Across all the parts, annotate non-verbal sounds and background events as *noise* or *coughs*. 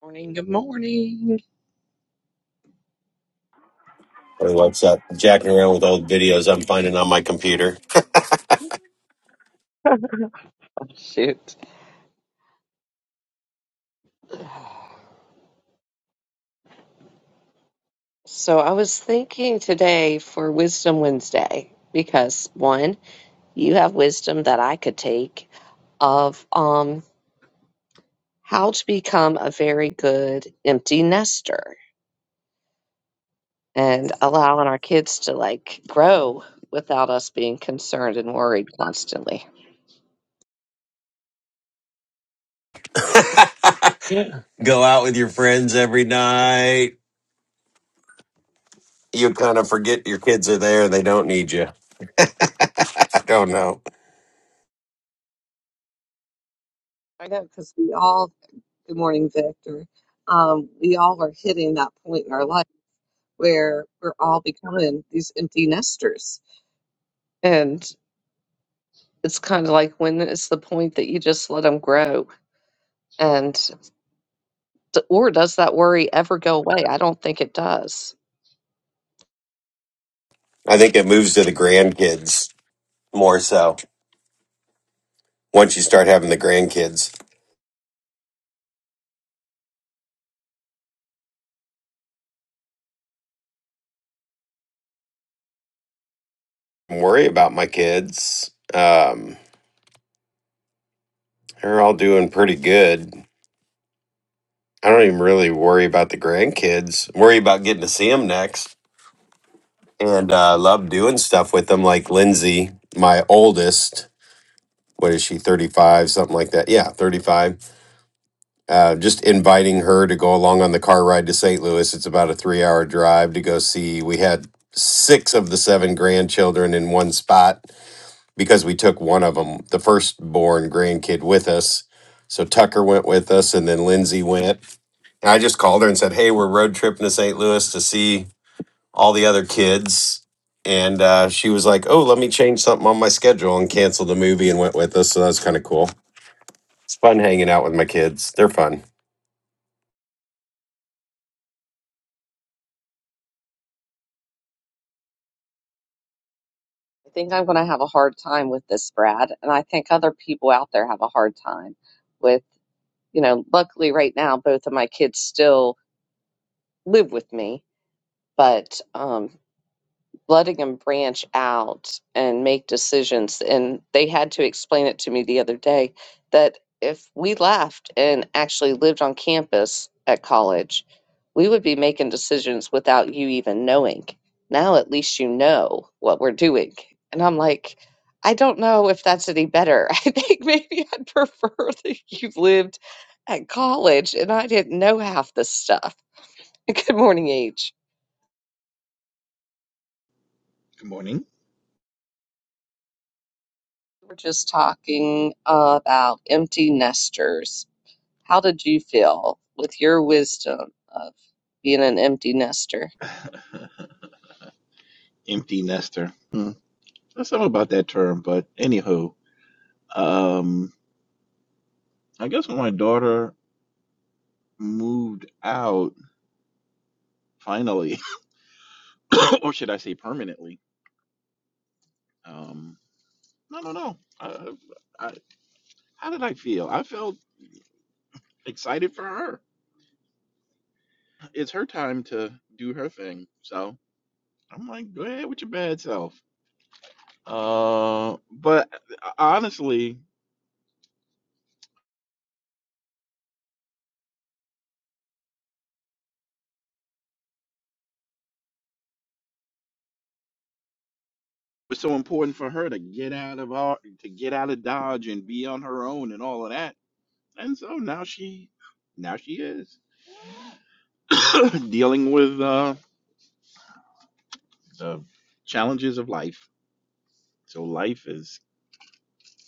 Morning, good morning. Hey, what's up? Jacking around with old videos I'm finding on my computer. Oh, shoot. So I was thinking today for Wisdom Wednesday because one, you have wisdom that I could take of um how to become a very good empty nester and allowing our kids to like grow without us being concerned and worried constantly. Go out with your friends every night. You kind of forget your kids are there. They don't need you. I don't know. I know because we all, good morning, Victor. Um, we all are hitting that point in our life where we're all becoming these empty nesters. And it's kind of like when is the point that you just let them grow? And d- or does that worry ever go away? I don't think it does. I think it moves to the grandkids more so once you start having the grandkids. I worry about my kids. Um, they're all doing pretty good. I don't even really worry about the grandkids. worry about getting to see them next. And uh, love doing stuff with them, like Lindsay, my oldest. what is she 35 something like that yeah 35 uh, just inviting her to go along on the car ride to st louis it's about a three hour drive to go see we had six of the seven grandchildren in one spot because we took one of them the firstborn grandkid with us so tucker went with us and then lindsay went and i just called her and said hey we're road tripping to st louis to see all the other kids and uh, she was like, "Oh, let me change something on my schedule," and canceled the movie and went with us. So that was kind of cool. It's fun hanging out with my kids. They're fun. I think I'm going to have a hard time with this, Brad. And I think other people out there have a hard time with, you know, luckily right now, both of my kids still live with me but um, letting them branch out and make decisions. And they had to explain it to me the other day that if we left and actually lived on campus at college, we would be making decisions without you even knowing. Now at least you know what we're doing. And I'm like, I don't know if that's any better. *laughs* I think maybe I'd prefer that you lived at college and I didn't know half this stuff. *laughs* Good morning, H. Good morning. We're just talking about empty nesters. How did you feel with your wisdom of being an empty nester? *laughs* Empty nester. Hmm. There's something about that term, but anywho, um, I guess when my daughter moved out, finally, *laughs* or should I say permanently? Um, I don't know. Uh, I, how did I feel? I felt excited for her. It's her time to do her thing. So I'm like, go ahead with your bad self. Uh, but honestly, it's so important for her to get out of our, to get out of Dodge and be on her own and all of that and so now she now she is *coughs* dealing with uh the challenges of life so life is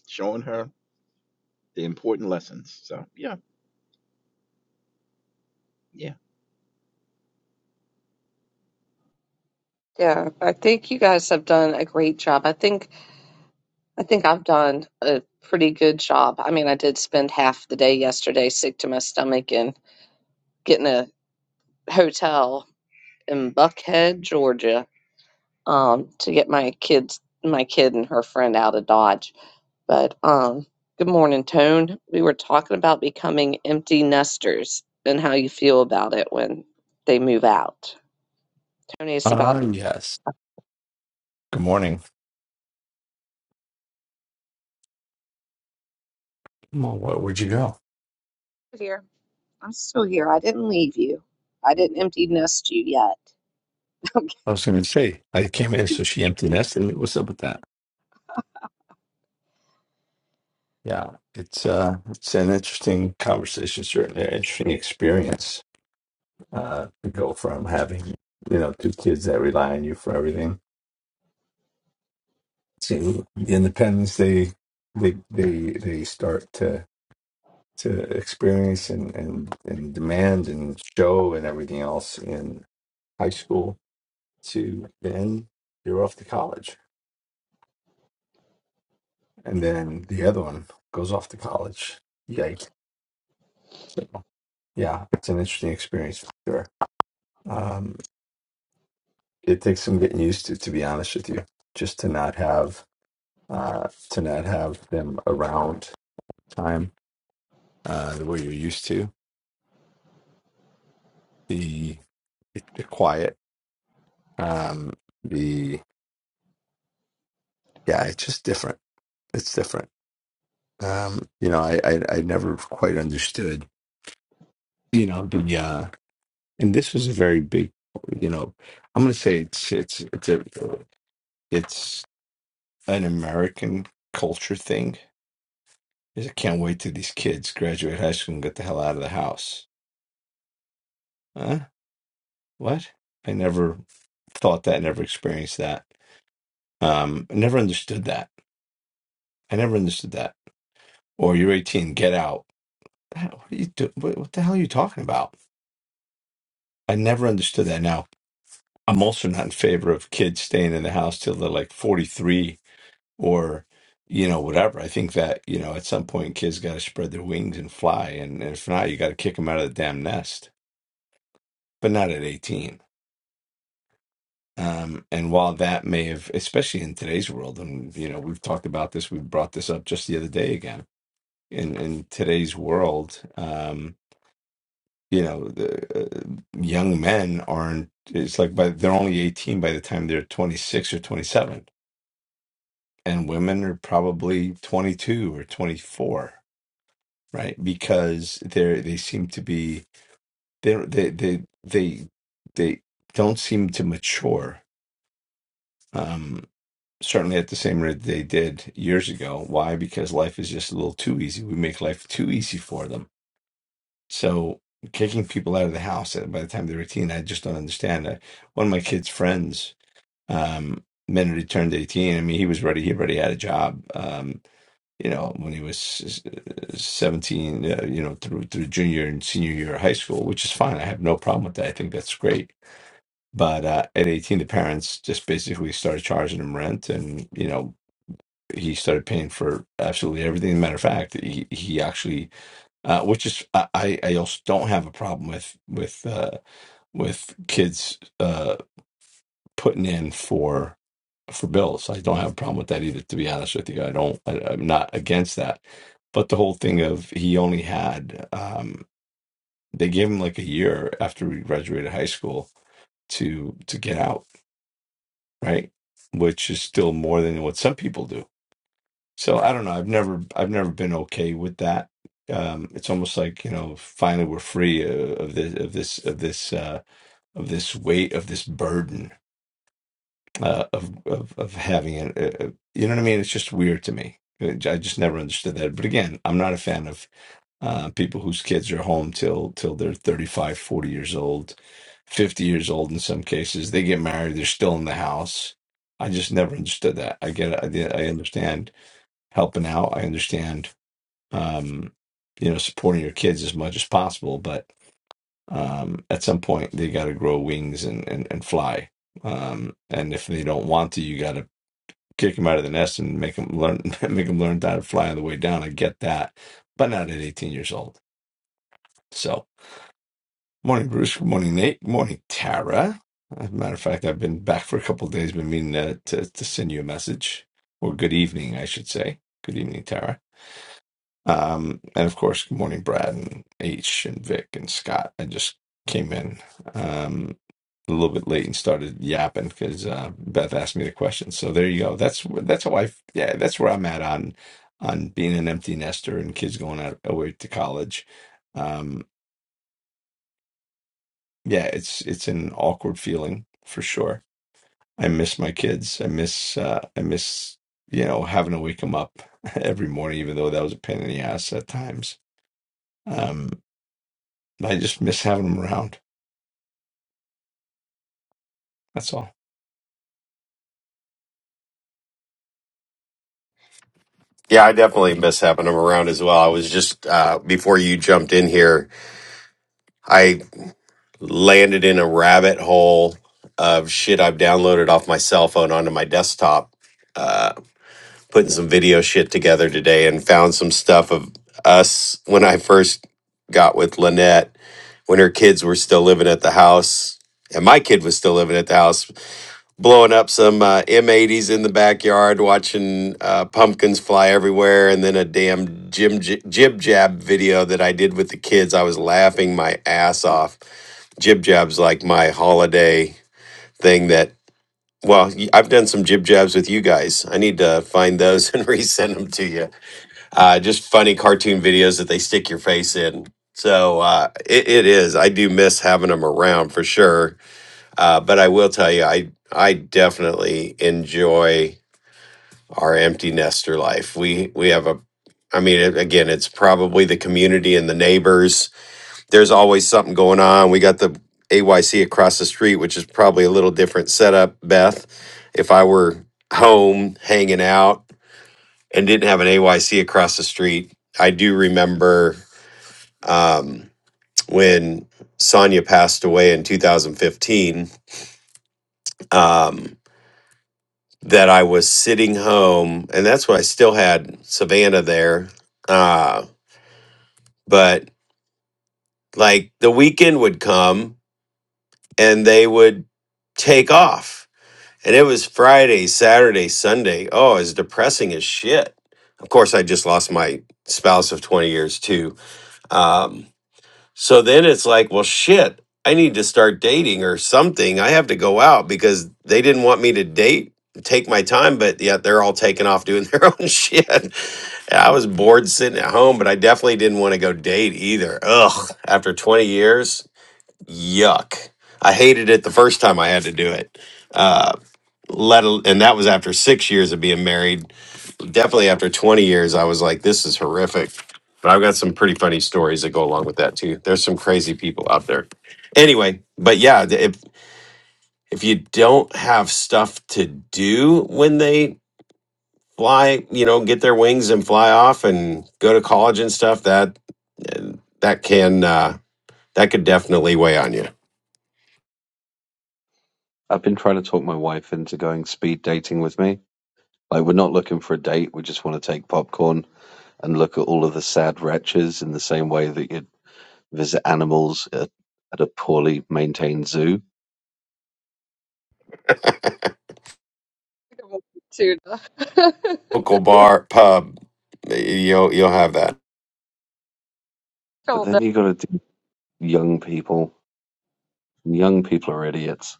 showing her the important lessons so yeah yeah Yeah, I think you guys have done a great job. I think I think I've done a pretty good job. I mean, I did spend half the day yesterday sick to my stomach and getting a hotel in Buckhead, Georgia, um, to get my kids my kid and her friend out of Dodge. But um, good morning, Tone. We were talking about becoming empty nesters and how you feel about it when they move out. Tony, it's Ah, about yes. Good morning. Well, where, would you go? Here, I'm still here. I didn't leave you. I didn't empty nest you yet. I was going to say I came in, so she empty nested me. What's up with that? Yeah, it's uh, it's an interesting conversation, certainly an interesting experience uh, to go from having you know two kids that rely on you for everything to the independence they they they they start to to experience and and and demand and show and everything else in high school to then you're off to college and then the other one goes off to college. Yikes! So, yeah, it's an interesting experience for sure. Um, it takes some getting used to, to be honest with you, just to not have uh, to not have them around time uh, the way you're used to. The, the quiet, um, the yeah, it's just different. It's different. Um, you know, I, I I never quite understood. You know, the uh, and this was a very big. You know, I'm going to say it's it's it's a It's an American culture thing. Is I can't wait till these kids graduate high school and get the hell out of the house. Huh? What? I never thought that. Never experienced that. Um, I never understood that. I never understood that. Or you're 18, get out. What are you do? What, what the hell are you talking about? I never understood that. Now, I'm also not in favor of kids staying in the house till they're like 43 or you know whatever i think that you know at some point kids got to spread their wings and fly and if not you got to kick them out of the damn nest but not at 18 um and while that may have especially in today's world and you know we've talked about this we brought this up just the other day again in in today's world um you know the uh, young men aren't it's like by they're only 18 by the time they're 26 or 27 and women are probably 22 or 24 right? Because they they seem to be they they they they they don't seem to mature. Um, certainly at the same rate they did years ago. Why? Because life is just a little too easy. We make life too easy for them. So kicking people out of the house uh, by the time they're 18, I just don't understand. Uh, One of my kids' friends, um, minute he turned 18, I mean, he was ready. He already had a job. Um, you know, when he was uh, 17, uh, you know, through through junior and senior year of high school, which is fine. I have no problem with that. I think that's great. But uh, at 18, the parents just basically started charging him rent, and you know, he started paying for absolutely everything. Matter of fact, he he actually, uh, which is I I I also don't have a problem with with uh, with kids uh, putting in for for bills. I don't have a problem with that either, to be honest with you. I don't, I, I'm not against that. But the whole thing of he only had, um, they gave him like a year after he graduated high school to to get out, right? Which is still more than what some people do. So I don't know. I've never, I've never been okay with that. Um, it's almost like you know, finally we're free uh, of this, of this, of this, uh, of this weight, of this burden uh, of, of of having it. Uh, uh, You know what I mean? It's just weird to me. Uh, I just never understood that. But again, I'm not a fan of uh, people whose kids are home till till they're 35, 40 years old, 50 years old in some cases. They get married, they're still in the house. I just never understood that. I get it. I, get- I understand helping out. I understand, um, you know, supporting your kids as much as possible. But um, at some point, they got to grow wings and, and, and fly um and if they don't want to you got to kick him out of the nest and make him learn *laughs* make him learn how to fly on the way down. I get that, but not at 18 years old. So morning, Bruce. Good morning, Nate. Good morning, Tara. As a matter of fact, I've been back for a couple of days. Been meaning to, to to send you a message or good evening, I should say. Good evening, Tara. Um, and of course, good morning, Brad and H and Vic and Scott. I just came in. Um, a little bit late and started yapping because uh, Beth asked me the question. So there you go. That's wh- that's how I f- yeah that's where I'm at on on being an empty nester and kids going out away to college. Um, yeah, it's it's an awkward feeling for sure. I miss my kids. I miss uh, I miss you know having to wake them up *laughs* every morning, even though that was a pain in the ass at times. Um, I just miss having them around. That's all. Yeah, I definitely miss having them around as well. I was just uh, before you jumped in here, I landed in a rabbit hole of shit I've downloaded off my cell phone onto my desktop, uh, putting some video shit together today, and found some stuff of us when I first got with Lynette when her kids were still living at the house, and my kid was still living at the house blowing up some uh, M80s in the backyard, watching uh, pumpkins fly everywhere, and then a damn jim jib jab video that I did with the kids. I was laughing my ass off. Jib jab's like my holiday thing that. Well, y- I've done some jib jabs with you guys. I need to find those *laughs* and resend them to you. Uh, just funny cartoon videos that they stick your face in. So uh, it, it is. I do miss having them around for sure uh, but I will tell you, I I definitely enjoy our empty nester life. We we have a, I mean, it, again, it's probably the community and the neighbors. There's always something going on. We got the AYC across the street, which is probably a little different setup. Beth, if I were home hanging out and didn't have an AYC across the street, I do remember um, when Sonia passed away in 2015. Um, that I was sitting home, and that's when I still had Savannah there. Uh, but like the weekend would come and they would take off. And it was Friday, Saturday, Sunday. Oh, it's depressing as shit. Of course, I just lost my spouse of 20 years too. Um, So then it's like, well, shit, I need to start dating or something. I have to go out because they didn't want me to date, take my time, but yet they're all taking off doing *laughs* their own shit. And I was bored sitting at home, but I definitely didn't want to go date either. Ugh, after 20 years, yuck. I hated it the first time I had to do it. Uh, let al- and that was after six years of being married definitely after 20 years, I was like, this is horrific. But I've got some pretty funny stories that go along with that too. There's some crazy people out there. Anyway, but yeah, th- if if you don't have stuff to do when they fly, you know, get their wings and fly off and go to college and stuff, that eh, that can uh, that could definitely weigh on you I've been trying to talk my wife into going speed dating with me. Like, we're not looking for a date. We just want to take popcorn and look at all of the sad wretches in the same way that you'd visit animals at, at a poorly maintained zoo. tuna. local bar pub you'll you'll have that But Don't *laughs* then you got to do young people. and Young people are idiots.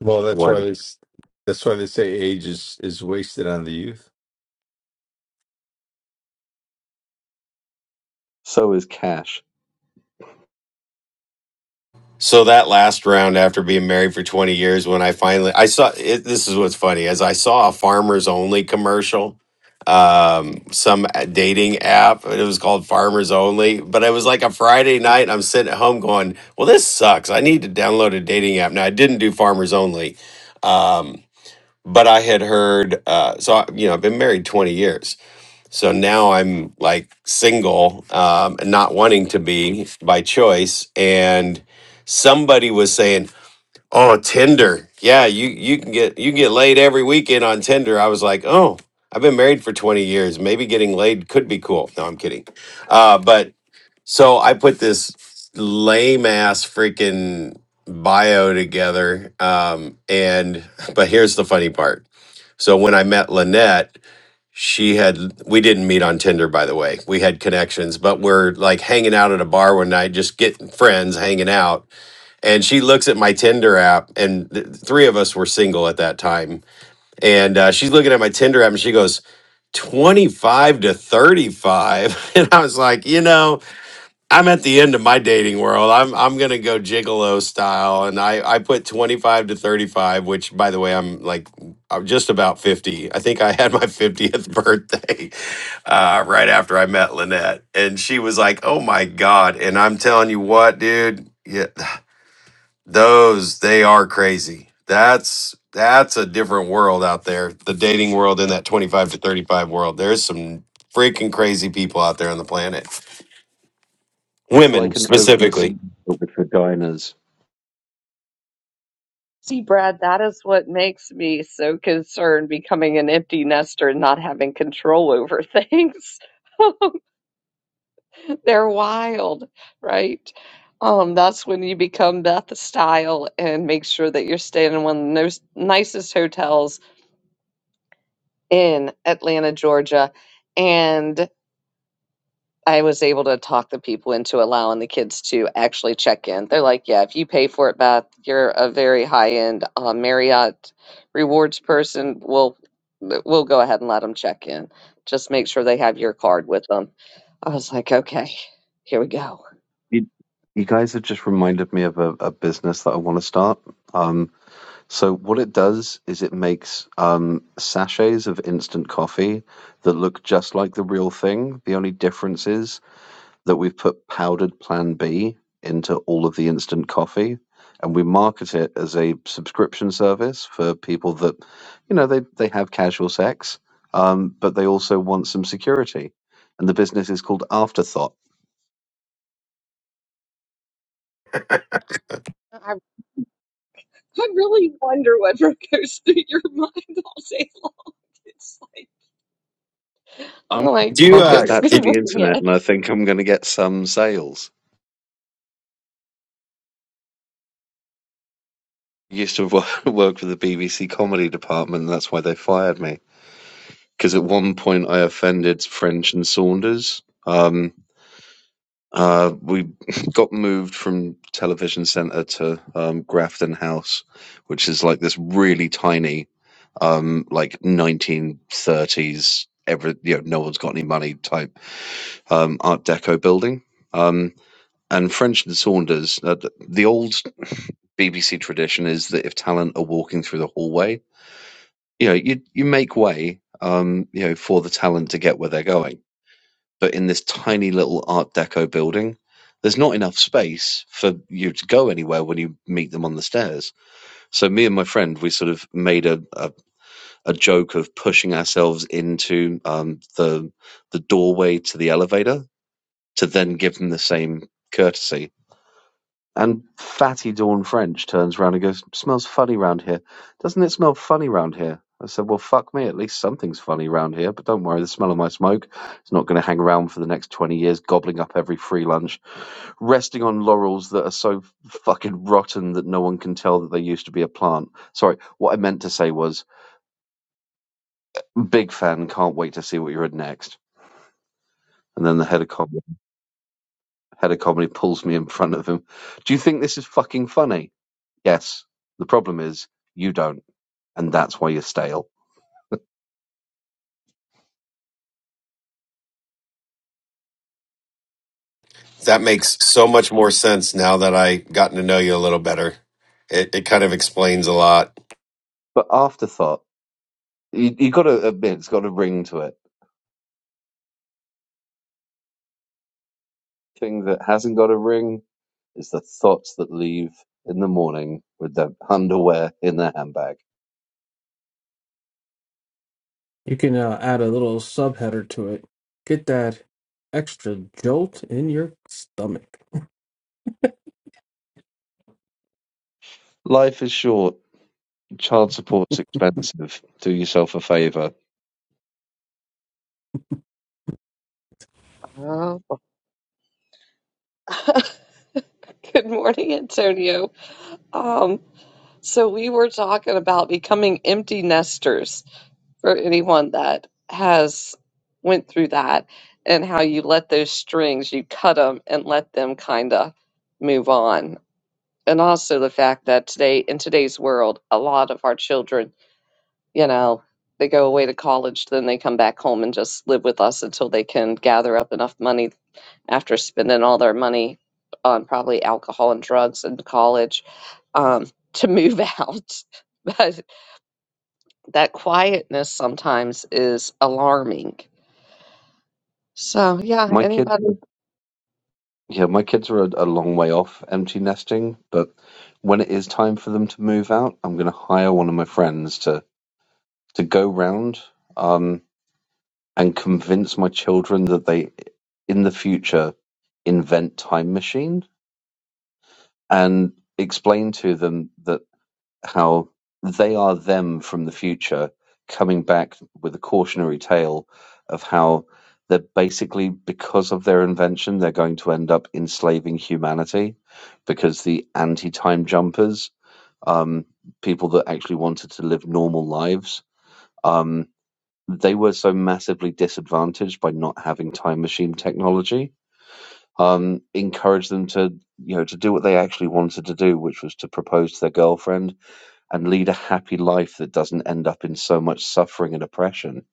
Well, that's one why this, that's why they say age is is wasted on the youth. So is cash. So that last round, after being married for 20 years, when I finally I saw it, this is what's funny as I saw a farmers only commercial, um, some uh, dating app, and it was called Farmers Only. But it was like a Friday night, and I'm sitting at home going, "Well, this sucks. I need to download a dating app." Now I didn't do Farmers Only, um, but I had heard. Uh, so I, you know, I've been married 20 years, so now I'm like single um, and not wanting to be by choice. And somebody was saying, "Oh, Tinder, yeah, you you can get you can get laid every weekend on Tinder." I was like, "Oh, I've been married for 20 years. Maybe getting laid could be cool." No, I'm kidding. Uh, but so I put this lame ass freaking bio together. Um, and *laughs* but here's the funny part. So when I met Lynette she had we didn't meet on tinder by the way we had connections but we're like hanging out at a bar one night just getting friends hanging out and she looks at my tinder app and th- three of us were single at that time and uh, she's looking at my tinder app and she goes 25 to 35 *laughs* and i was like you know I'm at the end of my dating world. I'm I'm gonna go gigolo style, and I I put 25 to 35, which by the way, I'm like I'm just about 50. I think I had my 50th birthday *laughs* uh, right after I met Lynette, and she was like, "Oh my god!" And I'm telling you what, dude, yeah, those they are crazy. That's that's a different world out there. The dating world in that 25 to 35 world. There's some freaking crazy people out there on the planet. It's like Women an openness specifically. with vaginas. See, Brad, that is what makes me so concerned becoming an empty nester and not having control over things. *laughs* *laughs* They're wild, right? Um, that's when you become Beth style and make sure that you're staying in one of the nos- nicest hotels in Atlanta, Georgia. And I was able to talk the people into allowing the kids to actually check in. They're like, yeah, if you pay for it, Beth, you're a very high end uh, Marriott rewards person. We'll we'll go ahead and let them check in. Just make sure they have your card with them. I was like, okay, here we go. You, you guys have just reminded me of a, a business that I want to start. Um, So what it does is it makes um, sachets of instant coffee that look just like the real thing. The only difference is that we've put powdered Plan B into all of the instant coffee, and we market it as a subscription service for people that, you know, they they have casual sex, um, but they also want some security. And the business is called Afterthought. I really wonder what *laughs* goes through your mind all day long. It's like, I'm oh my Do gonna you? market Uh, goodness. *laughs* that Good to did, the morning, internet, Ed. and I think I'm going to get some sales. used to wo- *laughs* work for the BBC comedy department. And that's why they fired me because at one point I offended French and Saunders. Um, uh, we *laughs* got moved from Television Centre to um, Grafton House, which is like this really tiny, um, like 1930s, every you know, no one's got any money type um, Art Deco building. Um, and French and Saunders, uh, th- the old BBC tradition is that if talent are walking through the hallway, you know, you you make way, um, you know, for the talent to get where they're going. But in this tiny little Art Deco building, there's not enough space for you to go anywhere when you meet them on the stairs. So me and my friend, we sort of made a, a, a joke of pushing ourselves into um, the the doorway to the elevator to then give them the same courtesy and fatty Dawn French turns round and goes, Smells funny round here. Doesn't it smell funny round here? I said, Well, fuck me, at least something's funny round here, but don't worry, the smell of my smoke is not going to hang around for the next 20 years, gobbling up every free lunch, resting on laurels that are so fucking rotten that no one can tell that they used to be a plant. Sorry, what I meant to say was, big fan, can't wait to see what you're at next. And then the head of, com- head of comedy pulls me in front of him. Do you think this is fucking funny? Yes. The problem is, you don't. and that's why you're stale. that makes so much more sense now that I gotten to know you a little better. It, it kind of explains a lot. But afterthought, you, you got to admit it's got a ring to it. Thing that hasn't got a ring is the thoughts that leave in the morning with their underwear in their handbag. You can uh, add a little subheader to it. Get that extra jolt in your stomach. Life is short. Child support's expensive. Do yourself a favour. Oh. *laughs* Good morning, Antonio. Um, so we were talking about becoming empty nesters for anyone that has went through that and how you let those strings, you cut them and let them kind of move on. And also the fact that today, in today's world, a lot of our children you know, they go away to college, then they come back home and just live with us until they can gather up enough money after spending all their money on probably alcohol and drugs in college um, to move *laughs* out. But that quietness sometimes is alarming. So, yeah, My kids, anybody? yeah, my kids are a, a long way off empty nesting, but when it is time for them to move out, I'm going to hire one of my friends to to go round. Um, And convince my children that they, in the future, invent time machine and explain to them that how they are them from the future coming back with a cautionary tale of how they're basically because of their invention they're going to end up enslaving humanity because the anti-time jumpers um, people that actually wanted to live normal lives um, they were so massively disadvantaged by not having time machine technology um encouraged them to you know to do what they actually wanted to do which was to propose to their girlfriend and lead a happy life that doesn't end up in so much suffering and oppression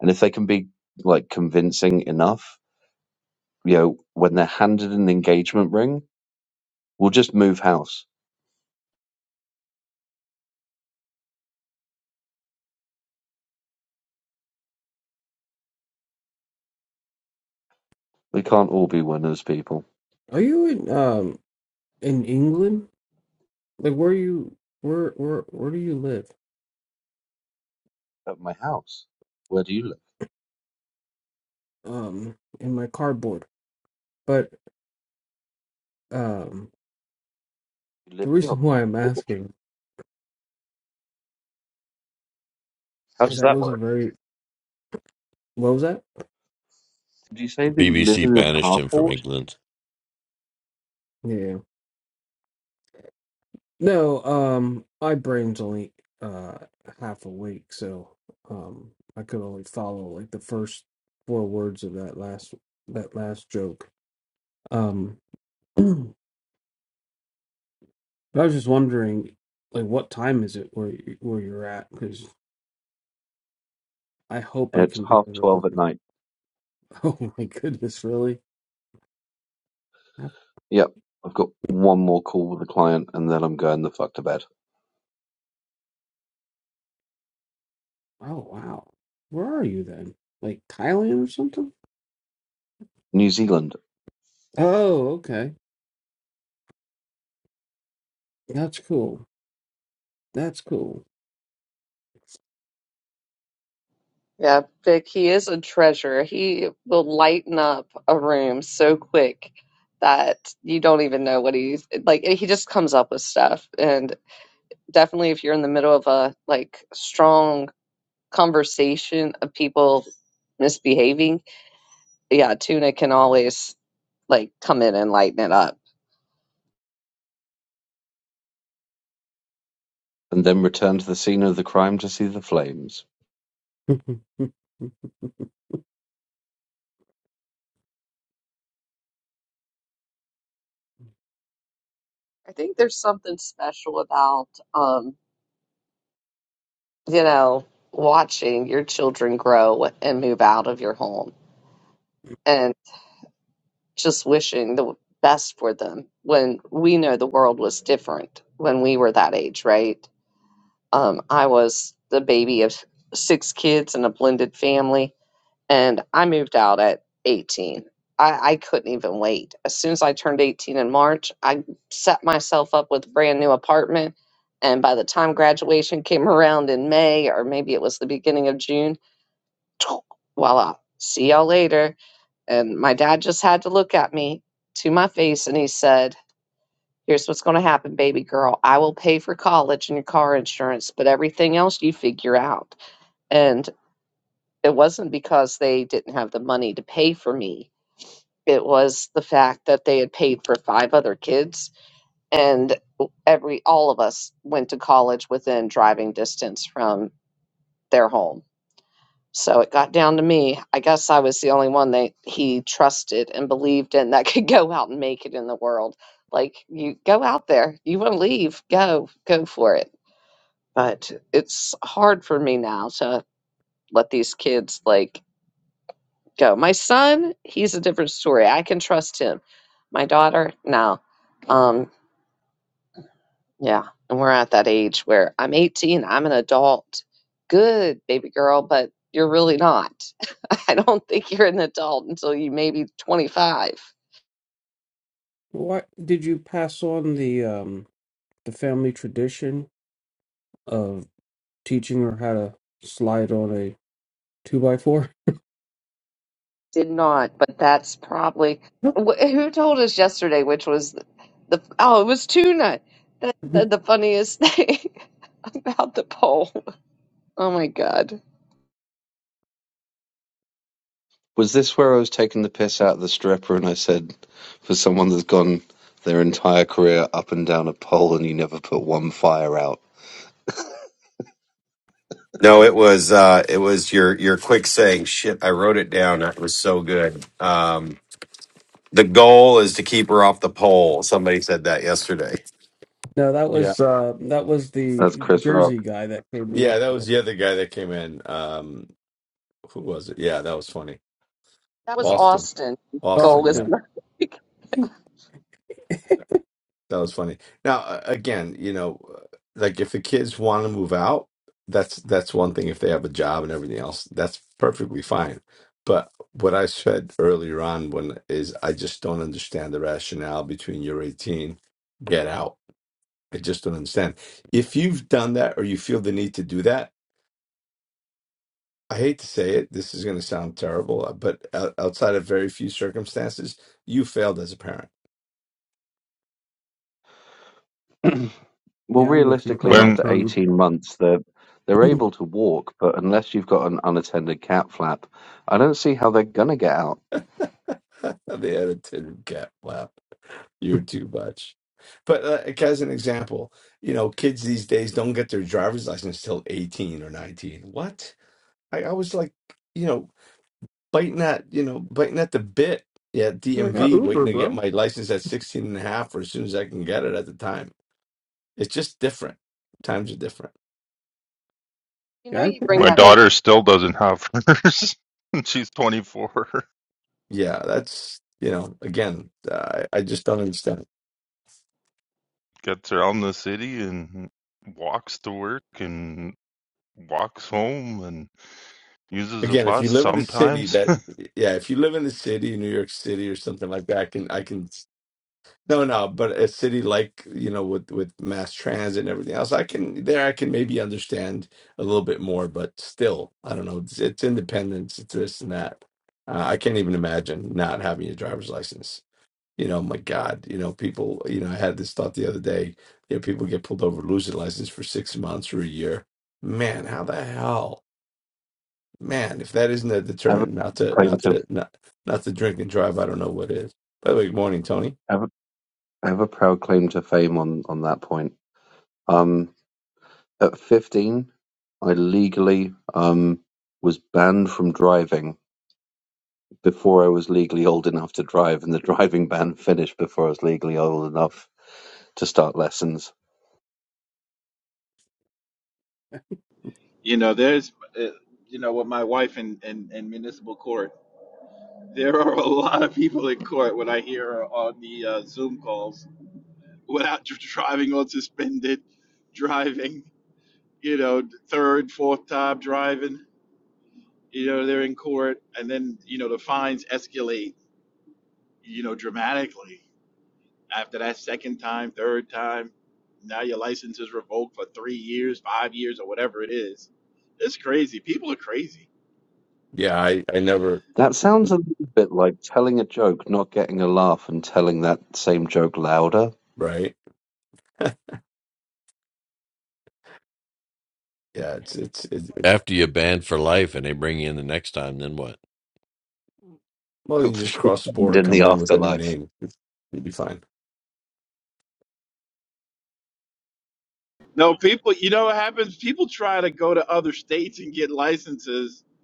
and if they can be like convincing enough you know when they're handed an engagement ring we'll just move house we can't all be winners people Are you in um in England? Like where you where where where do you live? at my house where do you live Um, in my cardboard. But um, you the live in your reason *laughs* why I'm asking how is does that that was a work very what was that? do you say that you live BBC in a banished him from carport England. Yeah. No. Um, my brain's only uh half awake, so um, I could only follow like the first four words of that last that last joke Um, *clears throat* I was just wondering, like, what time is it where you, where you're at? Because I hope And I It's can be half able to twelve look at at. *laughs* night. Oh my goodness, really? That- Yep. I've got one more call with a client and then I'm going the fuck to bed. Oh wow, where are you then? Like Thailand or something? New Zealand. Oh, okay, that's cool. That's cool. Yeah, Vic, he is a treasure. He will lighten up a room so quick that you don't even know what he's like. He just comes up with stuff. and. definitely if you're in the middle of a like strong conversation of people misbehaving, yeah, tuna can always like come in and lighten it up. And then return to the scene of the crime to see the flames. *laughs* I think there's something special about um, you know, watching your children grow and move out of your home and just wishing the best for them when we know the world was different when we were that age, right? Um, I was the baby of six kids in a blended family and I moved out at 18. I, I couldn't even wait. As soon as I turned 18 in March, I set myself up with a brand new apartment. And by the time graduation came *laughs* around in May, or maybe it was the beginning of June, *tsk* voila, see y'all later. And my dad just had to look at me to my face and he said, Here's what's going to happen, baby girl. I will pay for college and your car insurance, but everything else you figure out. And it wasn't because they didn't have the money to pay for me it was the fact that they had paid for five other kids and every all of us went to college within driving distance from their home so it got down to me i guess i was the only one that he trusted and believed in that *laughs* could go out and make it in the world like you go out there you want to leave go go for it but it's hard for me now to let these kids like go. My son, he's a different story. I can trust him. My daughter, no. Um, yeah, and we're at that age where I'm 18, I'm an adult. Good, baby girl, but you're really not. *laughs* I don't think you're an adult until you maybe 25. What did you pass on the um the family tradition of teaching her how to slide on a two by four? Did not, but that's probably wh- who told us yesterday, which was the, the oh, it was tuna that *laughs* said the funniest *laughs* thing about the poll. Oh my god, Was this where I was taking the piss out of the stripper and I said, for someone that's gone their entire career up and down a pole and you never put one fire out? No, it was uh, it was your your quick saying. Shit, I wrote it down. That was so good. Um, the goal is to keep her off the pole. Somebody said that yesterday. No, that Yeah. was uh that was the That's Chris Jersey Rock. guy that came in Yeah, that was yesterday. the other guy that came in. Um, who was it? Yeah, that was funny. that was Yeah. Austin. Austin. Oh, Goal Austin, is. yeah. okay. That was funny. Now, a- again, you know, uh, like if the kids want to move out, that's that's one thing. If they have a job and everything else, that's perfectly fine. But what I said earlier on when is I just don't understand the rationale between you're 18, get out. I just don't understand. If you've done that or you feel the need to do that, I hate to say it, this is going to sound terrible, uh, but o- outside of very few circumstances, you failed as a parent. Well, yeah, I'm with you realistically, on that, When after Tony. 18 months, they're, they're able to walk, but unless you've got an unattended cat flap, I don't see how they're going to get out. *laughs* the attitude gap. Wow, you're too much. But uh, like, as an example, you know, kids these days don't get their driver's license till 18 or 19. What? I, I was like, you know, biting at you know biting at the bit yeah I got dmv waiting Uber, to get bro. my license at 16 and a half or as soon as i can get it at the time it's just different times are different You know, Yeah, I you think bring I my that up. think daughter still doesn't have hers, *laughs* and she's 24, yeah that's you know again i, I just don't understand gets around the city and walks to work and walks home and uses a again if bus you live in a city sometimes. *laughs* that yeah if you live in the city new york city or something like that i can i can No, no, but a city like, you know, with with mass transit and everything else, I can there I can maybe understand a little bit more, but still, I don't know. It's, it's independence, it's this and that. Uh, I can't even imagine not having a driver's license. You know, my God, you know, people, you know, I had this thought the other day. You know, people get pulled over, lose their license for six months or a year. Man, how the hell? Man, if that isn't a Ever deterrent not to claim not to to not not to drink and drive, I don't know what is. By the way, good morning, Tony. have I have a proud claim to fame on on that point. Um, at 15, I legally um was banned from driving before I was legally old enough to drive, and the *laughs* driving ban finished before I was legally old enough to start lessons. you know there's uh, you know with my wife in, in in municipal court there are a lot of people in court when i hear her on the uh, zoom calls without driving on suspended driving you know third fourth time driving you know they're in court and then you know the fines escalate you know, dramatically. After that second time, third time, now your license is revoked for three years, five years, or whatever it is. It's crazy. People are crazy. Yeah, I I never That sounds a little bit like telling a joke, not getting a laugh, and telling that same joke louder. right? Yeah, it's it's it's it, After you're banned for life and they bring you in the next time, then what? well, You're *laughs* you for just sure cross the banned border, in the come in with a new afterlife. name, you'd be fine. No, people, you know what happens? People try to go to other states and get licenses, *laughs*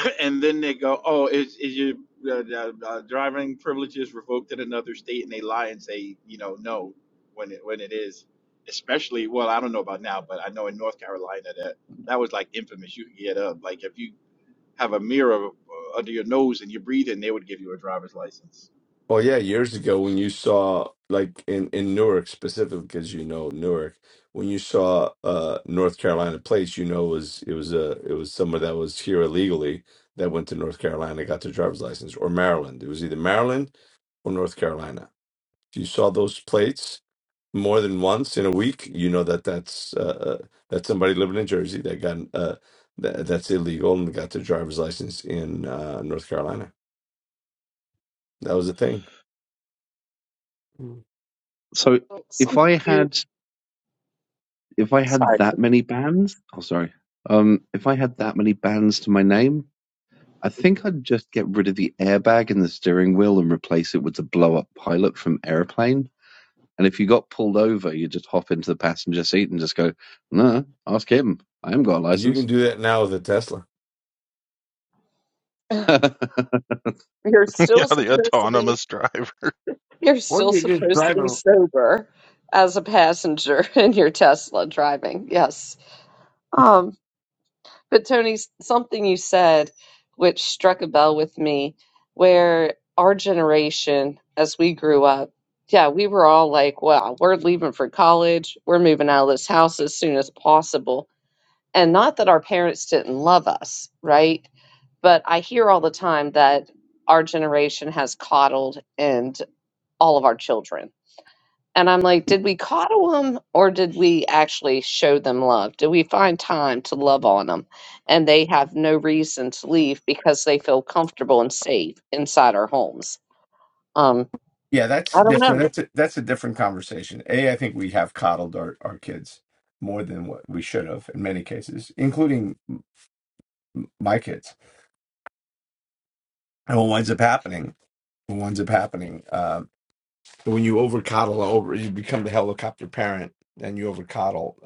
*clears throat* and then they go, oh, is, is your uh, uh, uh, driving privileges revoked in another state? And they lie and say, you know, no, when it, when it is. Especially, well, I don't know about now, but I know in North Carolina that that was like infamous. You could get up. Like, if you have a mirror uh, under your nose and you breathe in, they would give you a driver's license. Well, yeah, years ago when you saw like in in Newark specifically, because you know Newark, when you saw uh North Carolina place, you know it was it was a it was someone that was here illegally that went to North Carolina got their driver's license or Maryland. It was either Maryland or North Carolina. If you saw those plates more than once in a week, you know that that's uh, uh, that's somebody living in Jersey that got uh, that, that's illegal and got their driver's license in uh, North Carolina. That was the thing. So if Some I you had if I had sorry. that many bands, oh sorry, um, if I had that many bands to my name. I think I'd just get rid of the airbag in the steering wheel and replace it with the blow up pilot from Airplane. And if you got pulled over, you just hop into the passenger seat and just go, no, ask him. I haven't got a You can license. do that now with a Tesla. *sighs* *laughs* You're yeah, still the supposed to be. autonomous driver. You're or still you just supposed to drive be a sober as a passenger *laughs* in your Tesla driving. Yes. Um. But Tony, s- something you said, which struck a bell with me, where our generation, as we grew up, yeah, we were all like, "Wow, we're leaving for college. We're moving out of this house as soon as possible." And not that our parents didn't love us, right? but I hear all the time that our generation has coddled and all of our children. And I'm like, did we coddle them or did we actually show them love? Did we find time to love on them? And they have no reason to leave because they feel comfortable and safe inside our homes. Um, Yeah, that's I don't different. know. That's a, that's a different conversation. A, I think we have coddled our, our kids more than what we should have in many cases, including my kids. And what winds up happening, what winds up happening, uh, when you over coddle, over you become the helicopter parent, and you over coddle.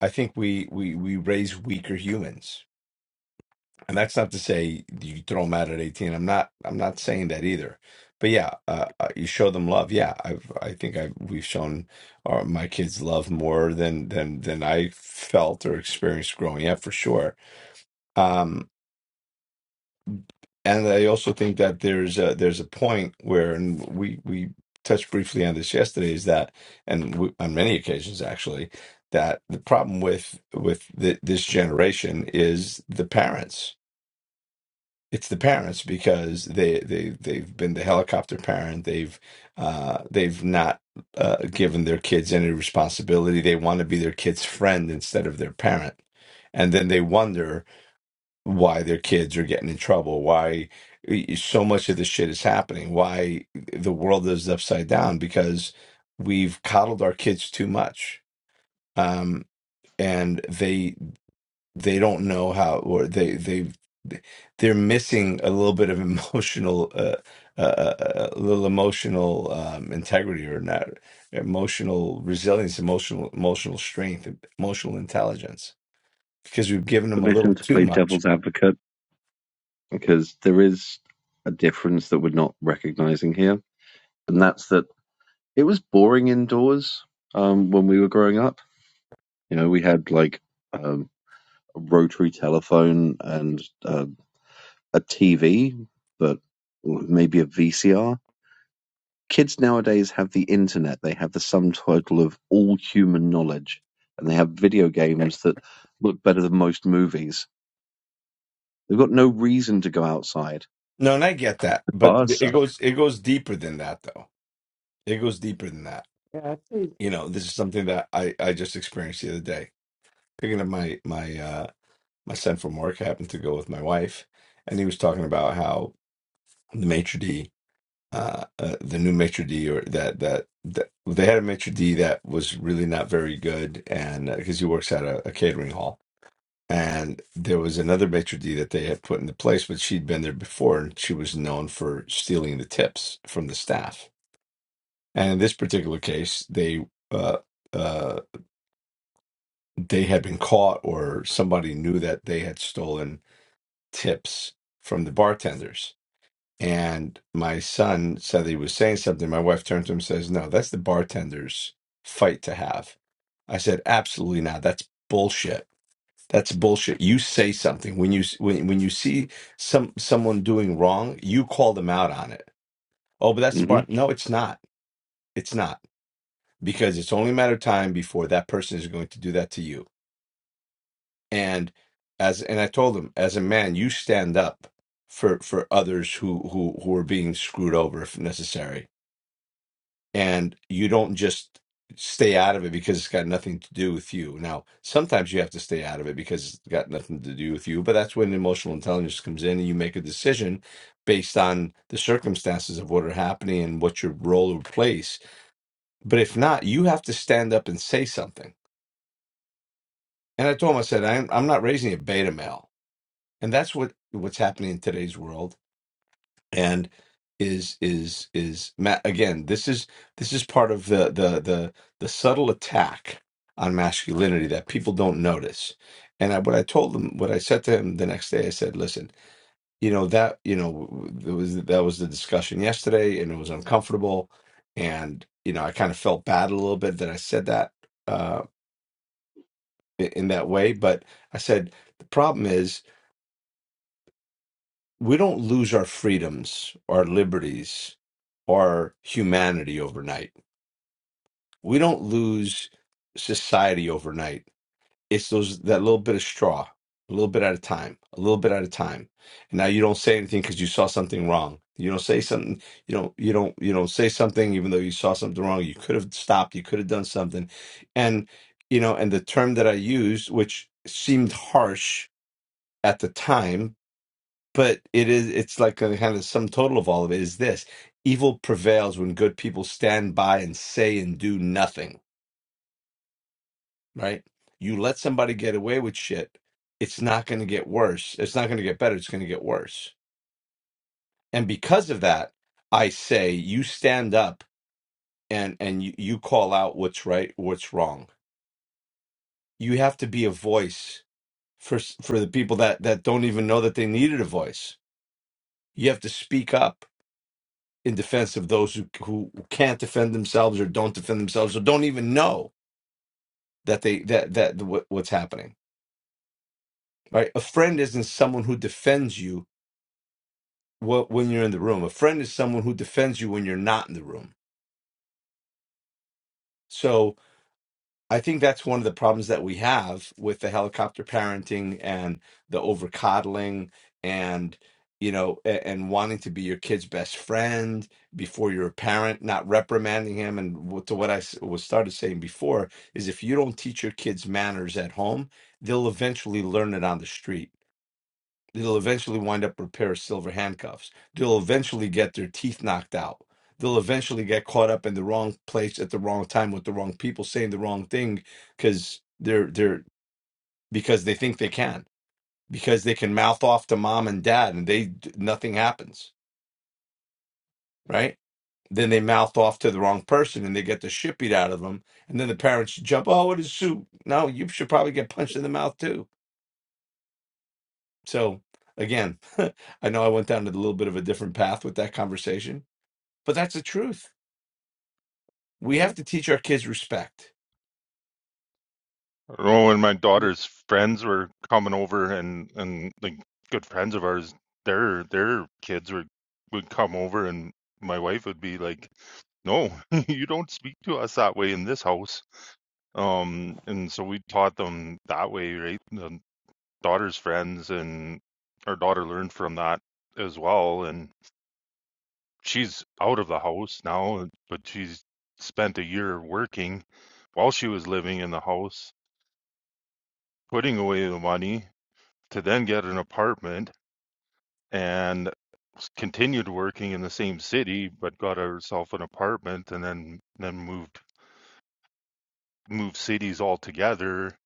I think we we we raise weaker humans, and that's not to say you throw them out at eighteen. I'm not I'm not saying that either. But yeah, uh, uh, you show them love. Yeah, I've I think I've we've shown our, my kids love more than than than I felt or experienced growing up for sure. Um, And I also think that there's a, there's a point where, and we we touched briefly on this yesterday, is that, and we, on many occasions actually, that the problem with with the, this generation is the parents. It's the parents because they they they've been the helicopter parent. They've uh, they've not uh, given their kids any responsibility. They want to be their kid's friend instead of their parent, and then they wonder why their kids are getting in trouble, why eh, eh, so much of this shit is happening, why the world is upside down because we've coddled our kids too much. Um, and they they don't know how or they they they're missing a little bit of *laughs* emotional uh, uh, uh, uh, a little emotional um, integrity or not emotional resilience emotional emotional strength emotional intelligence because we've given them a little Permission to too play much devil's advocate because there is a difference that we're not recognizing here. And that's that it was boring indoors um, when we were growing up. You know, we had like um, a rotary telephone and uh, a TV, but maybe a VCR. Kids nowadays have the internet. They have the sum total of all human knowledge, and they have video Okay. games that look better than most movies. They've got no reason to go outside. No, and I get that, The but bars it suck. goes it goes deeper than that, though. It goes deeper than that. Yeah, I think You know, this is something that I I just experienced the other day. Picking up my my uh my son from work, I happened to go with my wife, and he was talking about how the maitre d' uh, uh, the new maitre d or that, that that they had a maitre d that was really not very good and because he works at a, a catering hall and there was another maitre d that they had put into place but she'd been there before and she was known for stealing the tips from the staff and in this particular case they uh, uh, they had been caught or somebody knew that they had stolen tips from the bartenders And my son said that he was saying something. My wife turned to him and says, No, that's the bartender's fight to have. I said, Absolutely not. That's bullshit. That's bullshit. You say something when you when, when you see some someone doing wrong, you call them out on it. Oh, but that's the hmm bar. No, it's not. It's not because it's only a matter of time before that person is going to do that to you. And as and I told him, as a man, you stand up for for others who who who are being screwed over if necessary and you don't just stay out of it because it's got nothing to do with you. Now, sometimes you have to stay out of it because it's got nothing to do with you, but that's when emotional intelligence comes in and you make a decision based on the circumstances of what are happening and what your role or place. But if not, you have to stand up and say something. And I told him, I said, I'm, I'm not raising a beta male. And that's what what's happening in today's world and is is is ma again this is this is part of the the the the subtle attack on masculinity that people don't notice and I, what i told him what i said to him the next day i said listen you know that you know there was that was the discussion yesterday and it was uncomfortable and you know i kind of felt bad a little bit that i said that uh in in that way but i said the problem is we don't lose our freedoms, our liberties, our humanity overnight. We don't lose society overnight. It's those that little bit of straw, a little bit at a time, a little bit at a time. And now you don't say anything because you saw something wrong. You don't say something. You don't. You don't. You don't say something even though you saw something wrong. You could have stopped. You could have done something. And you know. And the term that I used, which seemed harsh at the time but it is it's like a kind of sum total of all of it is this evil prevails when good people stand by and say and do nothing right you let somebody get away with shit it's not going to get worse it's not going to get better it's going to get worse and because of that i say you stand up and and you, you call out what's right what's wrong you have to be a voice for s- for the people that that don't even know that they needed a voice you have to speak up in defense of those who who can't defend themselves or don't defend themselves or don't even know that they that that what, what's happening right a friend isn't someone who defends you wh- when you're in the room a friend is someone who defends you when you're not in the room so I think that's one of the problems that we have with the helicopter parenting and the over coddling and you know a- and wanting to be your kid's best friend before you're a parent, not reprimanding him. And what- to what I s- was started saying before is if you don't teach your kids manners at home, they'll eventually learn it on the street They'll eventually wind up with a pair of silver handcuffs. They'll eventually get their teeth knocked out. They'll eventually get caught up in the wrong place at the wrong time with the wrong people saying the wrong thing because they're they're because they think they can because they can mouth off to mom and dad and they nothing happens right. Then they mouth off to the wrong person and they get the shit beat out of them. And then the parents jump, oh, it is soup. No, you should probably get punched in the mouth too. So again, *laughs* I know I went down to a little bit of a different path with that conversation But that's the truth. We have I, to teach our kids respect. I know when my daughter's friends were coming over and and like good friends of ours, their their kids were would come over and my wife would be like, "No, *laughs* you don't speak to us that way in this house." Um, and so we taught them that way, right? The daughter's friends and our daughter learned from that as well. And she's out of the house now, uh, but she's spent a year working while she was living in the house, putting away the money to then get an apartment and continued working in the same city, but got herself an apartment and then then moved moved cities altogether,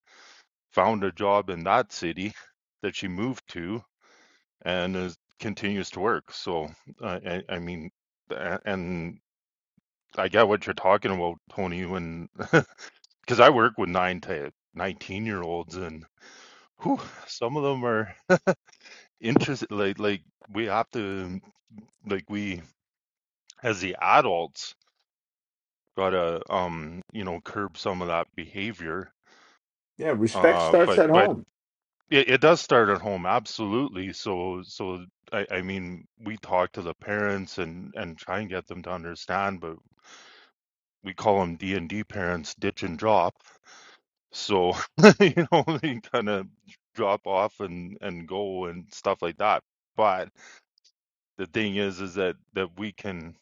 found a job in that city that she moved to and is, continues to work. So I, I, I mean, a- and I get what you're talking about, Tony. When *laughs* because I work with nine to nineteen year olds, and whew, some of them are *laughs* interested. Like like we have to like we as the adults gotta um you know curb some of that behavior. Yeah, respect Uh, starts but at but home. it, it does start at home, absolutely. So so I, I mean, we talk to the parents and and try and get them to understand, but we call them D and D parents ditch and drop. So *laughs* you know they kind of drop off and and go and stuff like that. But the thing is, is that that we can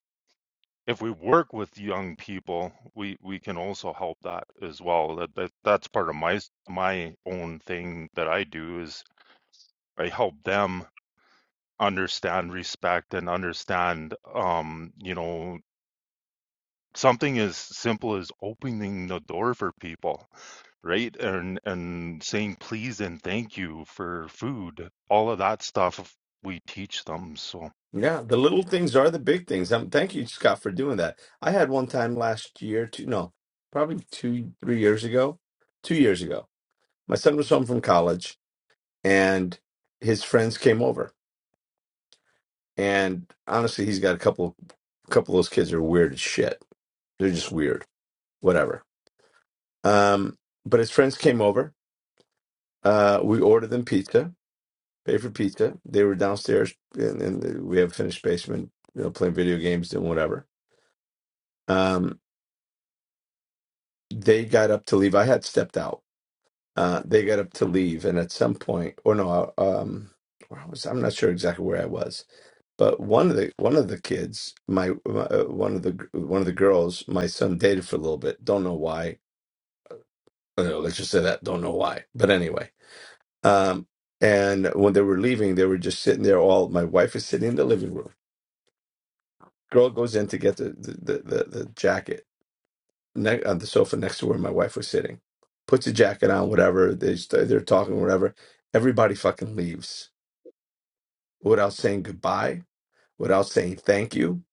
if we work with young people, we we can also help that as well. That, that that's part of my my own thing that I do is I help them understand respect and understand um you know something as simple as opening the door for people right? And and saying please and thank you for food. All of that stuff we teach them. So Yeah, the little things are the big things. Um, thank you, Scott, for doing that. I had one time last year, two, no, probably two, three years ago, two years ago. My son was home from college, and his friends came over. And honestly, he's got a couple, couple of those kids are weird as shit. They're just weird, whatever. Um, but his friends came over. Uh, we ordered them pizza, paid for pizza. They were downstairs, and, and we have a finished basement, you know, playing video games and whatever. Um, they got up to leave. I had stepped out. Uh, they got up to leave, and at some point, or no, I- um, where I was I'm not sure exactly where I was, but one of the one of the kids, my, my uh, one of the one of the girls, my son dated for a little bit. Don't know why. Uh, Let's just say that. Don't know why. But anyway Um, and when they were leaving, they were just sitting there. All my wife is sitting in the living room. Girl goes in to get the the the, the, jacket ne- on the sofa next to where my wife was sitting. Puts the jacket on, whatever. They st- they're talking, whatever. Everybody fucking leaves without saying goodbye, without saying thank you.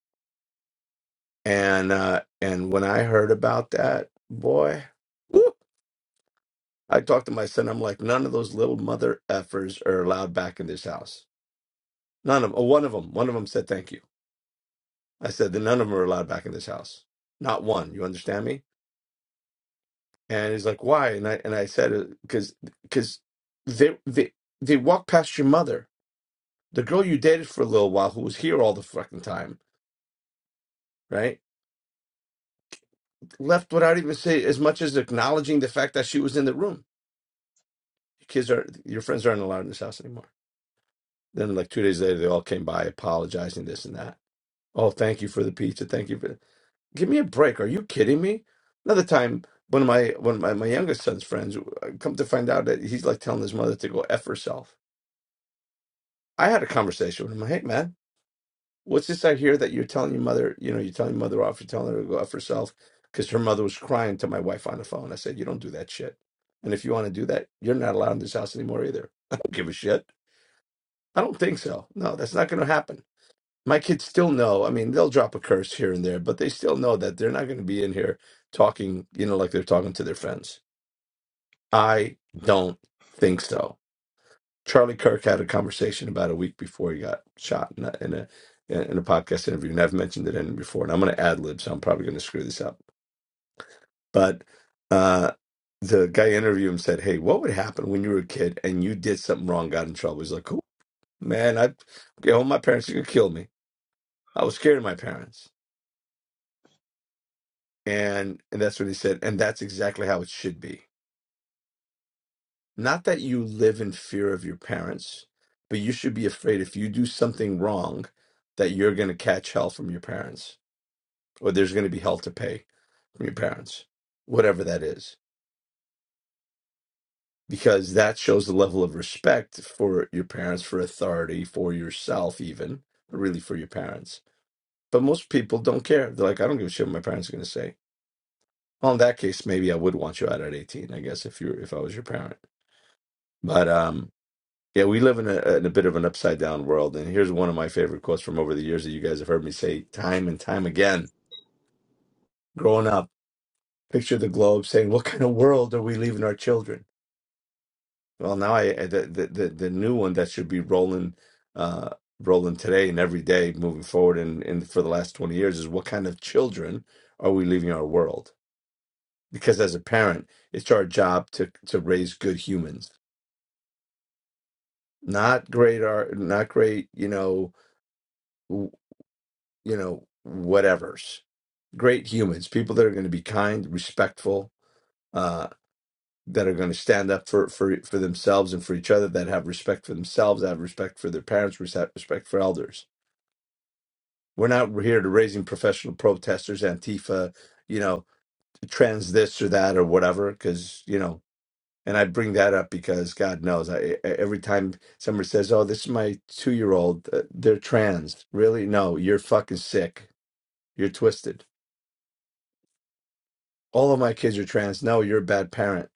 And uh, and when I heard about that, boy, whoop, I talked to my son. I'm like, none of those little mother effers are allowed back in this house. None of oh, one of them. One of them said thank you I said that none of them are allowed back in this house. Not one. You understand me? And he's like, why? And I and I said, because because they they they walked past your mother, the girl you dated for a little while, who was here all the fucking time, right? Left without even say as much as acknowledging the fact that she was in the room. Your kids are your friends aren't allowed in this house anymore. Then like two days later, they all came by apologizing this and that. Oh, thank you for the pizza. Thank you for. Give me a break. Are you kidding me? Another time, one of my one of my, my youngest son's friends uh, come to find out that he's like telling his mother to go F herself. I had a conversation with him. Hey man, what's this I hear that you're telling your mother, you know, you're telling your mother off, you're telling her to go F herself because her mother was crying to my wife on the phone. I said, You don't do that shit. And if you want to do that, you're not allowed in this house anymore either. *laughs* I don't give a shit. I don't think so. No, that's not gonna happen. my kids still know. I mean, they'll drop a curse here and there, but they still know that they're not going to be in here talking, you know, like they're talking to their friends. I don't think so. Charlie Kirk had a conversation about a week before he got shot in a in a, in a podcast interview, and I've mentioned it in before. And I'm going to ad lib, so I'm probably going to screw this up. But uh, the guy interviewed him said, "Hey, what would happen when you were a kid and you did something wrong, got in trouble?" He's like, "Cool, man. I, get home, my parents could kill me. I was scared of my parents." And, and that's what he said. And that's exactly how it should be. Not that you live in fear of your parents, but you should be afraid if you do something wrong that you're going to catch hell from your parents or there's going to be hell to pay from your parents, whatever that is. Because that shows the level of respect for your parents, for authority, for yourself, even, but really for your parents. But most people don't care. They're like, I don't give a shit what my parents are going to say. Well, in that case, maybe I would want you out at 18, I guess, if you were, if I was your parent. But um, Yeah, we live in a, in a bit of an upside down world. And here's one of my favorite quotes from over the years that you guys have heard me say time and time again. Growing up, picture the globe saying, What kind of world are we leaving our children? Well, now I I- the the, the, the new one that should be rolling uh, rolling today and every day moving forward and, and for the last 20 years is what kind of children are we leaving our world? Because as a parent, it's our job to to raise good humans, not great art, not great, you know, you know, whatevers. Great humans, people that are going to be kind, respectful, uh, that are going to stand up for, for, for themselves and for each other, that have respect for themselves, that have respect for their parents, res- respect for elders. We're not here to raising professional protesters, Antifa, you know, trans this or that or whatever, because, you know, and I bring that up because God knows, I, I- every time somebody says, oh, this is my two year old, uh, they're trans. Really? No, you're fucking sick. You're twisted all of my kids are trans. No, you're a bad parent.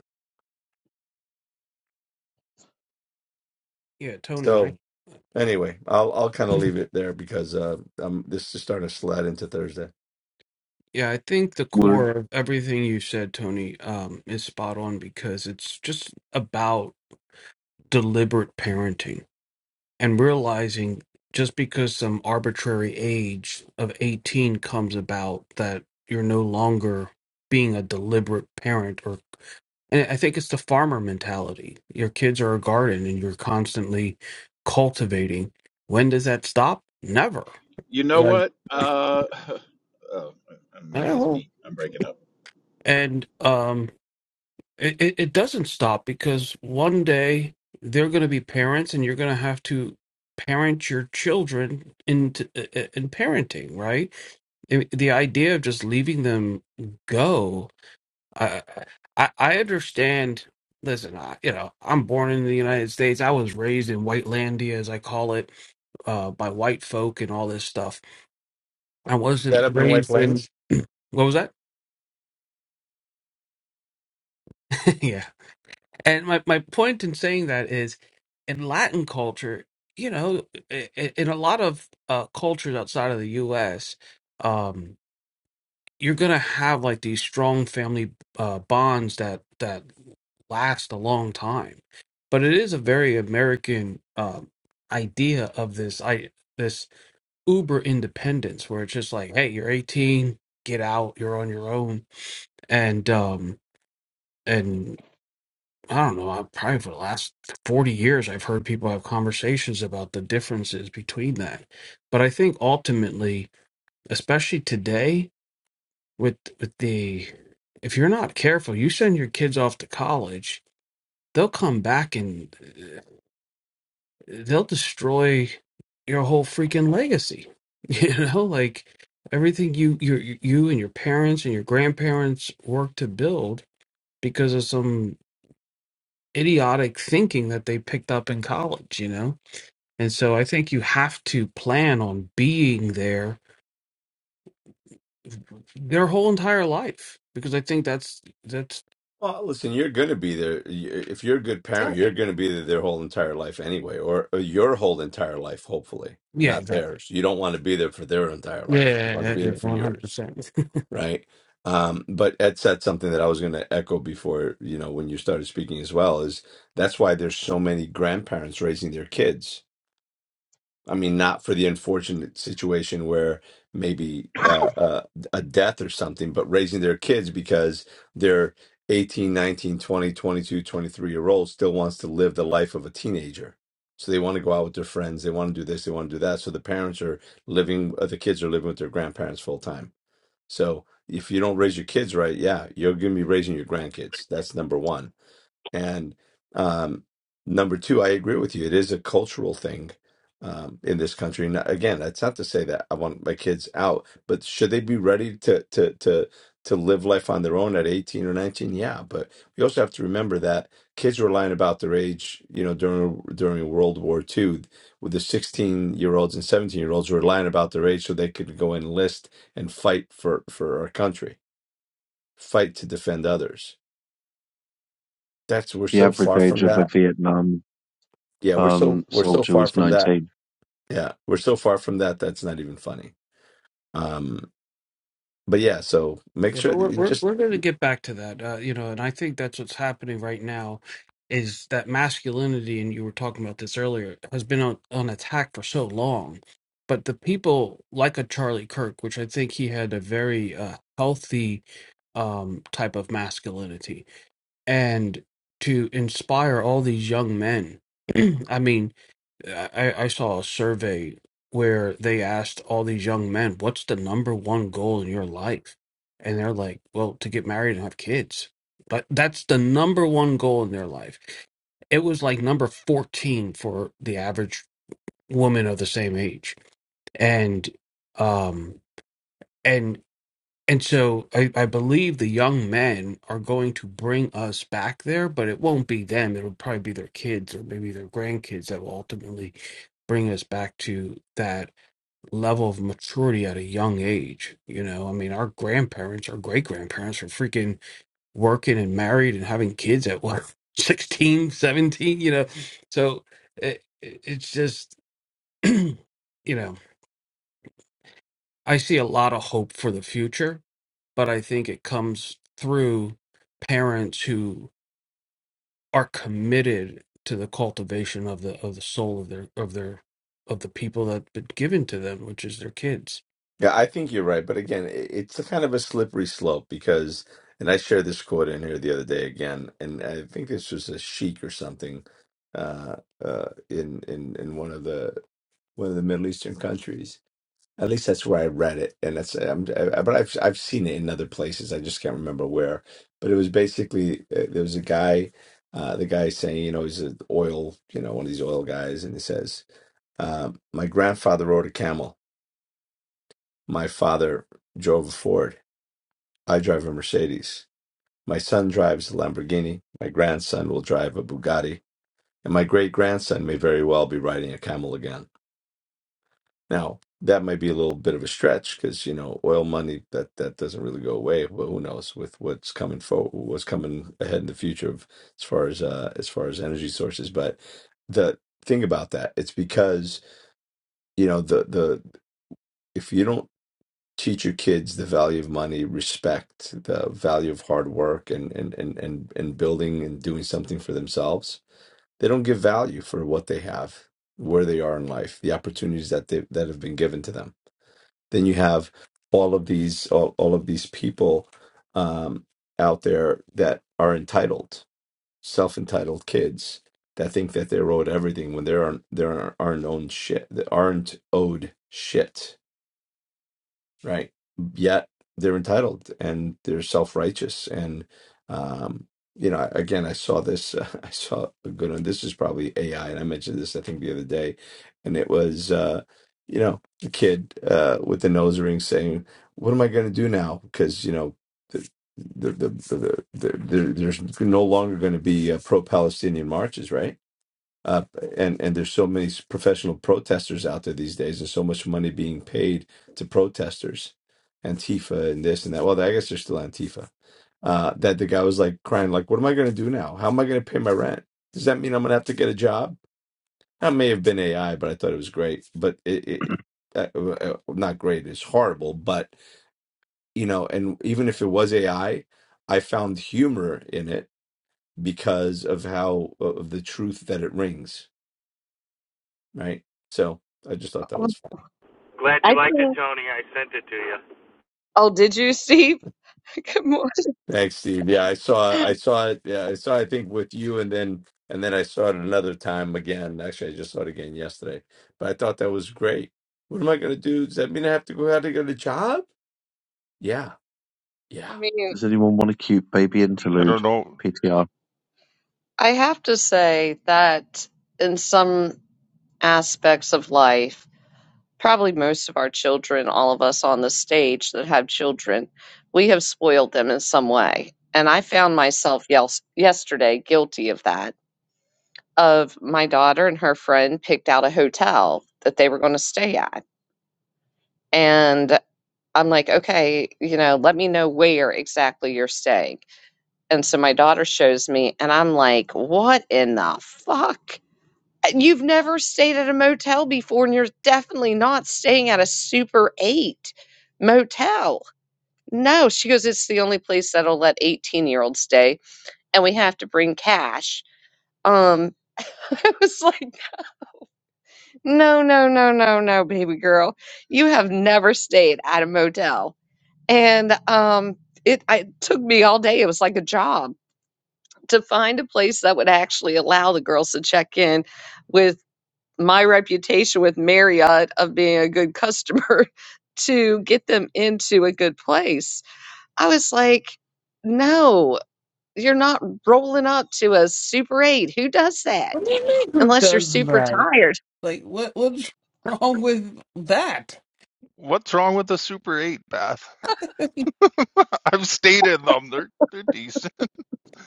yeah, Tony. I So anyway, I'll I'll kind of leave it there because uh, um, this is starting to slide into Thursday. yeah, I think the Would core of everything you said, Tony, um, is spot on because it's just about deliberate parenting and realizing just because some arbitrary age of 18 comes about that you're no longer being a deliberate parent or and i think it's the farmer mentality your kids are a garden and you're constantly cultivating when does that stop never You know You're like, what? Uh, *laughs* oh, uh, maybe it's "Oh." me. I'm breaking up. and um It, it, it doesn't stop because one day they're going to be parents and you're going to have to parent your children into in, in parenting, right? I- The idea of just leaving them go, I I, I understand. Listen, I, you know, I'm born in the United States. I was raised in white landia, as I call it, uh, by white folk and all this stuff. I Is that wasn't up in White raised in Plains? what was that? *laughs* yeah, And my, my point in saying that is in Latin culture, you know, i- i- in a lot of uh, cultures outside of the US, um, you're going to have like these strong family uh, bonds that, that last a long time. But it is a very American um, idea of this I this uber independence where it's just like, hey, you're 18, get out, you're on your own. And um, I don't know, I, probably for the last 40 years, I've heard people have conversations about the differences between that. But I think ultimately, especially today, with with the if you're not careful, you send your kids off to college, they'll come back and uh, they'll destroy your whole freaking legacy. *laughs* You know, like everything you you you and your parents and your grandparents worked to build because of some idiotic thinking that they picked up in college, you know? And so I think you have to plan on being there their whole entire life because I think that's that's Well, listen, you're going to be there. Y- If you're a good parent, exactly. you're going to be there their whole entire life anyway, or, or your whole entire life, hopefully, yeah not exactly theirs. You don't want to be there for their entire life. You want to yeah be there for one hundred yours, percent right? Um, but Ed said something that I was going to echo before, you know, when you started speaking as well, is that's why there's so many grandparents raising their kids I mean, not for the unfortunate situation where maybe uh, uh, a death or something, but raising their kids because they're eighteen, nineteen, twenty, twenty-two, twenty-three year old still wants to live the life of a teenager. So they want to go out with their friends. They want to do this. They want to do that. So the parents are living, uh, the kids are living with their grandparents full time. So if you don't raise your kids right, yeah, you're going to be raising your grandkids. That's number one. And um, number two, I agree with you. It is a cultural thing um, in this country. Now, again, that's not to say that I want my kids out, but should they be ready to to to to live life on their own at 18 or 19? Yeah, but we also have to remember that kids were lying about their age, you know, during during World War II, with the 16 year olds and 17 year olds were lying about their age so they could go enlist and fight for for our country, fight to defend others. That's we're the so average far age from of that. a Vietnam yeah we're so um, we're so soldier far was from that 19. yeah we're so far from that that's not even funny um but yeah so *laughs* make yeah but sure that we're you we're just we're going to get back to that uh, you know and I think that's what's happening right now is that masculinity and you were talking about this earlier has been on, on attack for so long but the people like a Charlie Kirk which I think he had a very uh, healthy um type of masculinity and to inspire all these young men. *clears throat* I mean, I, I saw a survey where they asked all these young men, "What's the number one goal in your life?" And they're like, "Well, to get married and have kids." But that's the number one goal in their life. It was like number 14 for the average woman of the same age. And um and. And so I, I believe the young men are going to bring us back there, but it won't be them. It'll probably be their kids or maybe their grandkids that will ultimately bring us back to that level of maturity at a young age. You know, I mean, our grandparents, our great grandparents were freaking working and married and having kids at what, *laughs* 16, 17. you know? So it, it- it's just, *clears throat* you know, I see a lot of hope for the future but I think it comes through parents who are committed to the cultivation of the of the soul of their of their of the people that been given to them, which is their kids. yeah i think you're right but again it, it's a kind of a slippery slope because and i shared this quote in here the other day again and i think this was a sheik or something uh uh in in in one of the one of the middle eastern countries At least that's where I read it, and that's I'm, I, but I've I've seen it in other places. I just can't remember where. But it was basically uh, there was a guy, uh, the guy saying, you know, he's an oil, you know, one of these oil guys, and he says, uh, "My grandfather rode a camel. My father drove a Ford. I drive a Mercedes. My son drives a Lamborghini. My grandson will drive a Bugatti, and my great grandson may very well be riding a camel again." Now, that might be a little bit of a stretch because, you know, oil money that that doesn't really go away, but who knows with what's coming for what's coming ahead in the future of, as far as uh as far as energy sources. But the thing about that, it's because, you know, the the if you don't teach your kids the value of money, respect the value of hard work and and and and, and building and doing something for themselves, they don't give value for what they have, where they are in life, the opportunities that they that have been given to them then you have all of these all, all of these people um, out there that are entitled self-entitled kids that think that they're owed everything when they aren't they aren't, aren't owned shit they aren't owed shit right? Yet they're entitled and they're self-righteous. And um, you know, again, I saw this. *laughs* I saw a good one. This is probably AI, and I mentioned this I think the other day, and it was uh, you know the kid uh, with the nose ring saying, "What am I going to do now?" Because you know. The, the, the, the, the, the, there's no longer going to be uh, pro-Palestinian marches, right? uh, and and there's so many s- professional protesters out there these days, and so much money being paid to protesters, Antifa and this and that. Well, I guess they're still Antifa. Uh, that the guy was like crying, like, "What am I going to do now? How am I going to pay my rent? Does that mean I'm going to have to get a job?" That may have been AI, but I thought it was great. But it, it it- uh, uh, uh, not great. It's horrible. But you know, and even if it was AI, I I found humor in it because of how of the truth that it rings right? So I just thought that was Um, fun. Glad I you liked it, think, Tony. I sent it to you. oh, did you, Steve? *laughs* Good morning. Thanks, Steve. Yeah, I saw I saw it. Yeah, I saw I think with you and then and then I saw it another time again. Actually, I just saw it again yesterday. But I thought that was great. What am I gonna do? Does that mean I have to go out and get a job? Yeah, yeah. I mean, Does anyone want a cute baby I interlude? don't know PTR. I have to say that in some aspects of life, probably most of our children, all of us on the stage that have children, we have spoiled them in some way. And I found myself yes, yesterday guilty of that. Of my daughter and her friend picked out a hotel that they were going to stay at. And I'm like, okay, you know, let me know where exactly you're staying. And so my daughter shows me, and I'm like, what in the fuck? You've never stayed at a motel before, and you're definitely not staying at a Super 8 motel. No, she goes, it's the only place that'll let 18 year olds stay, and we have to bring cash. Um, *laughs* I was like, no, no, no, no, no, baby girl. You have never stayed at a motel. And um, it, I- it took me all day. It was like a job to find a place that would actually allow the girls to check in with. my reputation with Marriott of being a good customer *laughs* to get them into a good place. I was like, no, you're not rolling up to a Super 8. Who does that? What do you mean who Unless you're does super that? tired. Like, what what's *laughs* wrong with that? what's wrong with the Super 8, Beth. *laughs* I've stayed in them. They're they're decent. *laughs*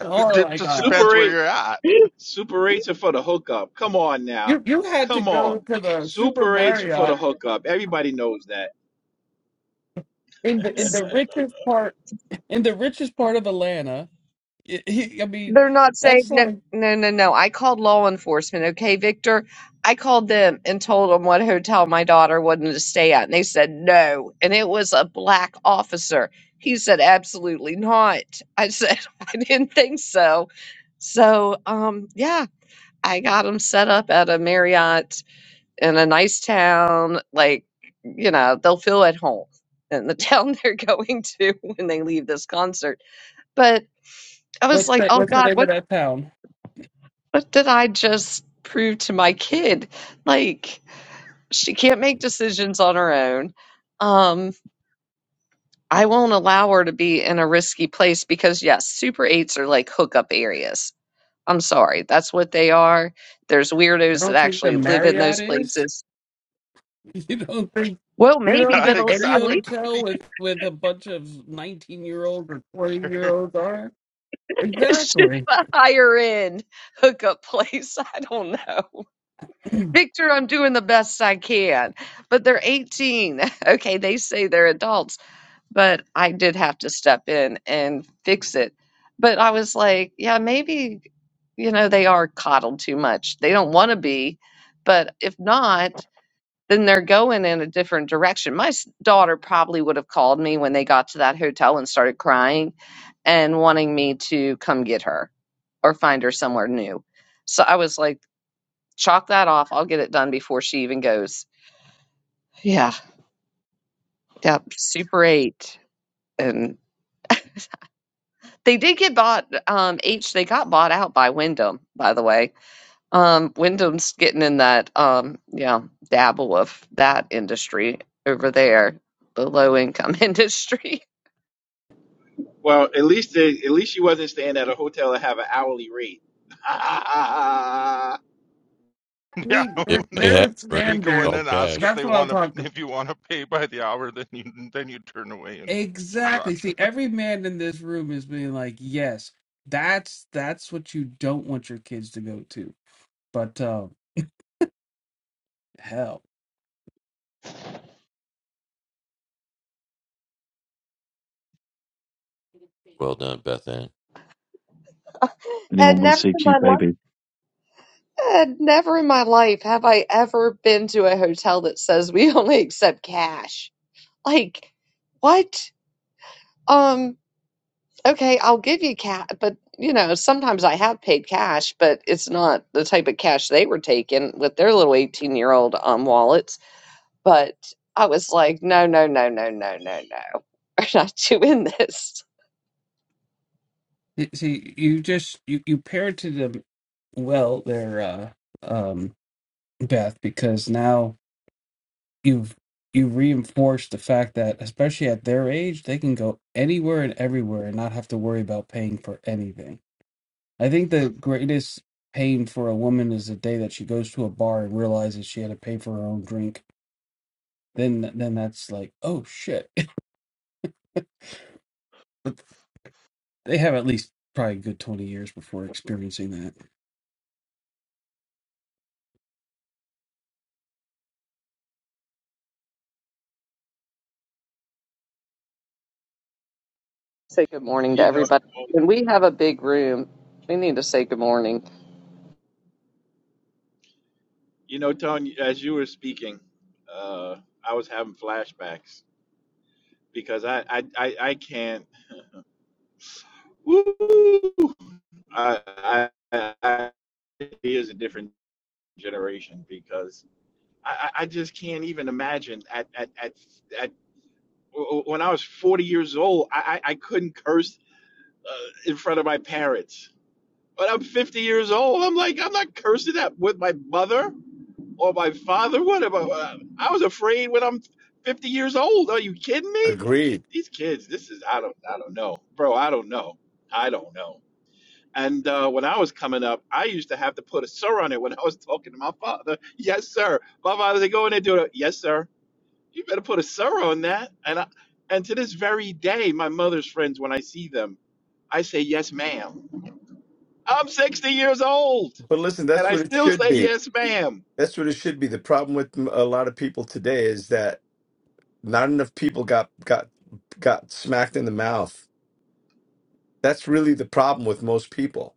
Oh It my just god! Super depends where 8, you're at. *laughs* *gasps* Super 8s are for the hookup. Come on now. You you had to Come on. go to the Super Super 8s are for the Marriott hookup. Everybody knows that. in the *laughs* in *laughs* the richest part in the richest part of Atlanta. I *laughs* I- I mean, They're not safe. that's No, like no, no, no. I called law enforcement. Okay, Victor. I called them and told them what hotel my daughter wanted to stay at, and they said no. And it was a black officer. He said absolutely not. I said *laughs* I didn't think so. So, um, yeah, I got them set up at a Marriott in a nice town. Like, you know, they'll feel at home in the *laughs* town they're going to when they leave this concert. But I was what's like, that? oh What's the God, what? name of that town? What did I just prove to my kid? Like, she can't make decisions on her own. Um, I won't allow her to be in a risky place because, yes, Super 8s are like hookup areas. I'm sorry, that's what they are. There's You weirdos that don't think the actually live in Marriott those is? places. *laughs* You don't think Well, you don't maybe, Yeah, but think al- any at least hotel exactly. with with a bunch of nineteen year olds or twenty year *laughs* olds are? *laughs* it's just Exactly. a higher end hookup place. *laughs* I don't know. Victor, I'm doing the best I can, but they're 18. *laughs* Okay, they say they're adults but I did have to step in and fix it. But I was like, yeah, maybe, you know, they are coddled too much. They don't want to be, but if not, then they're going in a different direction. My s- daughter probably would have called me when they got to that hotel and started crying and wanting me to come get her or find her somewhere new. So I was like, chalk that off. I'll get it done before she even goes. Yeah. Yep. Super eight. and. They did get bought, um, H they got bought out by Wyndham, by the way. Um, Wyndham's getting in that, um, yeah, dabble of that industry over there, the low income *laughs* industry. Well, at least they, at least she wasn't staying at a hotel that have an hourly rate. *laughs* Yeah, See, *laughs* It their when may have their when ruined you go standard. in all and ask if cash. That's they what I'm want to, talking. if you want to pay by the hour, then you then you turn away and run. Exactly. See, every man in this room is being like, yes, that's that's what you don't want your kids to go to. But um, hell, Well done, Beth Ann. Anyone And want to never see a in my cute life, baby? and never in my life have I ever been to a hotel that says we *laughs* only accept cash. Like, what? Um, Okay, I'll give you cash, but you know, sometimes I have paid cash, but it's not the type of cash they were taking with their little 18 year old um wallets. But I was like, no, no, no, no, no, no, no. *laughs* We're not doing this. Y- see, you just you you parented them well there, uh, um, Beth, because now you've you reinforced the fact that especially at their age they can go anywhere and everywhere and not have to worry about paying for anything i think the greatest pain for a woman is the day that she goes to a bar and realizes she had to pay for her own drink then then that's like oh shit *laughs* but they have at least probably a good 20 years before experiencing that Say good morning to you know, everybody. When we have a big room, we need to say good morning. you know, Tony, as you were speaking, uh, I was having flashbacks because I I I, I can't. Woo, I, I I it is a different generation because I, I just can't even imagine at at at, at when I was 40 years old, I, I couldn't curse uh, in front of my parents. But I'm 50 years old. I'm like, I'm not cursing at with my mother. or my father? What about? Uh, I was afraid when I'm 50 years old. Are you kidding me? Agreed. These kids, this is I don't I don't know, bro. I don't know. I don't know. And uh, when I was coming up, I used to have to put a sir on it when I was talking to my father. Yes, sir. My father said, "Go in there, and do it." Yes, sir. You better put a sir on that. And I, and to this very day, my mother's friends, when I see them, I say, "Yes, ma'am." I'm 60 years old, But listen, and that's I what it still should say, be. "Yes, ma'am." That's what it should be. The problem with m- a lot of people today is that not enough people got got got smacked in the mouth. That's really the problem with most people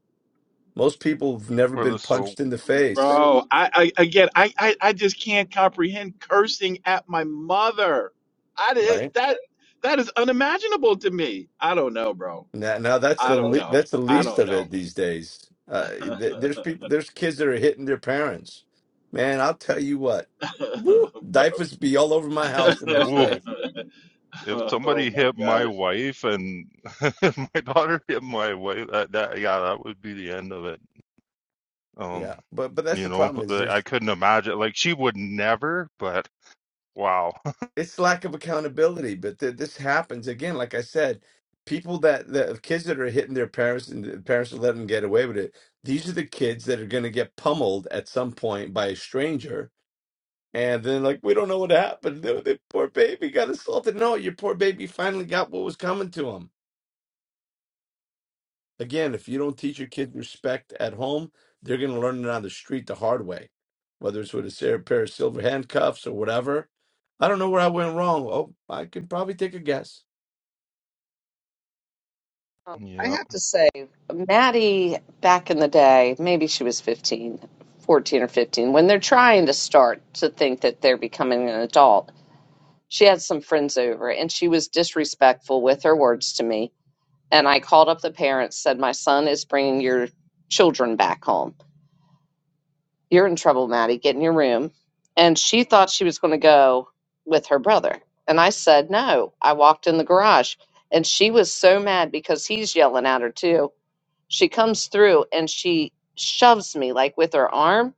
Most people have never Or the been soap. punched in the face, Bro, I, I again, I, I, I just can't comprehend cursing at my mother. I right? did that. That is unimaginable to me. I don't know, bro. Now, now that's I the don't le- know. that's the I least don't of know, it these days. Uh, th- there's people, there's kids that are hitting their parents. Man, I'll tell you what, woo, *laughs* bro. diapers be all over my house the next Oh, *laughs* day. if oh somebody my hit my gosh. wife and *laughs* if my daughter hit my wife, that, that yeah, that would be the end of it. Yeah, Um, but but that's you the know, problem is the, I there's couldn't imagine. Like she would never, but wow. *laughs* it's lack of accountability. But th- this happens again. Like I said, people that the kids that are hitting their parents and the parents are letting them get away with it. These are the kids that are going to get pummeled at some point by a stranger And then, like, we don't know what happened. The, the poor baby got assaulted. No, your poor baby finally got what was coming to him. Again, if you don't teach your kids respect at home, they're going to learn it on the street the hard way, whether it's with a sa- pair of silver handcuffs or whatever. I don't know where I went wrong. Oh, I could probably take a guess. Um, I Yeah. have to say, Maddie, back in the day, maybe she was 15, 14 or 15, when they're trying to start to think that they're becoming an adult she had some friends over and she was disrespectful with her words to me and i called up the parents said my son is bringing your children back home you're in trouble maddie get in your room and she thought she was going to go with her brother and i said no i walked in the garage and she was so mad because he's yelling at her too she comes through and she shoves me like with her arm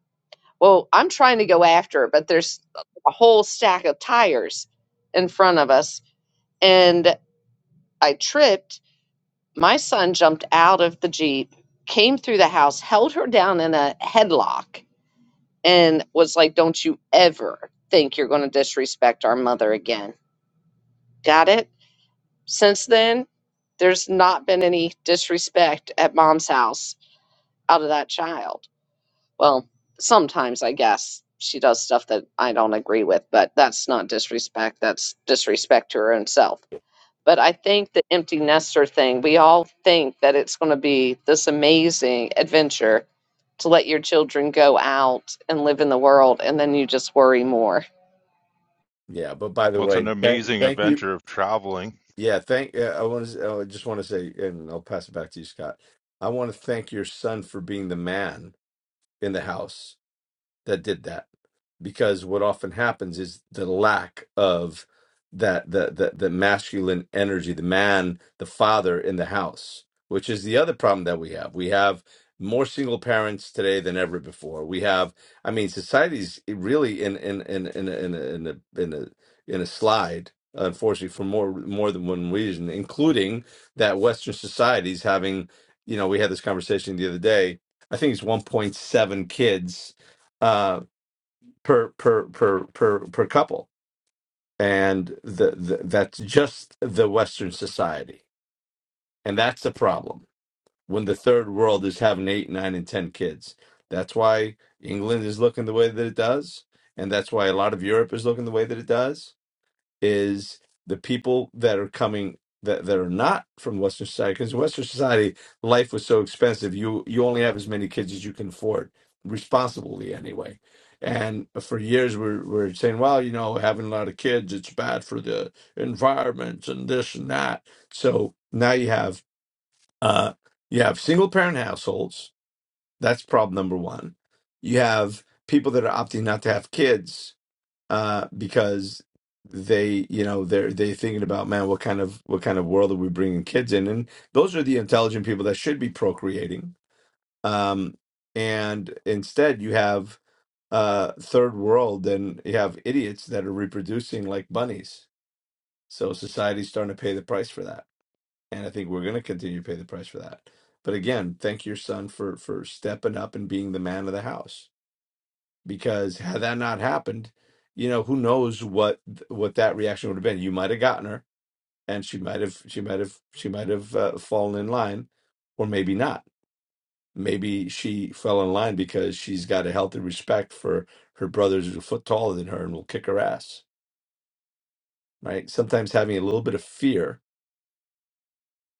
well i'm trying to go after her but there's a whole stack of tires in front of us and I tripped. My son jumped out of the Jeep, came through the house, held her down in a headlock, and was like, Don't you ever think you're going to disrespect our mother again. Got it? Since then, there's not been any disrespect at mom's house out of that child. Well, sometimes I guess she does stuff that I don't agree with, but that's not disrespect. That's disrespect to her own self. But I think the empty nester thing, we all think that it's going to be this amazing adventure to let your children go out and live in the world, and then you just worry more. Yeah, but by the Well, it's an way, thank, amazing thank you. adventure of traveling, Yeah, thank. Uh, I want to. I just want to say, and I'll pass it back to you, Scott. I want to thank your son for being the man in the house that did that because what often happens is the lack of that the the, the masculine energy the man the father in the house which is the other problem that we have we have more single parents today than ever before we have i mean society's really in in in in a- in a, in a, in a, in a slide unfortunately for more more than one reason including that western society's having you know we had this conversation the other day i think it's 1.7 kids uh, per per per per per couple and the, the that's just the western society and that's the problem when the third world is having eight nine and ten kids that's why england is looking the way that it does and that's why a lot of europe is looking the way that it does is the people that are coming that, that are not from Western society. Because in Western society, life was so expensive. You you only have as many kids as you can afford, responsibly anyway. And for years, we're we're saying, well, you know, having a lot of kids, it's bad for the environment and this and that. So now you have uh, you have single parent households. That's problem number one. You have people that are opting not to have kids uh, because they, you know, they're they thinking about man, what kind of what kind of world are we bringing kids in? And those are the intelligent people that should be procreating. Um, and instead, you have uh, third world, and you have idiots that are reproducing like bunnies. So society's starting to pay the price for that, and I think we're going to continue to pay the price for that. But again, thank your son for for stepping up and being the man of the house because had that not happened, you know, who knows what what that reaction would have been. You might have gotten her, and she might have she might have she might have uh, fallen in line, or maybe not. Maybe she fell in line because she's got a healthy respect for her brothers who's a foot taller than her and will kick her ass. Right? Sometimes having a little bit of fear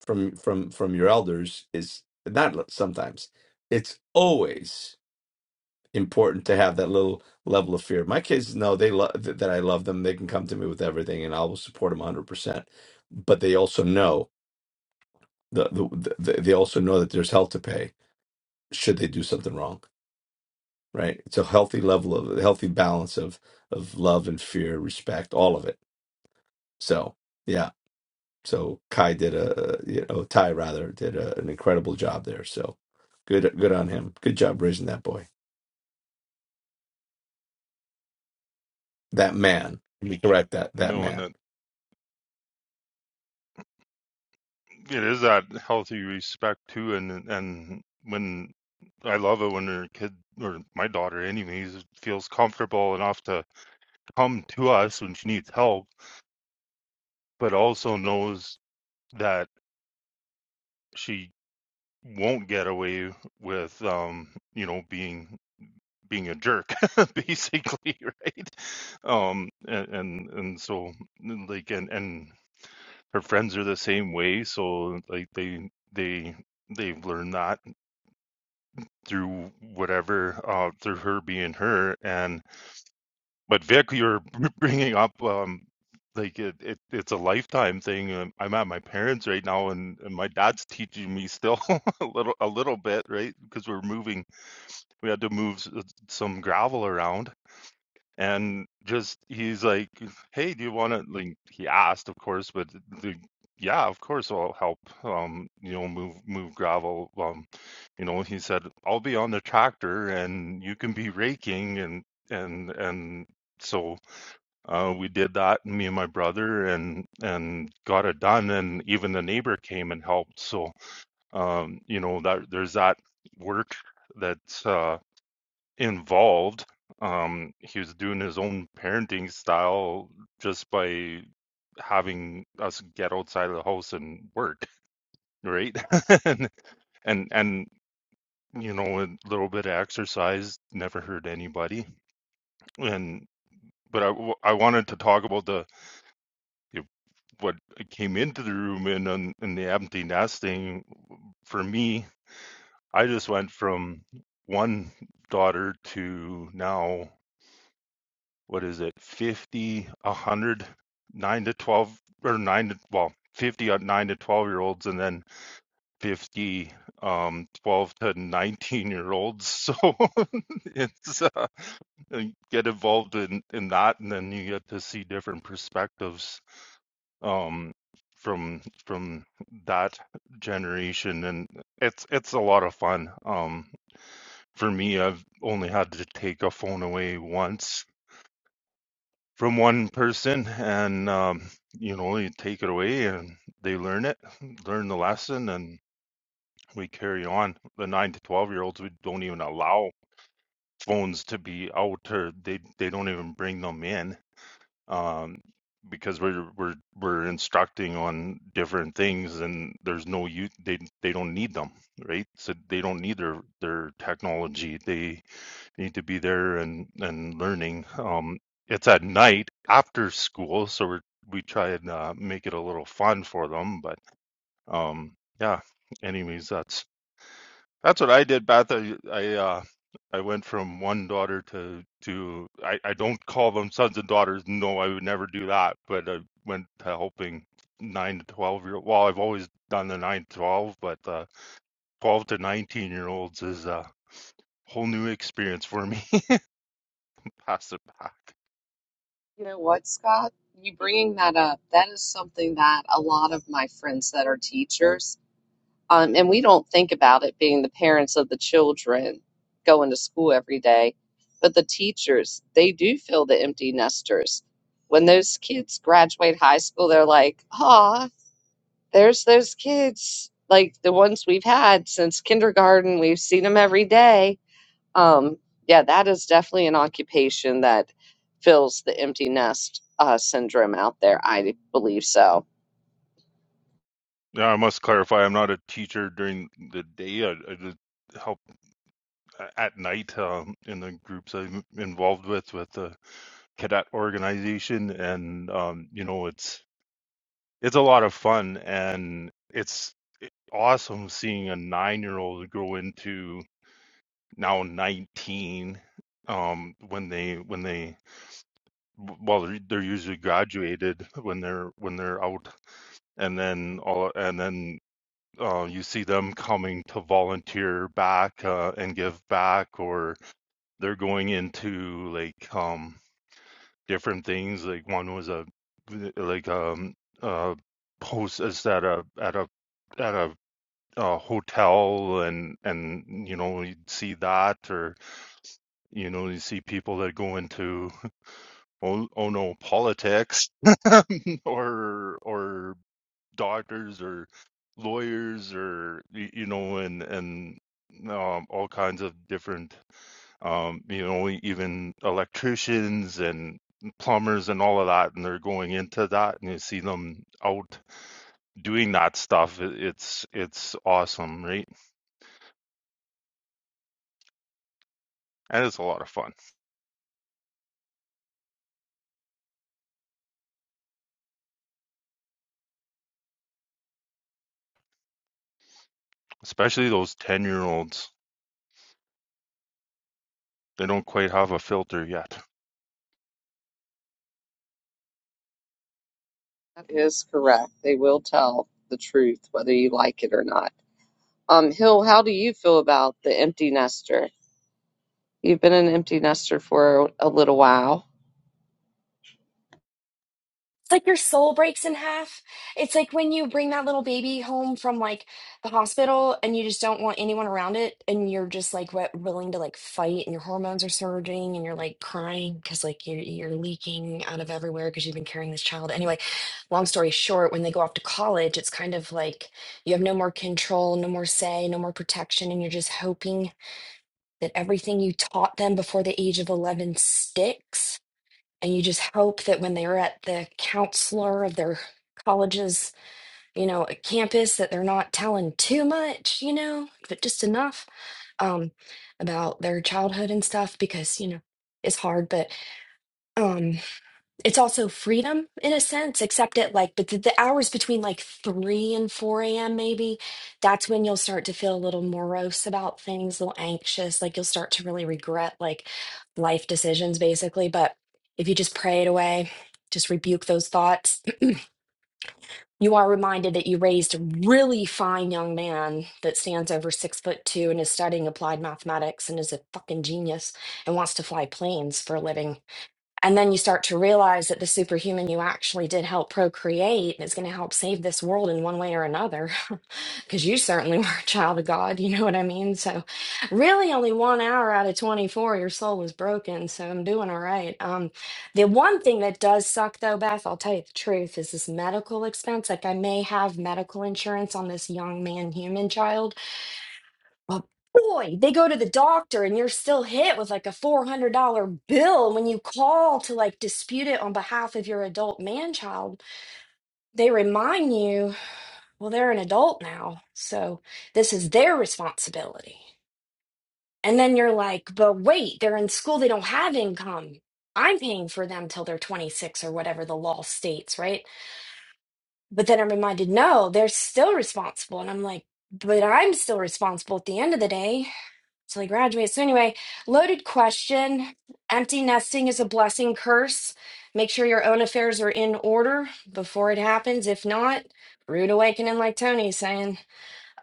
from from from your elders is not sometimes. It's always important to have that little level of fear. My kids know they love that I love them. They can come to me with everything, and I will support them 100%. But they also know the, the, the they also know that there's hell to pay should they do something wrong. Right? It's a healthy level of a healthy balance of of love and fear, respect, all of it. So yeah. So Kai did a you know Ty rather did a, an incredible job there. So good good on him. Good job raising that boy. That man. Let me correct that. you That know, and that man. it is that healthy respect too. And and when I love it when her kid or my daughter, anyways, feels comfortable enough to come to us when she needs help, but also knows that. She won't get away with um you know being being a jerk *laughs* basically right um and, and and so like and and her friends are the same way so like they they they've learned that through whatever uh through her being her and but Vic you're *laughs* bringing up um like it, it it's a lifetime thing Um, i'm at my parents right now and, and my dad's teaching me still *laughs* a little a little bit right because we're moving we had to move some gravel around and just he's like hey do you want to like he asked of course but the yeah of course i'll help um you know move move gravel um you know he said i'll be on the tractor and you can be raking and and and so uh we did that me and my brother and and got it done and even the neighbor came and helped so um you know that there's that work that. uh involved. Um, he was doing his own parenting style just by having us get outside of the house and work, right? *laughs* and, and and you know a little bit of exercise never hurt anybody. And but I, w- I wanted to talk about the you know, what came into the room and and and the empty nesting. For me, I just went from one daughter to now what is it 50 100 9 to 12 or 9 to well 50 on 9 to 12 year olds and then 50 um 12 to 19 year olds so *laughs* it's uh, you get involved in in that and then you get to see different perspectives um from from that generation and it's it's a lot of fun um for me i've only had to take a phone away once from one person and um, you know you take it away and they learn it learn the lesson and we carry on the 9 to 12 year olds we don't even allow phones to be out or they, they don't even bring them in um, because we're, we're we're instructing on different things and there's no use they they don't need them right so they don't need their their technology They need to be there and and learning. Um, it's at night after school, so we we try and uh, make it a little fun for them. But um, yeah, anyways, that's that's what I did, Beth. I I, uh, I went from one daughter to to I, I don't call them sons and daughters. No, I would never do that. But I went to helping nine to twelve year. Well, I've always done the nine to twelve, but uh, twelve to nineteen year olds is a whole new experience for me. *laughs* Pass it back. You know what, Scott? You bringing that up, that is something that a lot of my friends that are teachers, Um, and we don't think about it being the parents of the children going to school every day, but the teachers, they do feel the empty nesters. When those kids graduate high school, they're like, oh, There's those kids, like the ones we've had since kindergarten. We've seen them every day. Um, yeah, that is definitely an occupation that fills the empty nest uh, syndrome out there. I believe so. Yeah, I must clarify. I'm not a teacher during the day. I, I just help at night um, in the groups I'm involved with, with the cadet organization, and um, you know, it's it's a lot of fun, and it's awesome seeing a nine-year-old grow into now 19 um, when they when they well they're they're usually graduated when they're when they're out, and then all and then uh, you see them coming to volunteer back uh, and give back, or they're going into like um, different things. Like one was a like um uh host at a at a at a, uh hotel, and and you know you see that, or you know you see people that go into oh, oh no politics, *laughs* or or doctors or lawyers or y- you know and and um, all kinds of different um, you know e-, even electricians and plumbers and all of that and they're going into that and you see them out doing that stuff It- it's it's awesome right and it's a lot of fun especially those 10 year olds they don't quite have a filter yet That is correct. They will tell the truth, whether you like it or not. Um, Hill, how do you feel about the empty nester? You've been an empty nester for a little while. It's like your soul breaks in half. It's like when you bring that little baby home from like the hospital and you just don't want anyone around it and you're just like wi- willing to like fight and your hormones are surging and you're like crying because like you're, you're leaking out of everywhere because you've been carrying this child. Anyway, long story short, when they go off to college, it's kind of like you have no more control, no more say, no more protection, and you're just hoping that everything you taught them before the age of 11 sticks and you just hope that when they're at the counselor of their college's you know campus that they're not telling too much you know but just enough um about their childhood and stuff because you know it's hard but um, it's also freedom in a sense, except at like, but the, the hours between like 3 and 4 a.m., maybe, that's when you'll start to feel a little morose about things, a little anxious. Like you'll start to really regret like life decisions, basically. But if you just pray it away, just rebuke those thoughts, *clears throat* you are reminded that you raised a really fine young man that stands over six foot two and is studying applied mathematics and is a fucking genius and wants to fly planes for a living and then you start to realize that the superhuman you actually did help procreate is going to help save this world in one way or another. *laughs* Because you certainly *laughs* were a child of God, you know what I mean? So, really, only one hour out of 24, your soul was broken. So, I'm doing all right. Um, the one thing that does suck, though, Beth, I'll tell you the truth, is this medical expense. Like, I may have medical insurance on this young man, human child but boy, they go to the doctor and you're still hit with like a $400 bill. When you call to like dispute it on behalf of your adult man child, they remind you, well, they're an adult now. So this is their responsibility. And then you're like, but wait, they're in school, they don't have income. I'm paying for them till they're 26 or whatever the law states, right? But then I'm reminded, no, they're still responsible. And I'm like, but I'm still responsible at the end of the day till he graduates. So anyway, loaded question. Empty nesting is a blessing curse. Make sure your own affairs are in order before it happens. If not, rude awakening, like Tony's saying.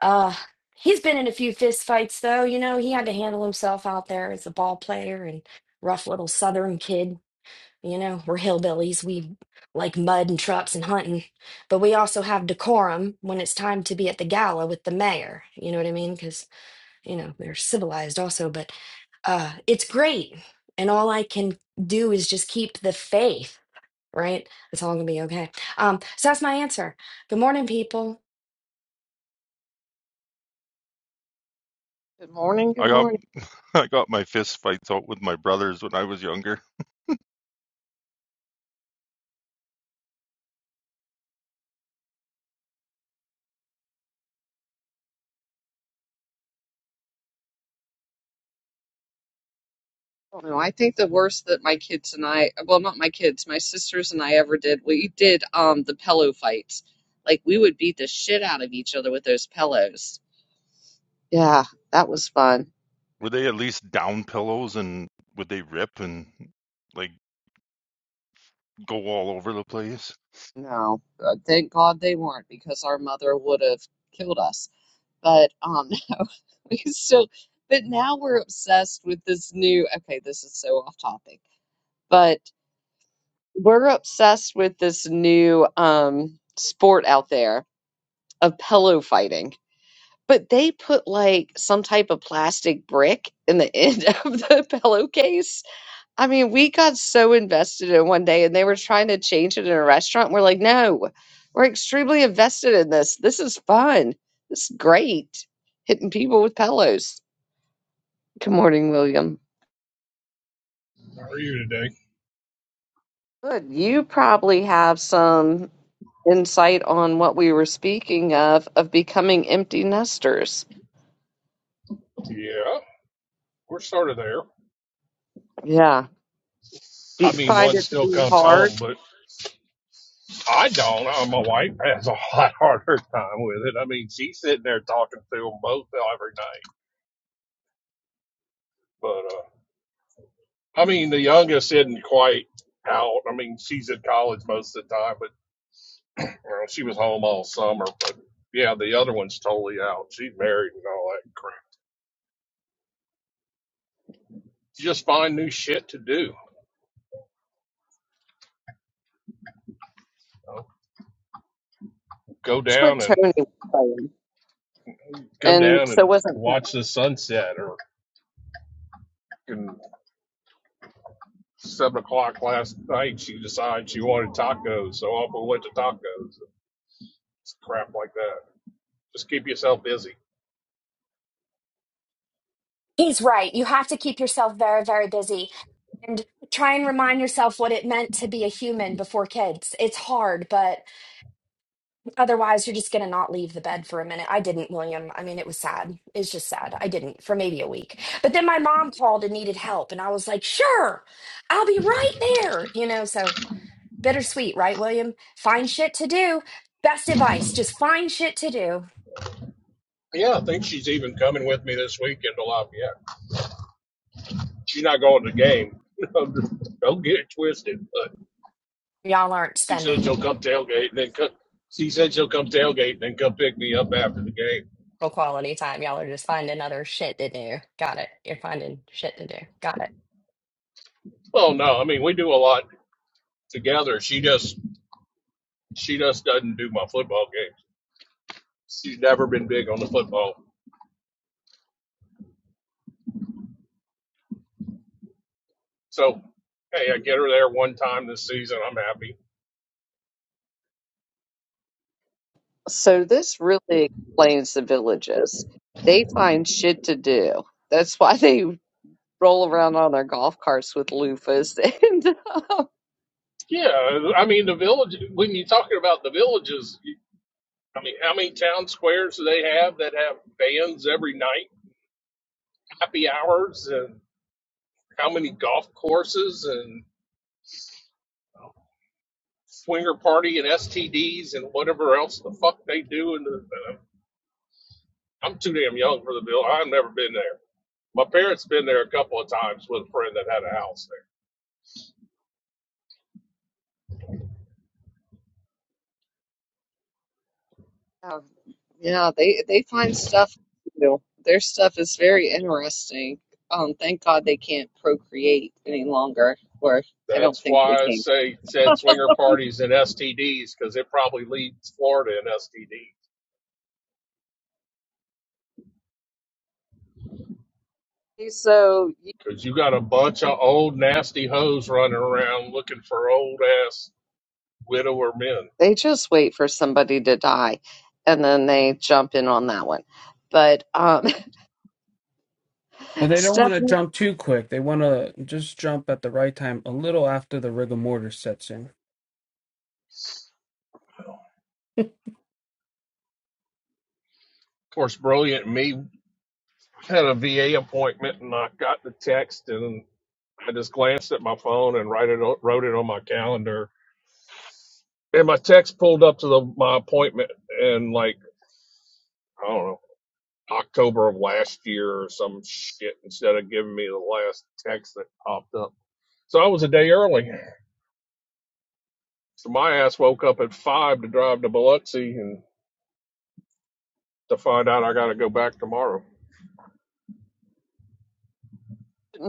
Uh he's been in a few fist fights though. You know, he had to handle himself out there as a ball player and rough little southern kid. You know, we're hillbillies. We like mud and trucks and hunting. But we also have decorum when it's time to be at the gala with the mayor. You know what I mean? Because you know they're civilized also but uh it's great and all i can do is just keep the faith right it's all gonna be okay um so that's my answer good morning people Good morning. i Good got morning. *laughs* i got my fist fights out with my brothers when i was younger don't know. I think the worst that my kids and I, well, not my kids, my sisters and I ever did, we did um the pillow fights. Like we would beat the shit out of each other with those pillows. Yeah, that was fun. Were they at least down pillows and would they rip and like go all over the place? No, uh, thank God they weren't because our mother would have killed us. But um, *laughs* we still, but now we're obsessed with this new. Okay, this is so off topic, but we're obsessed with this new um sport out there of pillow fighting But they put like some type of plastic brick in the end *laughs* of the pillowcase. I mean, we got so invested in one day and they were trying to change it in a restaurant. And We're like, no, we're extremely invested in this. This is fun. This is great. Hitting people with pillows. Good morning, William. How are you today? Good. You probably have some insight on what we were speaking of, of becoming empty nesters. Yeah, we're sort of there. Yeah. Do you I mean, find one it to still be comes home, hard? but I don't. Uh, my wife has a *laughs* lot harder time with it. I mean, she's sitting there talking to them both every night. But uh, I mean, the youngest isn't quite out. I mean, she's at college most of the time, but you know, she was home all summer. But yeah, the other one's totally out. She's married and all that crap. You just find new shit to do. You know, Go That's what down and Tony was saying. go And down so and wasn't that. watch the sunset or can seven o'clock last night, she decided she wanted tacos, so off we went to tacos. It's crap like that. Just keep yourself busy. He's right. You have to keep yourself very, very busy and try and remind yourself what it meant to be a human before kids. It's hard, but. Otherwise, you're just going to not leave the bed for a minute. I didn't, William. I mean, it was sad. It's just sad. I didn't for maybe a week. But then my mom called and needed help. And I was like, sure, I'll be right there. You know, so bittersweet, right, William? Find shit to do. Best advice just find shit to do. Yeah, I think she's even coming with me this weekend to Lafayette. She's not going to the game. *laughs* Don't get it twisted. But Y'all aren't she said spending she'll come tailgate and then come. She said she'll come tailgate and then come pick me up after the game. real quality time. Y'all are just finding other shit to do. Got it. You're finding shit to do. Got it. Well, no, I mean we do a lot together. She just she just doesn't do my football games. She's never been big on the football. So, hey, I get her there one time this season. I'm happy. So this really explains the villages. They find shit to do. That's why they roll around on their golf carts with loofahs *laughs* and um, Yeah, I mean the village. When you're talking about the villages, I mean how many town squares do they have that have bands every night, happy hours, and how many golf courses and swinger party and STDs and whatever else the fuck they do. And the, I'm too damn young for the bill. I've never been there. My parents been there a couple of times with a friend that had a house there. um, yeah, they they find stuff to do. Their stuff is very interesting. Um, thank God they can't procreate any longer, or I don't That's think they why I can. say said swinger parties and STDs because it probably leads Florida in STD So because you got a bunch of old nasty hoes running around looking for old ass widower men. Of they just wait for somebody to die, and then they jump in on that one. But um, well *laughs* they don't want to Stephanie. jump too quick they want to just jump at the right time a little after the rigor mortis sets in course, brilliant me had a VA appointment and I got the text and I just glanced at my phone and write it o- wrote it on my calendar and my text pulled up to the, my appointment and like I don't know October of last year or some shit instead of giving me the last text that popped up. So I was a day early. So my ass woke up at five to drive to Biloxi and to find out I got to go back tomorrow.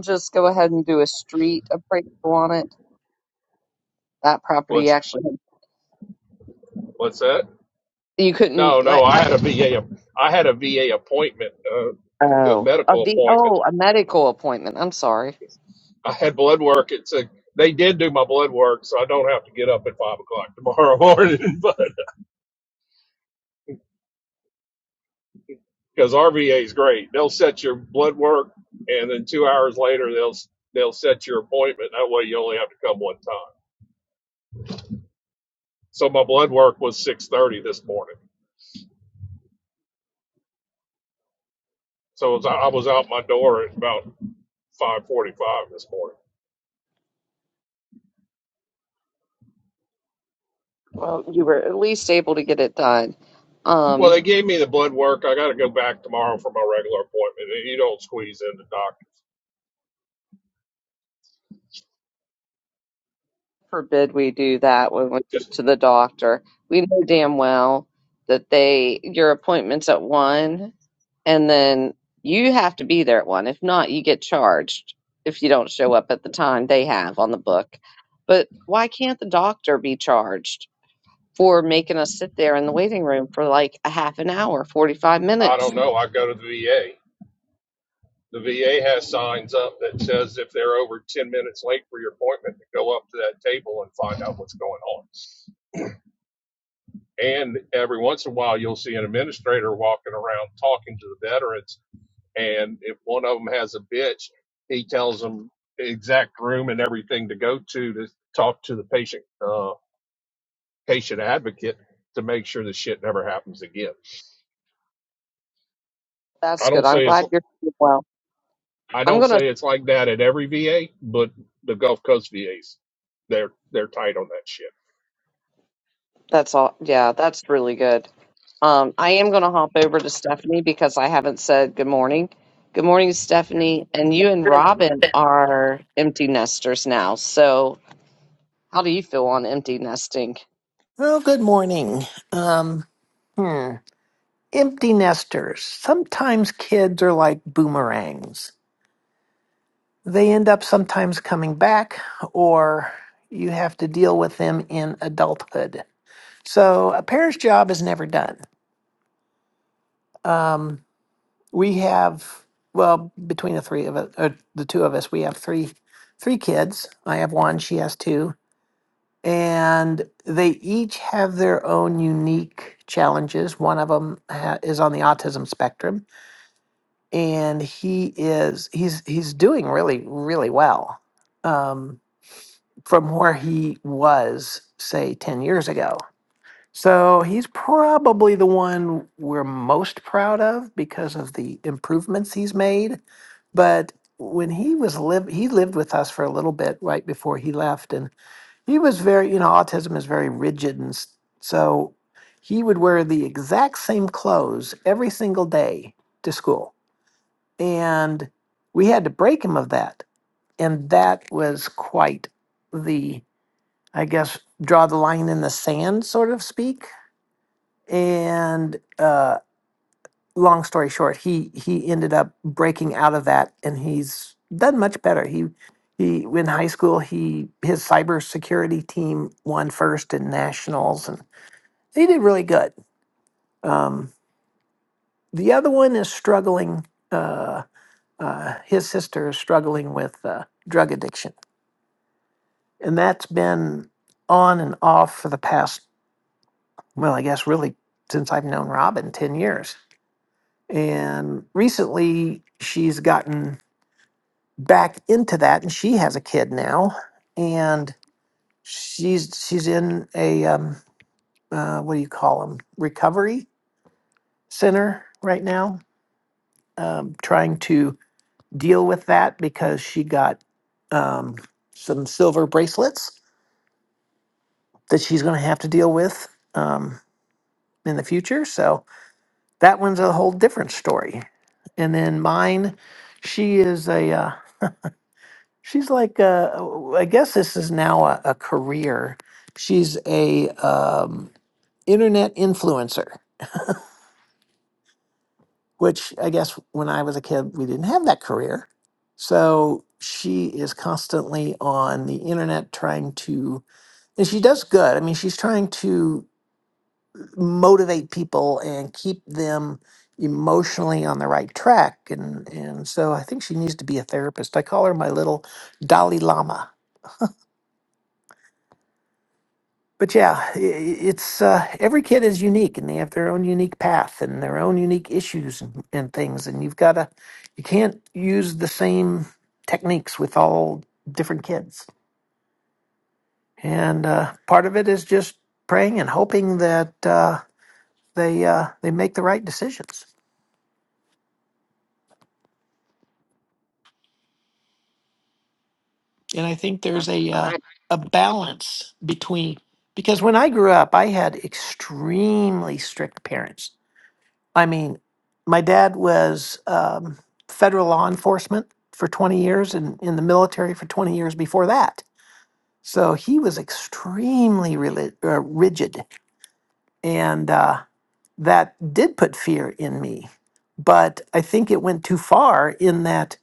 just go ahead and do a street appraisal on it. That property What's actually, what's that? you No, couldn't no, like. I had a VA. app- I had a VA appointment, uh, a Oh, a medical the appointment. oh a medical appointment. I'm sorry. I had blood work. It's a they did do my blood work, so I don't have to get up at five o'clock tomorrow *laughs* morning. But because RVA is great, they'll set your blood work, and then two hours later they'll they'll set your appointment. That way you only have to come one time. So my blood work was six thirty this morning So as I I was out my door at about 5:45 this morning. Well, you were at least able to get it done. Well, Um, they gave me the blood work. I got to go back tomorrow for my regular appointment. You don't squeeze in the doctor. forbid we do that when we go Just to the doctor. We know damn well that they your appointment's at one, and then you have to be there at one. If not, you get charged if you don't show up at the time they have on the book. But why can't the doctor be charged for making us sit there in the waiting room for like a half an hour, forty five I minutes? don't know. I go to the VA. The VA has signs up that says if they're over 10 minutes late for your appointment, to go up to that table and find out what's going on. And every once in a while, you'll see an administrator walking around talking to the veterans and if one of them has a bitch, he tells them the exact room and everything to go to to talk to the patient uh, patient advocate to make sure the shit never happens again. That's I good. don't I'm say it's glad you're doing well. I I'm don't gonna. say it's like that at every VA, but the Gulf Coast VAs they're they're tight on that shit. That's all. Yeah, that's really good. Um, I am going to hop over to Stephanie because I haven't said good morning. Good morning, Stephanie. And you and Robin are empty nesters now. So, how do you feel on empty nesting? Well, good morning. Um, hmm. Empty nesters. Sometimes kids are like boomerangs. They end up sometimes coming back, or you have to deal with them in adulthood. So a parent's job is never done. Um, we have, well, between the three of us, or the two of us, we have three, three kids. I have one. She has two. and they each have their own unique challenges. One of them ha- is on the autism spectrum, and he is he's he's doing really really well um, from where he was, say, ten years ago. So he's probably the one we're most proud of because of the improvements he's made. But when he was live, he lived with us for a little bit right before he left, and. He was very, you know, autism is very rigid, and s- so he would wear the exact same clothes every single day to school, and we had to break him of that, and that was quite the, I guess, draw the line in the sand, sort of speak, and. uh, long story short, he he ended up breaking out of that, and he's done much better. He he in high school he his cybersecurity team won first in nationals, and he did really good. Um, the other one is struggling. Uh, uh, his sister is struggling with uh, drug addiction, and that's been on and off for the past well, I guess really since I've known Robin ten years. And recently, she's gotten back into that and she has a kid now and she's she's in a um, uh, what do you call them recovery center right now um, trying to deal with that because she got um, some silver bracelets that she's going to have to deal with um, in the future so that one's a whole different story and then mine she is a uh, She's like, uh, I guess this is now a, a career. She's a um, internet influencer, which I guess when I was a kid we didn't have that career. So she is constantly on the internet trying to, and she does good. I mean, she's trying to motivate people and keep them emotionally on the right track. And and so I think she needs to be a therapist. I call her my little Dalai Lama but yeah, i- i- it's uh, every kid is unique and they have their own unique path and their own unique issues and, and things. And you've got to, you can't use the same techniques with all different kids. And uh, part of it is just praying and hoping that uh, they uh, they make the right decisions. And I think Uh, there's a uh, I a balance between because when I grew up, I had extremely strict parents I mean, my dad was um, federal law enforcement for 20 years and in the military for 20 years before that. So he was extremely reli- uh, rigid. And uh, that did put fear in me. But I think it went too far in that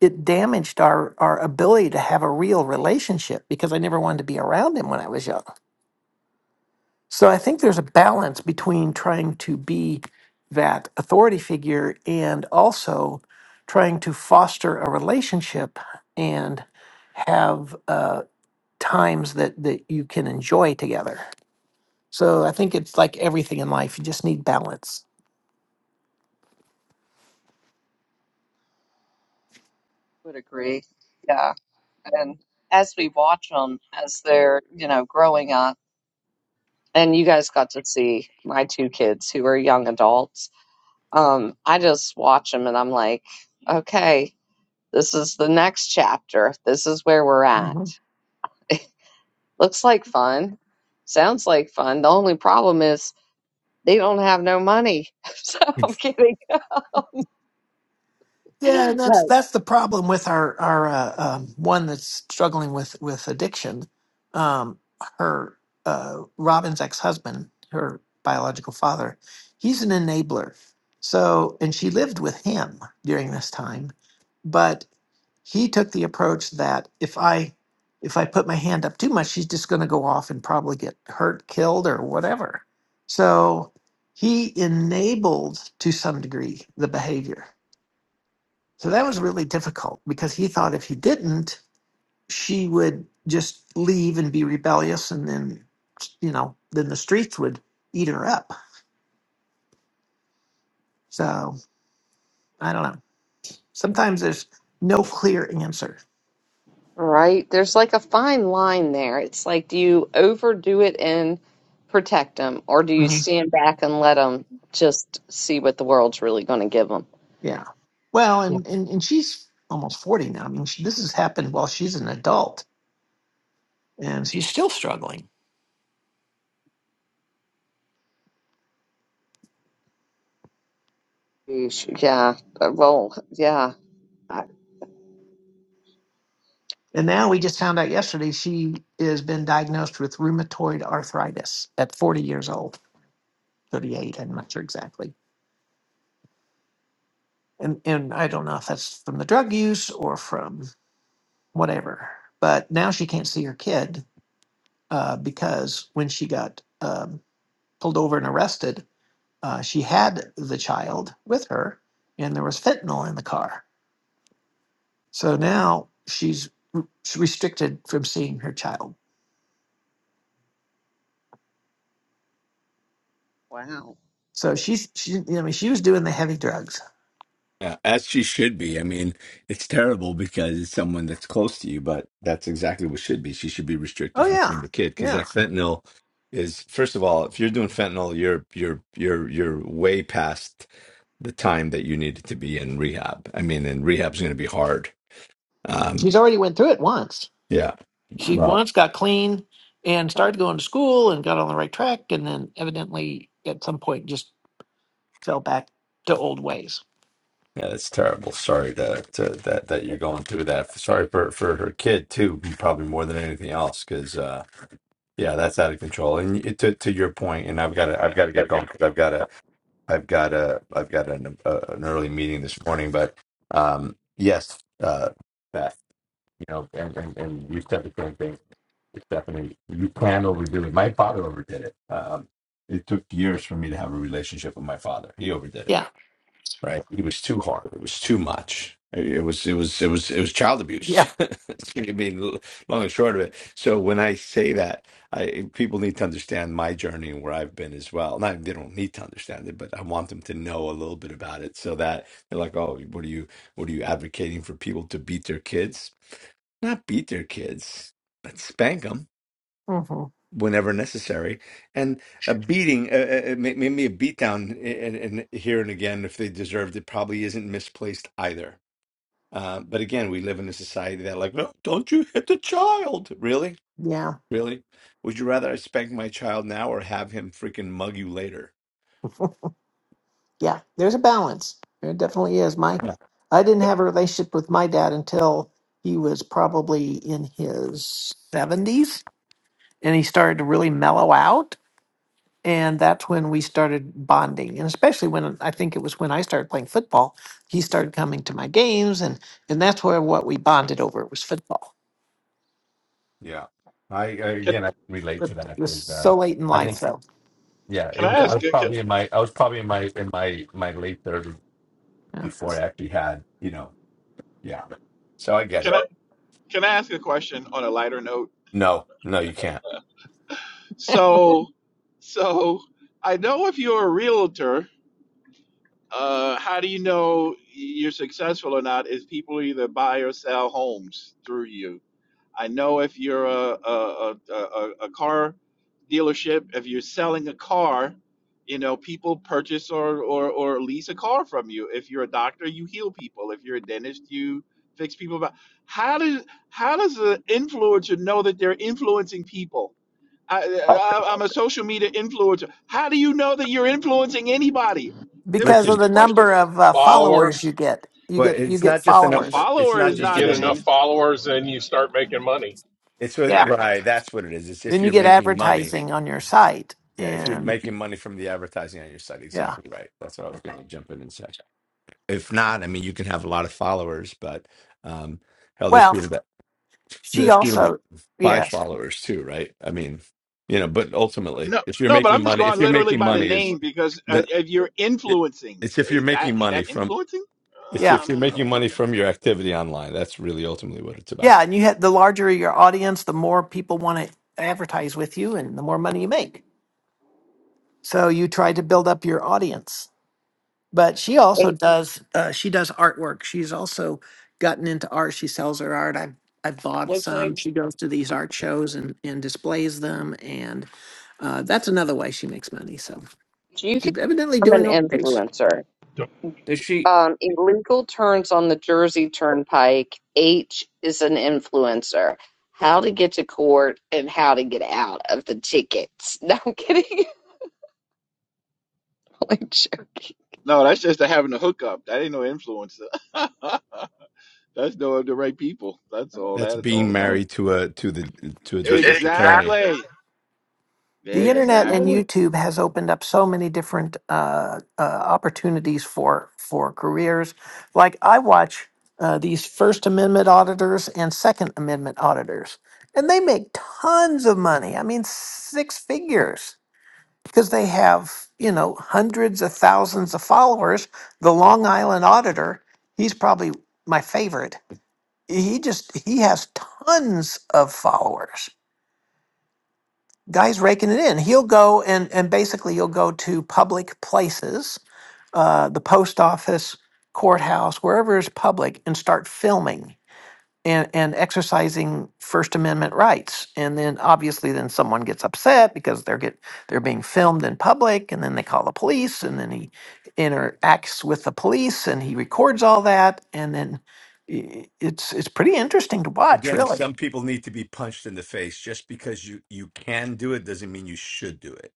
it damaged our, our ability to have a real relationship because I never wanted to be around him when I was young. So I think there's a balance between trying to be that authority figure and also trying to foster a relationship and have uh, times that, that you can enjoy together. So I think it's like everything in life, you just need balance. would agree. Yeah. And as we watch them as they're, you know, growing up, and you guys got to see my two kids who are young adults, um, I just watch them and I'm like, okay, this is the next chapter. This is where we're Mhm. at Looks like fun. Sounds like fun. The only problem is they don't have no money. *laughs* So I'm kidding. Yeah, and that's But, that's the problem with our our uh, um, one that's struggling with with addiction. Um, her uh, Robin's ex husband, her biological father, he's an enabler. So, and she lived with him during this time, but he took the approach that if I if I put my hand up too much, she's just going to go off and probably get hurt, killed, or whatever. So he enabled to some degree the behavior so that was really difficult because he thought if he didn't, she would just leave and be rebellious, and then, you know, then the streets would eat her up. So I don't know. Sometimes there's no clear answer. right? There's like a fine line there. It's like, do you overdo it and protect them, or do you Mhm. stand back and let them just see what the world's really going to give them? Yeah. Well, Yeah. and, and, and she's almost 40 now. I mean, she, this has happened while she's an adult and she's still struggling. Yeesh. Yeah. Uh, Well, yeah. I- And now we just found out yesterday she has been diagnosed with rheumatoid arthritis at 40 years old, 38, I'm not sure exactly and and I don't know if that's from the drug use or from whatever. But now she can't see her kid uh, because when she got um, pulled over and arrested, uh, she had the child with her, and there was fentanyl in the car. So now she's r- she's restricted from seeing her child. Wow. So she's she I mean she was doing the heavy drugs. Yeah, as she should be. I mean, it's terrible because it's someone that's close to you, but that's exactly what should be. She should be Oh restricted from yeah, seeing the kid because yeah. that fentanyl is, first of all, if you're doing fentanyl, you're you're you're you're way past the time that you needed to be in rehab. I mean, and rehab's going to be hard. Um, She's already went through it once. yeah. She Well, once got clean and started going to school and got on the right track and then evidently at some point just fell back to old ways yeah, that's terrible. Sorry that to, that that you're going through that. Sorry for for her kid too, probably more than anything else, because. Yeah, that's out of control. And it, to to your point, and I've got to I've got to I've got get to going get going. because I've got a I've got a I've got an uh an early meeting this morning. But um, yes, uh, Beth, you know, and and, and you said the same thing, Stephanie. You can overdo it. My father overdid it. Um, it took years for me to have a relationship with my father. He overdid it yeah right? It was too hard. It was too much. It was it was it was it was child abuse. yeah *laughs* I mean, long and short of it. So when I say that, I people need to understand my journey and where I've been as well. Not they don't need to understand it, but I want them to know a little bit about it so that they're like, oh, what are you what are you advocating for people to beat their kids? Not beat their kids, but spank them hmm whenever necessary. And a beating, uh, uh, uh, may- maybe a beatdown and, and here and again, if they deserved it, probably isn't misplaced either. Uh, but again, we live in a society that, like, no, don't you hit the child. Really? yeah Really? Would you rather I spank my child now or have him freaking mug you later? yeah there's a balance there definitely is my i didn't have a relationship with my dad until he was probably in his 70s and he started to really mellow out and that's when we started bonding and especially when i think it was when i started playing football he started coming to my games and and that's where what we bonded over was football Yeah, I, I Can again I can relate but to it that was because uh, so late in I life think so yeah can it I was I ask? was a- Can, probably in my I was probably in my in my my late thirties yeah before I actually had you know yeah so I get can it. I can I ask a question on a lighter note? No, no, you can't. So, so I know if you're a realtor. Uh, how do you know you're successful or not? Is people either buy or sell homes through you. I know if you're a a, a, a a car dealership, if you're selling a car, you know people purchase or, or or lease a car from you. If you're a doctor, you heal people. If you're a dentist, you fix people. But how does how does an influencer know that they're influencing people? I, I, I'm a social media influencer. How do you know that you're influencing anybody? It was because listen. of just a the question. number of uh, followers you Followers, get you Well, get you it's get not just a A followers number. It's follower is not you just a not get an number. enough of- followers Yeah. and you start making money. It's what- yeah right. That's what it is. It's if then you you're get making money. advertising on your site Yeah, if you're and making money from the advertising on your site, yeah exactly right. That's what I was going to jump in and say. If not, I mean, you can have a lot of followers, but um, hell, there's well people that she there's people that also buy yes followers too, right? I mean, you know, but ultimately, no, if you're no. But making I'm just money, going if you're like literally making by the money, is name because uh, the if you're it, influencing, it's if you're is making that is money that from influencing? Uh, It's yeah I if you're don't know. making money Okay. from your activity online, that's really ultimately what it's about. yeah and you had the larger your audience the more people want to advertise with you and the more money you make So you try to build up your audience. But she also And does uh, she does artwork. She's also gotten into art. She sells her art. I've I've bought looks some. like She goes to these art shows and and displays them, and uh, that's another way she makes money. So you can she's evidently become an doing okay. influencer. Yeah, does she Um, in legal terms on the Jersey Turnpike, H is an influencer. How to get to court and how to get out of the tickets. *laughs* No, I'm kidding. *laughs* like joking. No, that's just having a hookup. That ain't no influencer. *laughs* that's knowing the right people. That's all That's that it's all being about. married to a to the to a Good. district attorney. Exactly. Exactly. The internet and Exactly. YouTube has opened up so many different uh, uh, opportunities for for careers. Like I watch uh, these First Amendment auditors and Second Amendment auditors, and they make tons of money. I mean, six figures because they have you know hundreds of thousands of followers. The Long Island auditor, he's probably my favorite. He just he has tons of followers guy's raking it in. He'll go and and basically you will go to public places, uh, the post office, courthouse, wherever is public, and start filming and and exercising First Amendment rights. And then obviously then someone gets upset because they're get they're being filmed in public, and then they call the police, and then he interacts with the police, and he records all that, and then i- it's it's pretty interesting to watch, Again, really. some people need to be punched in the face. Just because you you can do it doesn't mean you should do it.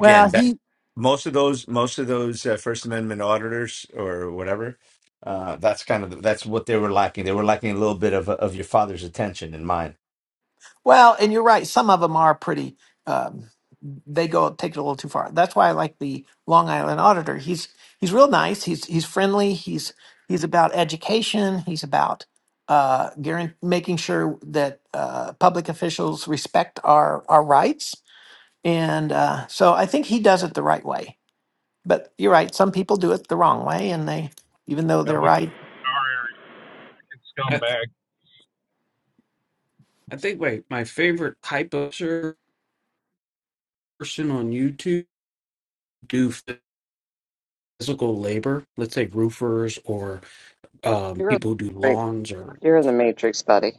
Well, that he most of those most of those uh, first amendment auditors or whatever uh that's kind of that's what they were lacking they were lacking a little bit of of your father's attention and mine Well, and you're right. Some of them are pretty. Um, they go take it a little too far. That's why I like the Long Island Auditor. He's he's real nice. He's he's friendly. He's he's about education. He's about uh, guaran- making sure that uh, public officials respect our our rights. And uh, so I think he does it the right way. But you're right. Some people do it the wrong way, and they even though they're we right our area can scumbag I think my, my favorite type of ser- person on YouTube do physical labor. Let's say roofers or um, You're in people who do the matrix. lawns or. You're in the matrix, buddy.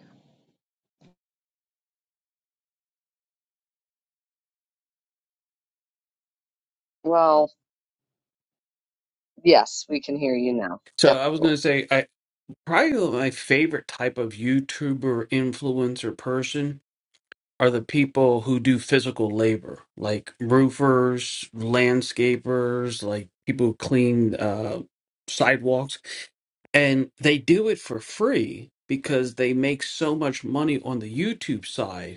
Well, yes, we can hear you now. So Yep, I was going cool. to say, I probably my favorite type of YouTuber influencer person are the people who do physical labor, like roofers, landscapers, like people who clean uh, sidewalks, and they do it for free because they make so much money on the YouTube side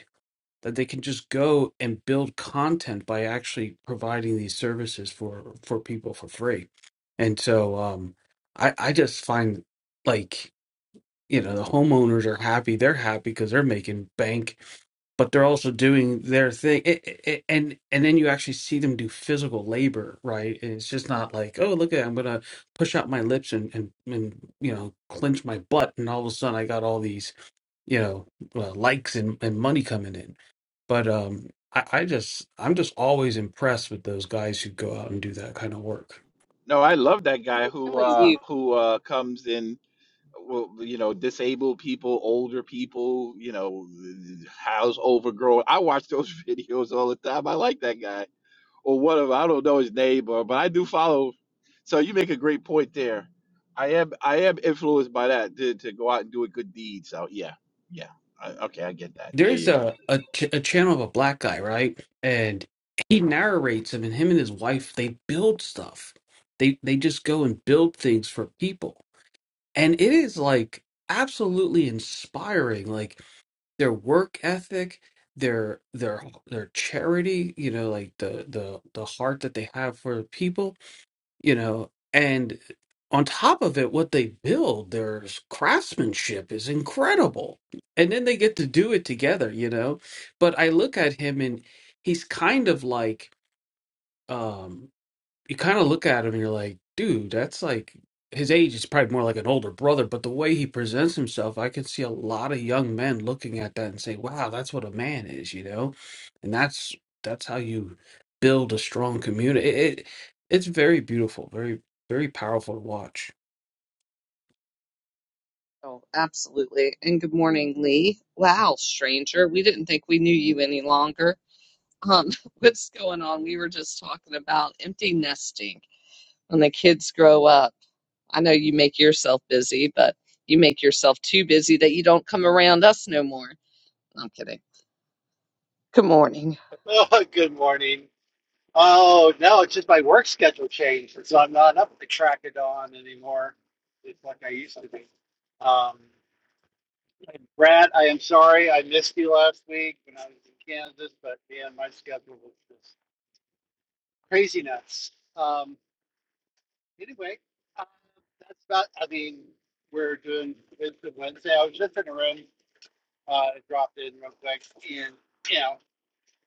that they can just go and build content by actually providing these services for for people for free and so um i i just find like you know the homeowners are happy they're happy because they're making bank but they're also doing their thing it, it, it- and and then you actually see them do physical labor right and it's just not like oh look at i'm gonna push out my lips and and and you know clench my butt and all of a sudden i got all these you know uh, likes and, and money coming in but um I, I just i'm just always impressed with those guys who go out and do that kind of work No, I love that guy I'm who with uh you. who uh comes in well, you know, disabled people, older people, you know, house overgrown. I watch those *laughs* videos all the time. I like that guy. or whatever. I don't know his name, or, but I do follow. So you make a great point there. I am I am influenced by that to, to go out and do a good deed. So yeah, yeah. I, okay, I get that. There there's you go. a, a ch- a channel of a black guy right and he narrates them and him and his wife they build stuff they they just go and build things for people and it is like absolutely inspiring like their work ethic their their their charity you know like the the the heart that they have for people you know and on top of it what they build their craftsmanship is incredible and then they get to do it together you know but i look at him and he's kind of like um, you kind of look at him and you're like, dude, that's like his age is probably more like an older brother, but the way he presents himself, I can see a lot of young men looking at that and say, wow, that's what a man is, you know? And that's that's how you build a strong community. It, it it's very beautiful, very very powerful to watch. Oh, absolutely. And good morning, Lee. Wow, stranger. We didn't think we knew you any longer. Um, *laughs* what's going on? We were just talking about empty nesting when the kids grow up. I know you make yourself busy, but you make yourself too busy that you don't come around us no more. I'm kidding. Good morning. *laughs* Oh, good morning. Oh, no, it's just my work schedule changed, so I'm not up to track it on anymore. It's like I used to be. Um, Brad, I am sorry I missed you last week when I was in Kansas, but man, my schedule was just crazy nuts. Um, anyway, uh, that's about, I mean, we're doing Wisdom Wednesday. I was just in a room, uh, dropped in real quick, and, you know.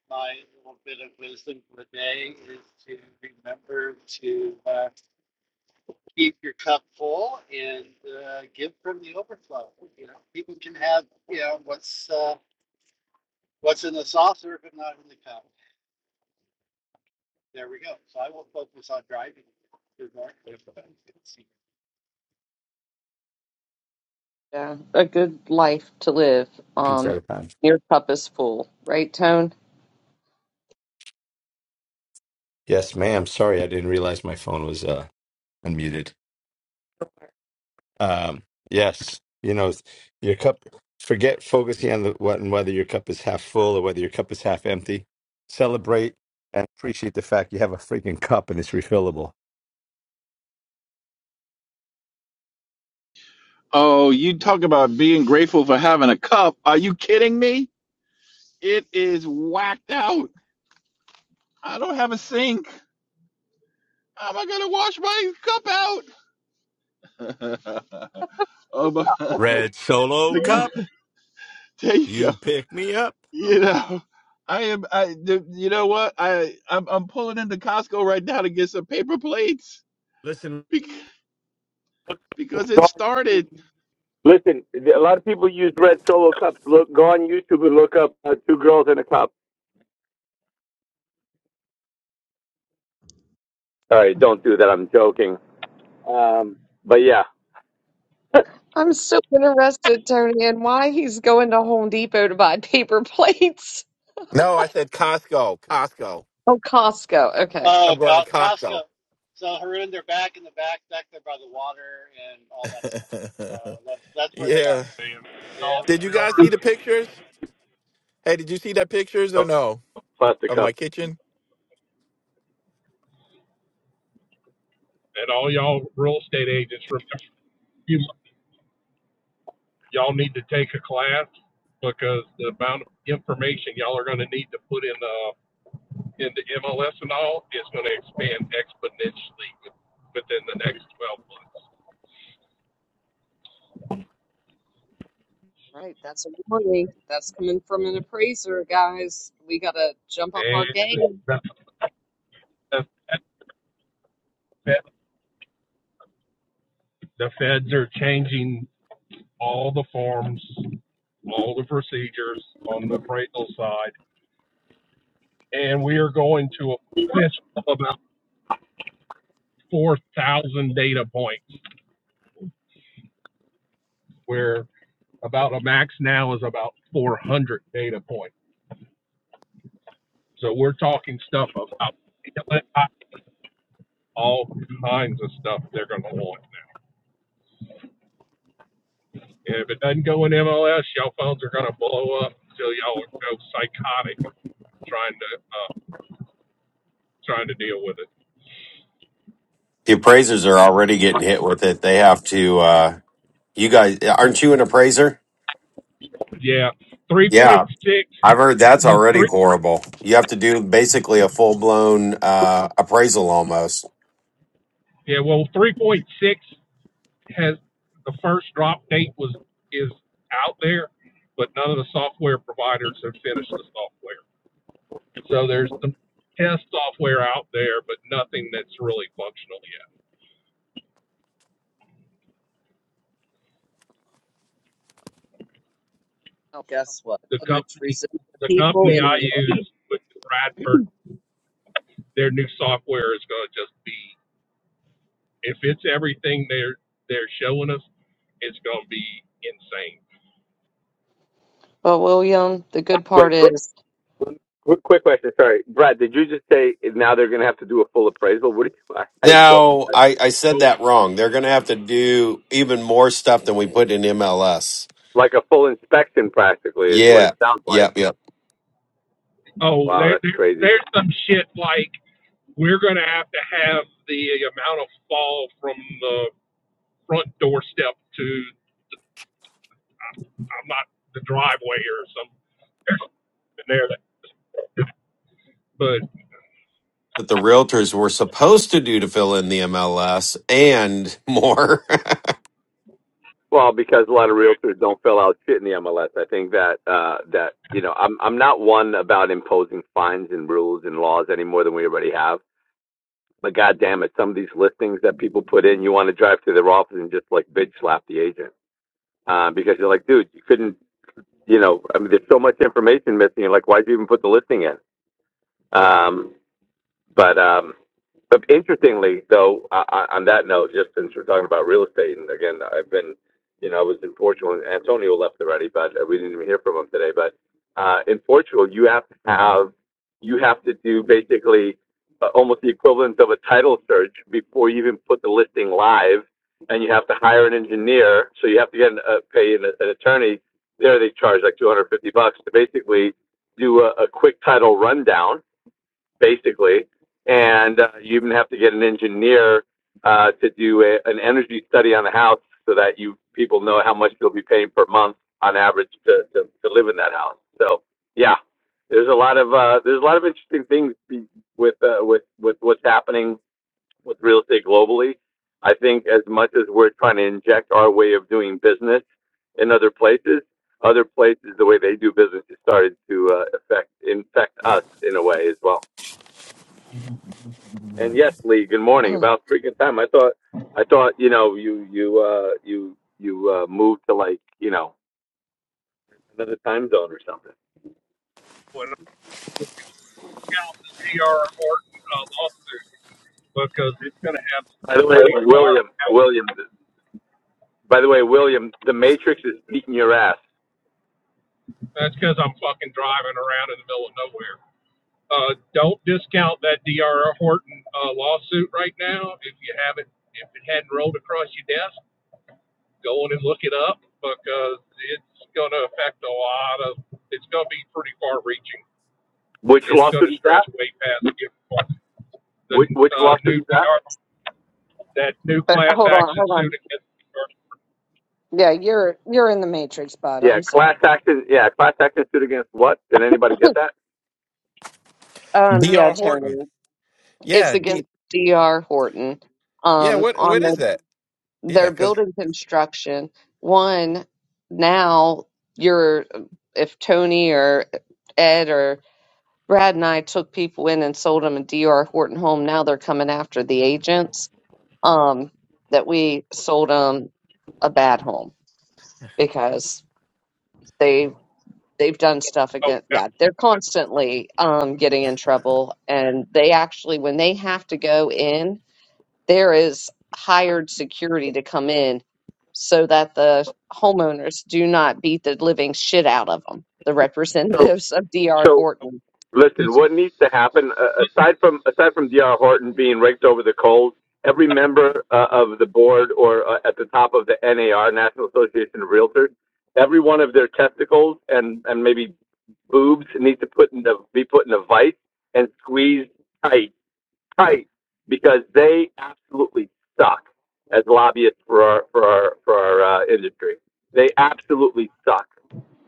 my little bit of wisdom for the day is to remember to uh, keep your cup full and uh, give from the overflow. You know, people can have you know what's uh, what's in the saucer, but not in the cup. There we go. So I will focus on driving. Yeah, a good life to live. piece at Um, a time your cup is full, right, Tone? yes ma'am sorry i didn't realize my phone was uh unmuted Um, yes, you know, your cup, forget focusing on the, what and whether your cup is half full or whether your cup is half empty. Celebrate and appreciate the fact you have a freaking cup and it's refillable. Oh, you talk about being grateful for having a cup. Are you kidding me? It is whacked out. I don't have a sink. How am I gonna wash my cup out? *laughs* oh my! Red Solo Cup, *laughs* There you go. you pick me up. you know i am i the, you know what i I'm, I'm pulling into costco right now to get some paper plates Listen, *laughs* because, because it Go on YouTube. started Listen, a lot of people use red solo cups. Look, go on YouTube and look up uh, two girls in a cup. Sorry, don't do that. I'm joking. Um, but yeah, I'm so interested, Tony, in why he's going to Home Depot to buy *laughs* paper plates. No, I said Costco. Costco. Oh, Costco. Okay. I'm Oh, going to Costco. Costco. So Haroon, they're back in the back back there by the water and all that stuff. So *laughs* that's that's where they are. yeah. man. Yeah. Y'all Did you guys see remember, the pictures? Hey, did you see that pictures or no plastic of my cup. kitchen? and all y'all real estate agents remember you y'all need to take a class because the amount of information y'all are going to need to put in the into MLS and all is going to expand exponentially within the next 12 months. Right, that's a warning. That's coming from an appraiser, guys. We gotta jump up our And game. the, the, Fed- the feds are changing all the forms, all the procedures on the appraisal side, and we are going to a list of about 4,000 data points where about a max now is about 400 data points So we're talking stuff about all kinds of stuff they're going to want now. And if it doesn't go in MLS, y'all phones are going to blow up until y'all go psychotic trying to uh, trying to deal with it. The appraisers are already getting hit with it. They have to. Uh, you guys, aren't you an appraiser? Yeah, three point Yeah, six. I've heard that's The already three. horrible. You have to do basically a full blown uh, appraisal almost. Yeah, well, three point six has the first drop date was is out there, but none of the software providers have finished the software. So there's some test software out there, but nothing that's really functional yet. Well, guess what? the The most company resilient the people company in the I world. use with Bradford, their new software is going to just be if it's everything they're they're showing us, it's going to be insane. Well, William, the good Wait, part is, Quick, quick question. Sorry, Brad. Did you just say now they're going to have to do a full appraisal? What do you? *laughs* I, I don't No, I, I said Oh no! that wrong. They're going to have to do even more stuff than we put in MLS. like a full inspection. Practically is what it Yeah, sounds yep, like. yep. Oh, Wow, there, that's there crazy. there's some shit like we're going to have to have the amount of fall from the front doorstep to I'm not the driveway or something. There's something there that, but, That the realtors were supposed to do to fill in the MLS and more. *laughs* Well, because a lot of but realtors don't fill out shit in the MLS. I think that uh, that you know, I'm I'm not one about imposing fines and rules and laws any more than we already have. But goddamn it, some of these listings that people put in, you want to drive to their office and just like bitch slap the agent uh, because you're like, dude, you couldn't you know, I mean, there's so much information missing. Like, why'd you even put the listing in? Um, but um, but interestingly, though, uh, on that note, just since we're talking about real estate, and again, I've been, you know, I was in Portugal, and Antonio left already, but uh, we didn't even hear from him today. But uh, in Portugal, you have to have, you have to do basically uh, almost the equivalent of a title search before you even put the listing live, and you have to hire an engineer. So you have to get an, uh, pay an, an attorney. There, they charge like 250 bucks to basically do a, a quick title rundown basically. And uh, you even have to get an engineer uh, to do a, an energy study on the house so that you people know how much you'll be paying per month on average to, to, to live in that house. So yeah, there's a lot of uh, there's a lot of interesting things with uh, with with what's happening with real estate globally. I think as much as we're trying to inject our way of doing business in other places, other places the way they do business has started to uh, affect infect us in a way as well. And yes, Lee, good *clears throat* morning. but About freaking time. I thought I thought, you know, you you uh you you uh moved to like, you know, another time zone or something. when I see our Horton uh, lawsuit because it's going to have By the way, pretty William, far. William by the way, William, the Matrix is beating your ass. That's because I'm fucking driving around in the middle of nowhere. Uh, don't discount that D.R. Horton uh, lawsuit right now. If you haven't, if it hadn't rolled across your desk, go on and look it up because it's going to affect a lot of. It's going to be pretty far-reaching. Which It's going lawsuit to is that? stretch way past the the Which which uh, lawsuit new is that? DR that new class hold on, action hold suit on. against. Yeah, you're you're in the matrix, bud. Yeah, I'm sorry. class action yeah, class action suit against what? Did anybody get that? Um, D. yeah, R. Horton. Tony, it's Yeah. D- against D.R. Horton. yeah. Um, What on What their is that? Yeah. their Because building construction, one now you're if Tony or Ed or Brad and I took people in and sold them a D. R. Horton home, now they're coming after the agents. Um, that we sold them a bad home because. they. they've done stuff Oh, again. no, Yeah, they're constantly um, getting in trouble, and they actually, when they have to go in, there is hired security to come in so that the homeowners do not beat the living shit out of them. The So representatives of D.R. so oh, Horton. this Listen, is what needs to happen uh, aside from aside from Dr. Horton being raked over the coals, every member uh, of the board or uh, at the top of the NAR National Association of Realtors, every one of their testicles and and maybe boobs need to put in the, be put in a vice and squeezed tight tight because they absolutely suck as lobbyists for our for our for our uh, industry. They absolutely suck.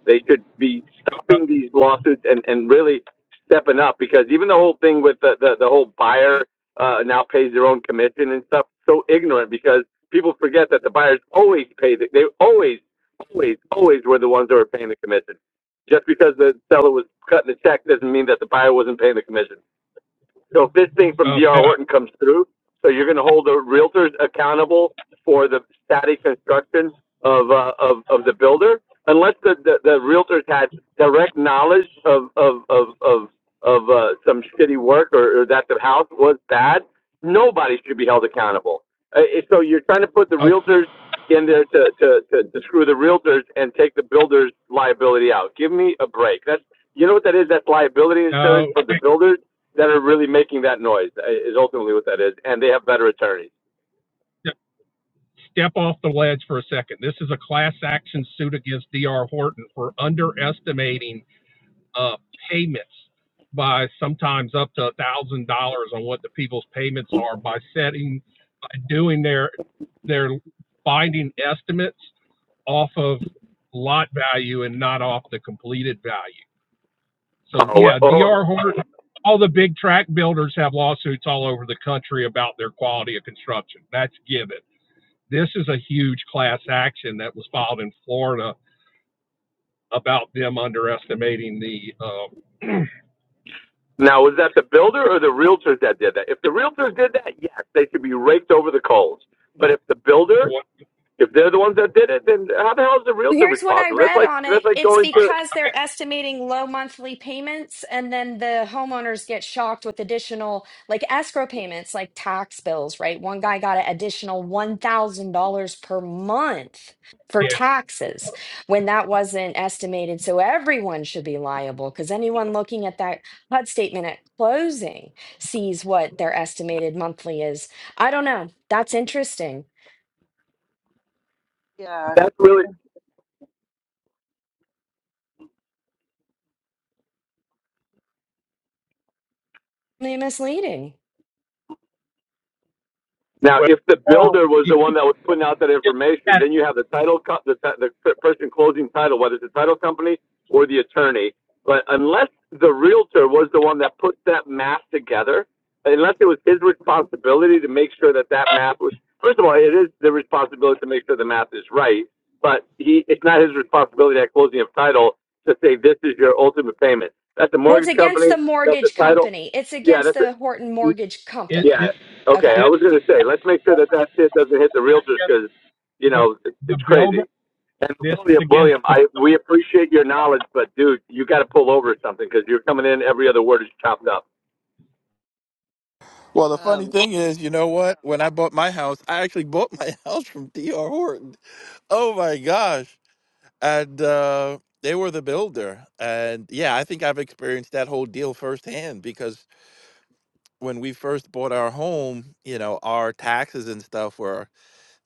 They should be stopping these lawsuits and and really stepping up because even the whole thing with the the, the whole buyer uh, now pays their own commission and stuff so ignorant because people forget that the buyers always pay the, they always always always were the ones that were paying the commission. Just because the seller was cutting the check doesn't mean that the buyer wasn't paying the commission. So if this thing from Oh, D.R. Horton comes through, so you're going to hold the realtors accountable for the static construction of, uh, of, of the builder, unless the, the, the realtors had direct knowledge of, of, of, of, of, uh, some shitty work or, or that the house was bad, nobody should be held accountable. Uh, eh, so you're trying to put the uh, oh realtors in there to, to, to, to screw the realtors and take the builder's liability out. Give me a break. That's, you know what that is? That's liability insurance no, from the builders that are really making that noise uh, is ultimately what that is, and they have better attorneys. step off the ledge for a second. This is a class action suit against D.R. Horton for underestimating uh, payments by sometimes up to a thousand dollars on what the people's payments are by setting doing their their binding estimates off of lot value and not off the completed value. So Oh, well, yeah, oh, D.R. Horton. All the big track builders have lawsuits all over the country about their quality of construction. That's given. This is a huge class action that was filed in Florida about them underestimating the um, now was that the builder or the realtors that did that? If the realtors did that, yes, they should be raked over the coals. But if the builder, what. if they're the ones that did it, then how the hell is the Well, realtor Here's what I responsible? That's read like on it. that's like It's going to because they're estimating low monthly payments, and then the homeowners get shocked with additional, like escrow payments, like tax bills, right? One guy got an additional $1,000 per month for Yeah, taxes when that wasn't estimated. So everyone should be liable because anyone looking at that HUD statement at closing sees what their estimated monthly is. I don't know. That's interesting. Yeah. that's really Really Misleading. Now, well, if the Well, builder was you the one that was putting out that just information, at it. then you have the title, co- the, the person closing title, whether it's the title company or the attorney. But unless the realtor was the one that put that map together, unless it was his responsibility to make sure that that map was, first of all, it is the responsibility to make sure the map is right, but he, it's not his responsibility at closing of title to say, this is your ultimate payment. That's the Well, it's mortgage against company, the that's the mortgage title. company. It's Yeah, against that's the Horton it Mortgage yeah. This Company. Okay. Okay. I this was going to say, let's make sure that that shit doesn't hit the realtors gets because, you the know, it, the it's builder. crazy. And This William, against William, the I we appreciate your knowledge, but dude, you got to pull over or something because you're coming in. Every other word is chopped up. well, the funny um, thing is, you know what? When I bought my house, I actually bought my *laughs* house from D. R. Horton. Oh my gosh. and uh, they were the builder. And yeah, I think I've experienced that whole deal firsthand because when we first bought our home, you know, our taxes and stuff were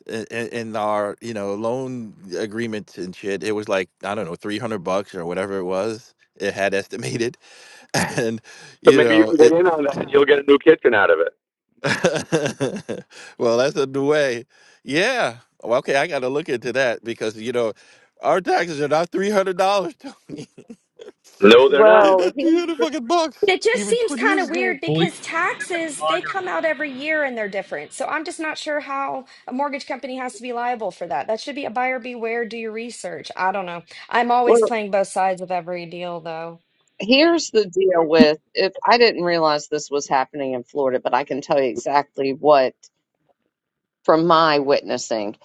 in, in our you know loan agreements and shit. It was like I don't know, three hundred bucks or whatever it was. It had estimated, *laughs* and So you maybe you know can get it. in on that, and you'll get a new kitchen out of it. *laughs* well, that's a new way. Yeah. Well, okay, I got to look into that because you know our taxes are not three hundred dollars, *laughs* Tony. No, they're not. They're well, not he, 200 fucking bucks. It just Even seems 20 kind years of ago. weird police because taxes, they responder come out every year and they're different. So I'm just not sure how a mortgage company has to be liable for that. That should be a buyer beware, do your research. I don't know. I'm always well, playing both sides of every deal, though. here's the deal with if I didn't realize this was happening in Florida, but I can tell you exactly what. from my witnessing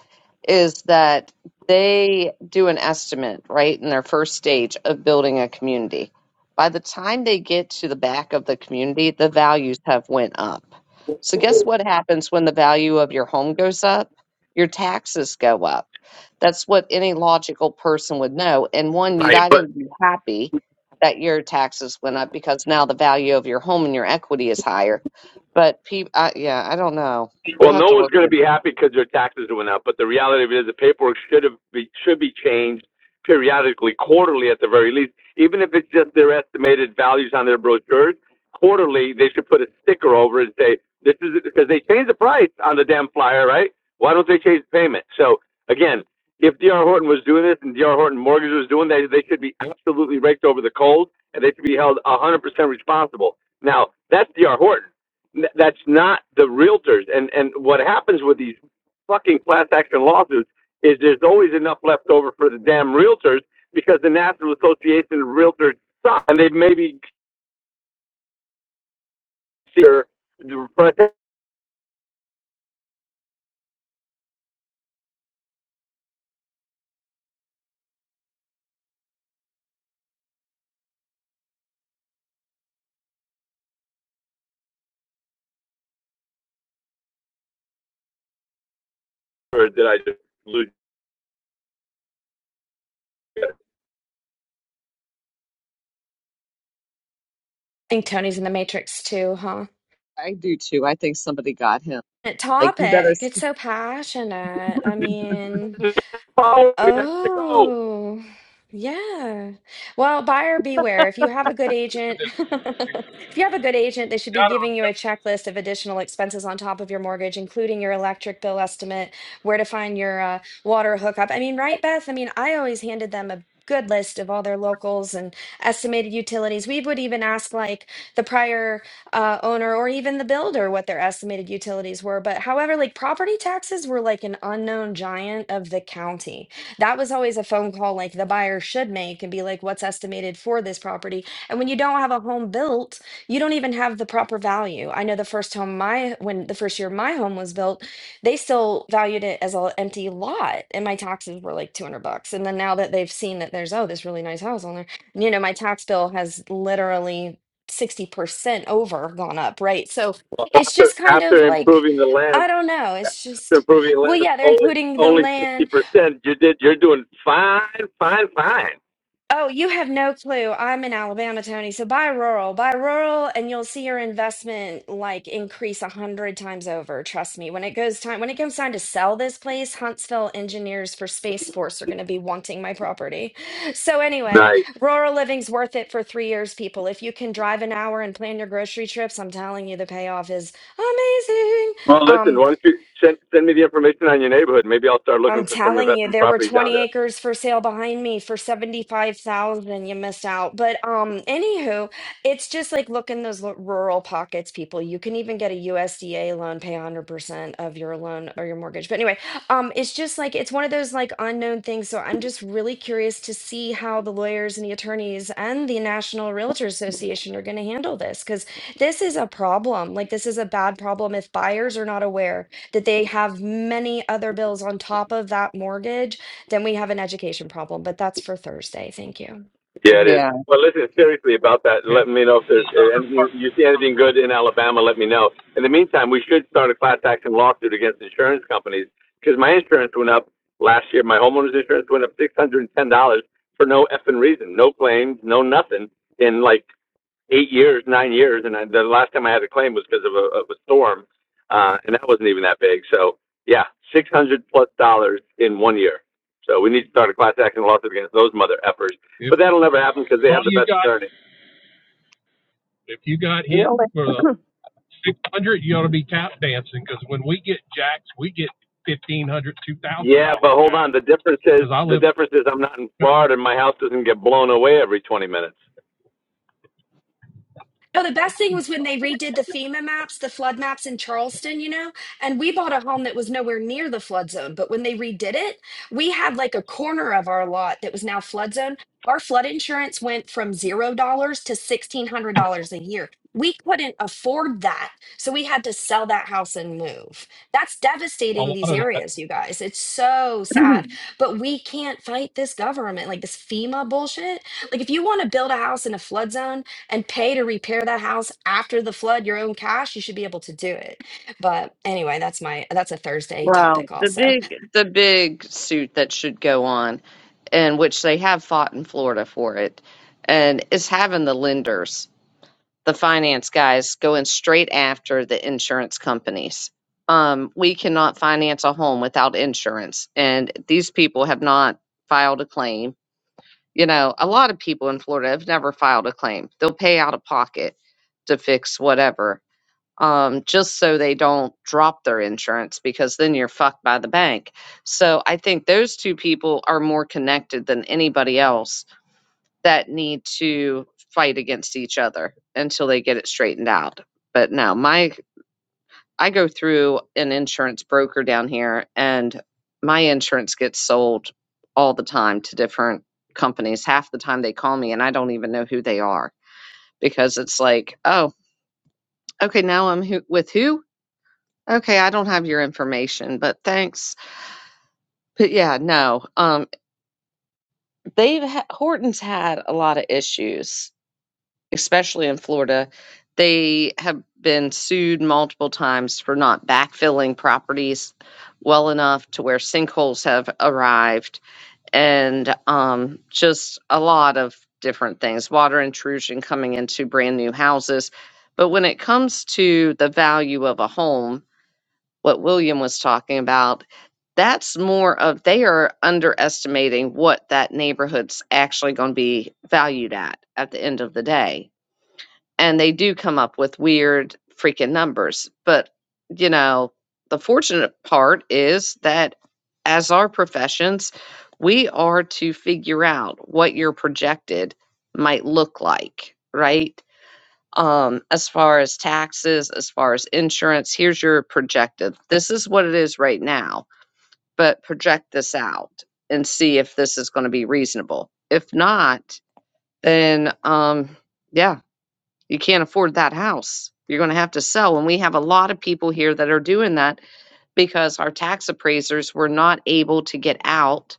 is that they do an estimate right in their first stage of building a community by the time they get to the back of the community the values have went up so guess what happens when the value of your home goes up your taxes go up that's what any logical person would know and one you'd Right. But either be happy that your taxes went up because now the value of your home and your equity is higher but people, I, yeah i don't know Well, we'll have no to one's look going to at be happy because their taxes went up, but the reality of it is the paperwork should have be, should be changed periodically, quarterly at the very least. Even if it's just their estimated values on their brochures, quarterly they should put a sticker over it and say this is because they change the price on the damn flyer, right? Why don't they change the payment? So again, if D.R. Horton was doing this and D.R. Horton Mortgage was doing that, they should be absolutely raked over the coals and they should be held 100% responsible. Now that's D.R. Horton. That's not the realtors. And and what happens with these fucking class action lawsuits is there's always enough left over for the damn realtors because the National Association of Realtors suck, and they maybe consider the did I just lose? you I think Tony's in the Matrix too, huh? I do too. I think somebody got him. That Like you better. Topic. s- It's so passionate. I mean, Follow me, I gotta go. Oh, yeah. Well, buyer beware. If you have a good agent, *laughs* this if you have a good agent, they should be giving you a checklist of additional expenses on top of your mortgage, including your electric bill estimate, where to find your uh, water hookup. I mean, right, Beth? I mean, I always handed them a good list of all their locals and estimated utilities. We would even ask like the prior uh, owner or even the builder what their estimated utilities were. But however, like property taxes were like an unknown giant of the county that was always a phone call like the buyer should make and be like, what's estimated for this property? And when you don't have a home built, you don't even have the proper value. I know the first home my when the first year my home was built, they still valued it as an empty lot, and my taxes were like 200 bucks. And then now that they've seen that there's oh this really nice house on there, you know my tax bill has literally 60% over gone up, right? So it's After, just kind of after like improving the land, I don't know. It's after just improving the well, land, yeah, they're only including the only land sixty percent. You did. You're doing fine, fine, fine. Oh, you have no clue. I'm in Alabama, Tony. So buy rural, buy rural, and you'll see your investment like increase a hundred times over. Trust me. When it goes time, when it comes time to sell this place, Huntsville engineers for Space Force are going to be wanting my property. So anyway, Nice. rural living's worth it for three years, people. If you can drive an hour and plan your grocery trips, I'm telling you, the payoff is amazing. Well, Um, listen, why don't you send, send me the information on your neighborhood? Maybe I'll start looking I'm for some telling you, investment there were properties down 20 there. acres for sale behind me for 75,000. You missed out. But um anywho, it's just like look in those lo- rural pockets, people. You can even get a USDA loan, pay 100% of your loan or your mortgage. But anyway, um it's just like it's one of those like unknown things. So I'm just really curious to see how the lawyers and the attorneys and the National Realtor Association are going to handle this because this is a problem. Like this is a bad problem if buyers are not aware that they have many other bills on top of that mortgage, then we have an education problem. But that's for Thursday. Thank you. Yeah, it is. Yeah. Well, listen, seriously about that, and and let me know if there's the uh, other anything, part. you see anything good in Alabama, let me know. In the meantime, we should start a class action lawsuit against insurance companies because my insurance went up last year. My homeowner's insurance went up $610 for no effing reason, no claims, no nothing in like eight years, nine years, and I, the last time I had a claim was because of a, of a storm, uh, and that wasn't even that big. So yeah, six hundred plus dollars in one year. So we need to start a class action lawsuit against those mother effers. If But that'll never happen because they all have the you best got, attorney. if you got hit Really? for the six hundred, you ought to be tap dancing because when we get jacks, we get fifteen hundred, two thousand Yeah, dollar but hold jacks. on. The difference is Because I the live, difference is I'm not in Florida and my house doesn't get blown away every 20 minutes. Oh, the Thank best thing you. was when they redid the FEMA maps, the flood maps in Charleston, you know, and we bought a home that was nowhere near the flood zone. But when they redid it, we had like a corner of our lot that was now flood zone. Our flood insurance went from $0 to $1,600 a year. We couldn't afford that. So we had to sell that house and move. That's a devastating lot of these the areas, you guys. It's so *clears throat* sad. But we can't fight this government, like this FEMA bullshit. Like, if you want to build a house in a flood zone, and pay to repair that house after the flood your own cash you should be able to do it but anyway that's my that's a thursday wow. topic The also big, the big suit that should go on, and which they have fought in Florida for it, and is having the lenders, the finance guys, going straight after the insurance companies. Um, we cannot finance a home without insurance, and these people have not filed a claim You know, a lot of people in Florida have never filed a claim. They'll pay out of pocket to fix whatever, um, just so they don't drop their insurance because then you're fucked by the bank. So I think those two people are more connected than anybody else that need to fight against each other until they get it straightened out. But no, my I go through an insurance broker down here, and my insurance gets sold all the time to different companies. Half the time they call me, and I don't even know who they are because it's like, oh, okay, now I'm who- with who? Okay, I don't have your information, but thanks. But yeah, no, um, they've ha- Horton's had a lot of issues especially in Florida, they have been sued multiple times for not backfilling properties well enough to where sinkholes have arrived and um, just a lot of different things, water intrusion coming into brand new houses. But when it comes to the value of a home, what William was talking about, that's more of they are underestimating what that neighborhood's actually going to be valued at at the end of the day and they do come up with weird freaking numbers. But, you know, the fortunate part is that as our professions, we are to figure out what your projected might look like, right? Um, as far as taxes, as far as insurance, here's your projected. This is what it is right now, but project this out and see if this is going to be reasonable. If not, then um, yeah, you can't afford that house. You're going to have to sell. And we have a lot of people here that are doing that because our tax appraisers were not able to get out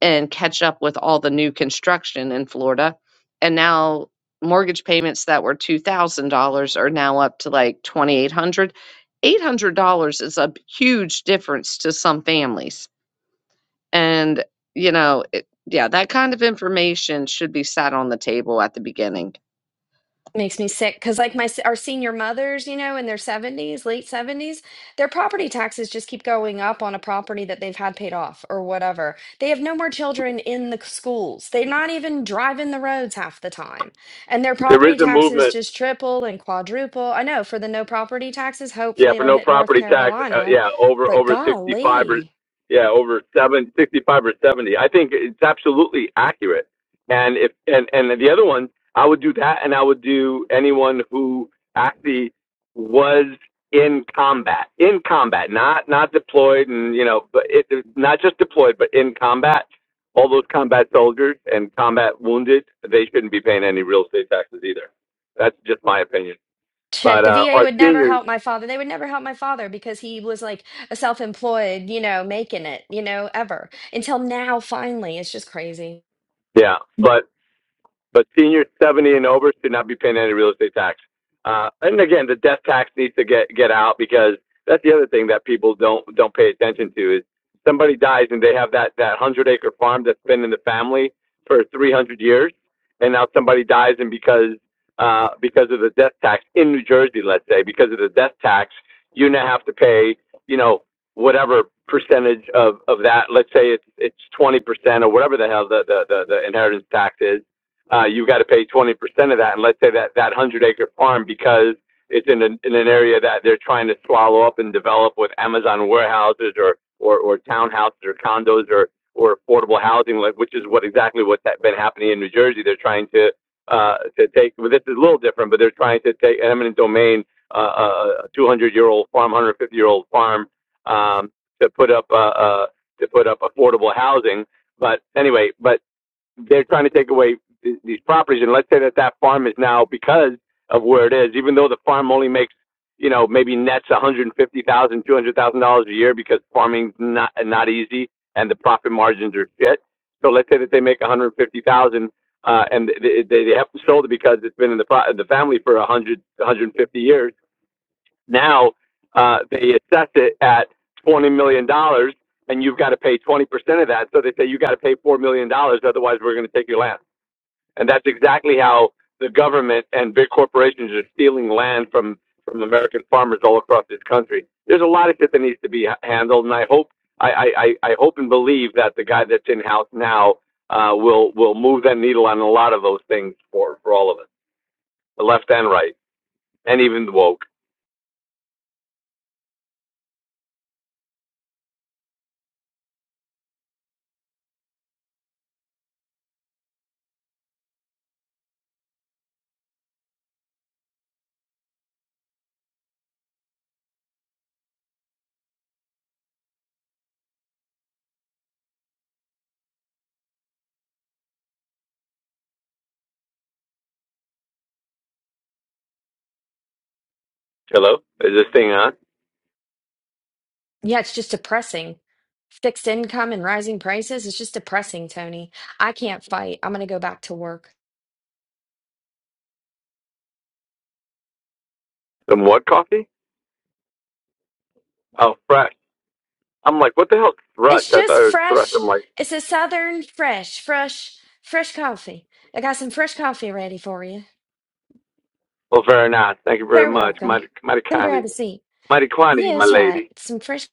and catch up with all the new construction in Florida. And now mortgage payments that were $2,000 are now up to like 2800 $800 is a huge difference to some families and, you know, it, yeah, that kind of information should be sat on the table at the beginning. makes me sick because like my s- our senior mothers you know in their 70s late 70s their property taxes just keep going up on a property that they've had paid off or whatever they have no more children in the c- schools they're not even driving the roads half the time and their There property is a taxes movement just triple and quadruple i know for the no property taxes Yeah, hopefully for it'll no hit north property tax. Uh, carolina yeah, over but over sixty five or golly yeah, over seven sixty five or seventy. I think it's absolutely accurate. And if and and the other one, I would do that, and I would do anyone who actually was in combat, in combat, not not deployed, and you know, but it, not just deployed, but in combat. All those combat soldiers and combat wounded, they shouldn't be paying any real estate taxes either. That's just my opinion. shit But the uh, va our would never seniors, help my father they would never help my father because he was like a self-employed you know making it you know ever until now finally it's just crazy yeah. But But seniors 70 and over should not be paying any real estate tax. Uh, and again, the death tax needs to get, get out because that's the other thing that people don't, don't pay attention to is somebody dies and they have that, that hundred acre farm that's been in the family for 300 years. And now somebody dies and because, uh, because of the death tax in New Jersey, let's say, because of the death tax, you now have to pay, you know, whatever percentage of, of that. Let's say it's, it's 20% or whatever the hell the, the, the, the inheritance tax is uh, you got to pay 20% of that. And let's say that that 100 acre farm, because it's in an, in an area that they're trying to swallow up and develop with Amazon warehouses or, or, or townhouses or condos or, or affordable housing, like, which is what exactly what's been happening in New Jersey. They're trying to, uh, to take, well, this is a little different, but they're trying to take an eminent domain, uh, uh, a 200 year old farm, 150 year old farm, um, to put up, uh, uh, to put up affordable housing. But anyway, but they're trying to take away th- these properties, and let's say that that farm is now because of where it is, even though the farm only makes you know maybe nets one hundred and fifty thousand, dollars, two hundred thousand dollars a year because farming's not not easy and the profit margins are shit. So let's say that they make one hundred fifty thousand. dollars Uh, and they, they they haven't sold it because it's been in the pro- the family for 100, 150 years now uh, they assess it at twenty million dollars, and you've got to pay twenty percent of that. So they say you got to pay four million dollars, otherwise we're going to take your land. And that's exactly how the government and big corporations are stealing land from from American farmers all across this country. There's a lot of shit that needs to be handled, and I hope I, I, I I hope and believe that the guy that's in house now uh, will will move that needle on a lot of those things for for all of us, the left and right, and even the woke. Hello, is this thing on? yeah it's just depressing fixed income and rising prices it's just depressing tony i can't fight i'm gonna go back to work Some what coffee? Oh, fresh. I'm like, what the hell, thrush? it's I thought just it was thrush. I'm fresh like, it's a southern fresh fresh fresh coffee i got some fresh coffee ready for you well, very nice. Thank you very very much. welcome Mighty, mighty come kind of grab a you. seat Mighty kind of you, yeah my that's right lady. some fresh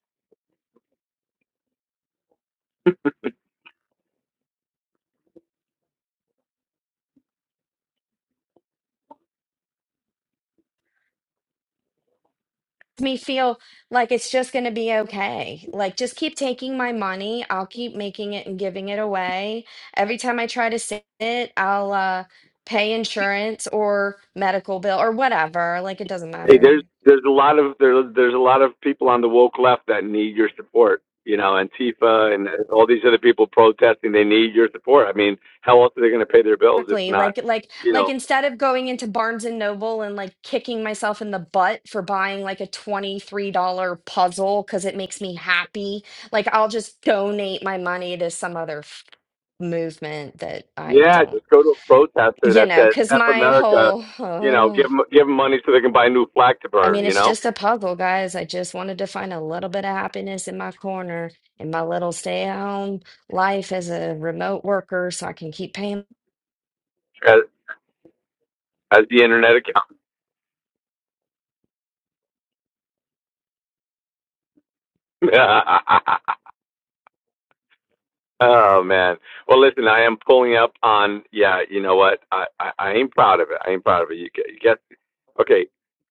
me feel like it's just going to be okay. Like, just keep taking my money. I'll keep making it and giving it away. Every time I try to save it, I'll uh, pay insurance or medical bill or whatever. Like, it doesn't Hey, matter. there's there's a lot of there, there's a lot of people on the woke left that need your support. You know, Antifa and uh, all these other people protesting. They need your support. I mean, how else are they going to pay their bills if Exactly. not? Like, like, You like know, instead of going into Barnes and Noble and like kicking myself in the butt for buying like a $23 puzzle because it makes me happy, like, I'll just donate my money to some other f- movement that I yeah, don't just go to a protester you that know, says because "F my America." whole, You know, give oh, them give 'em money so they can buy a new flag to I burn. mean, You it's know, just a puzzle, guys. I just wanted to find a little bit of happiness in my corner in my little stay at home life as a remote worker so I can keep paying as, as the internet *laughs* oh man. Well, listen, I am pulling up on. Yeah, you know what? I I, I ain't proud of it. I ain't proud of it. You, g- you guess. Okay,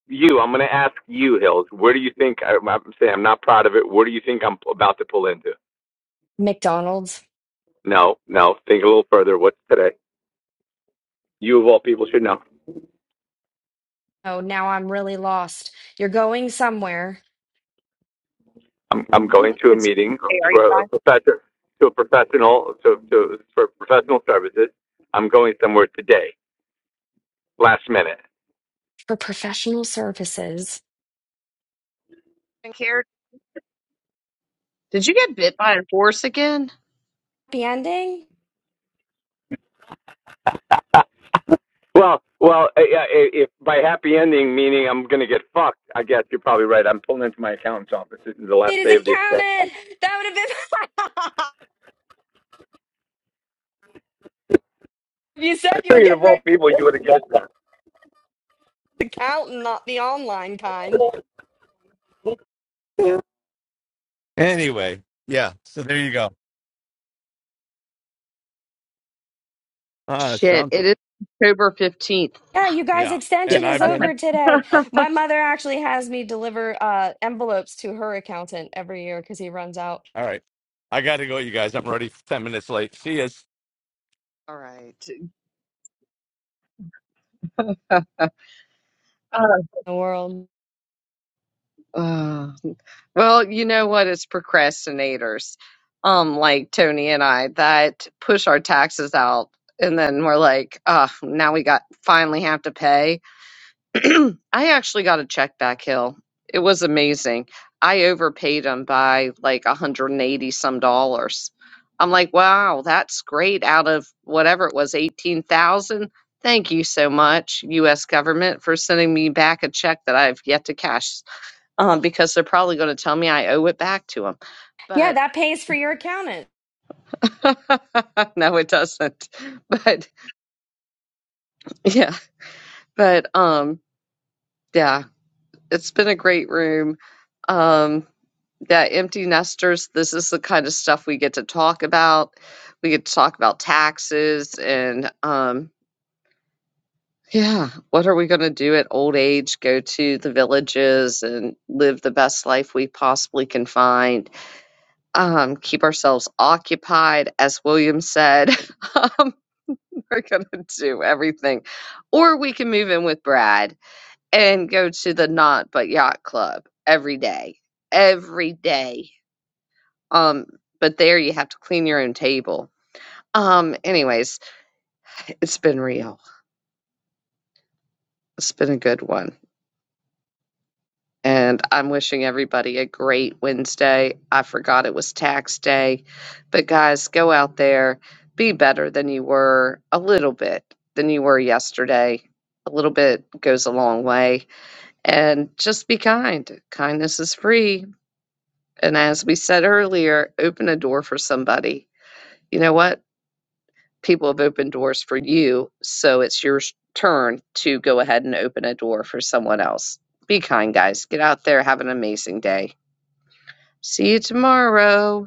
you. I'm gonna ask you, Hills. Where do you think I, I'm saying I'm not proud of it? Where do you think I'm about to pull into? McDonald's. No, no. Think a little further. What's today? You of all people should know. Oh, now I'm really lost. You're going somewhere I'm I'm going Mm, to a It's meeting hey, are you for a guys professor to a professional to to for professional services. I'm going somewhere today, last minute. for professional services. in here? Did you get bit by a horse again? Happy ending? Well, well, i- i- if by happy ending meaning I'm going to get fucked, I guess you're probably right. I'm pulling into my accountant's office. This is the It last is day of the extension. accountant. That would have been. *laughs* you said I you were figured of getting all ready people, you would have guessed to count and not the online kind. that. Anyway, yeah. So there you go. Ah, Shit, it something. is October 15th. Yeah, you guys, Yeah. Yeah. And extension is I've been. over Okay. today. *laughs* oh, My mother actually has me deliver uh, envelopes to her accountant every year because he runs out all right. I got to go, you guys. I'm already ten minutes late. See you. All right. *laughs* in the world. Uh, well, you know what? It's procrastinators, um, like Tony and I, that push our taxes out, and then we're like, uh, now we got finally have to pay. *clears throat* I actually got a check back, Hill. It was amazing. I overpaid him by like 180 some dollars. I'm like, wow, that's great. Out of whatever it was, 18,000. Thank you so much, U.S. government, for sending me back a check that I've yet to cash um, because they're probably going to tell me I owe it back to them. Yeah, But that pays for your accountant. *laughs* no, it doesn't. *laughs* But yeah, but um, yeah, it's been a great room. Um, yeah, empty nesters, this is the kind of stuff we get to talk about. We get to talk about taxes and um, yeah, what are we going to do at old age? Go to the villages and live the best life we possibly can find um, keep ourselves occupied. As William said, *laughs* um, we're going to do everything. Or we can move in with Brad and go to the Not But Yacht Club every day, every day. Um, but there you have to clean your own table. Um, anyways, it's been real. It's been a good one. And I'm wishing everybody a great Wednesday. I forgot it was tax day. But guys, go out there, be better than you were a little bit than you were yesterday. A little bit goes a long way. And just be kind. Kindness is free. And as we said earlier, open a door for somebody. You know what? People have opened doors for you. So it's your sh- turn to go ahead and open a door for someone else. Be kind, guys. Get out there. Have an amazing day. See you tomorrow.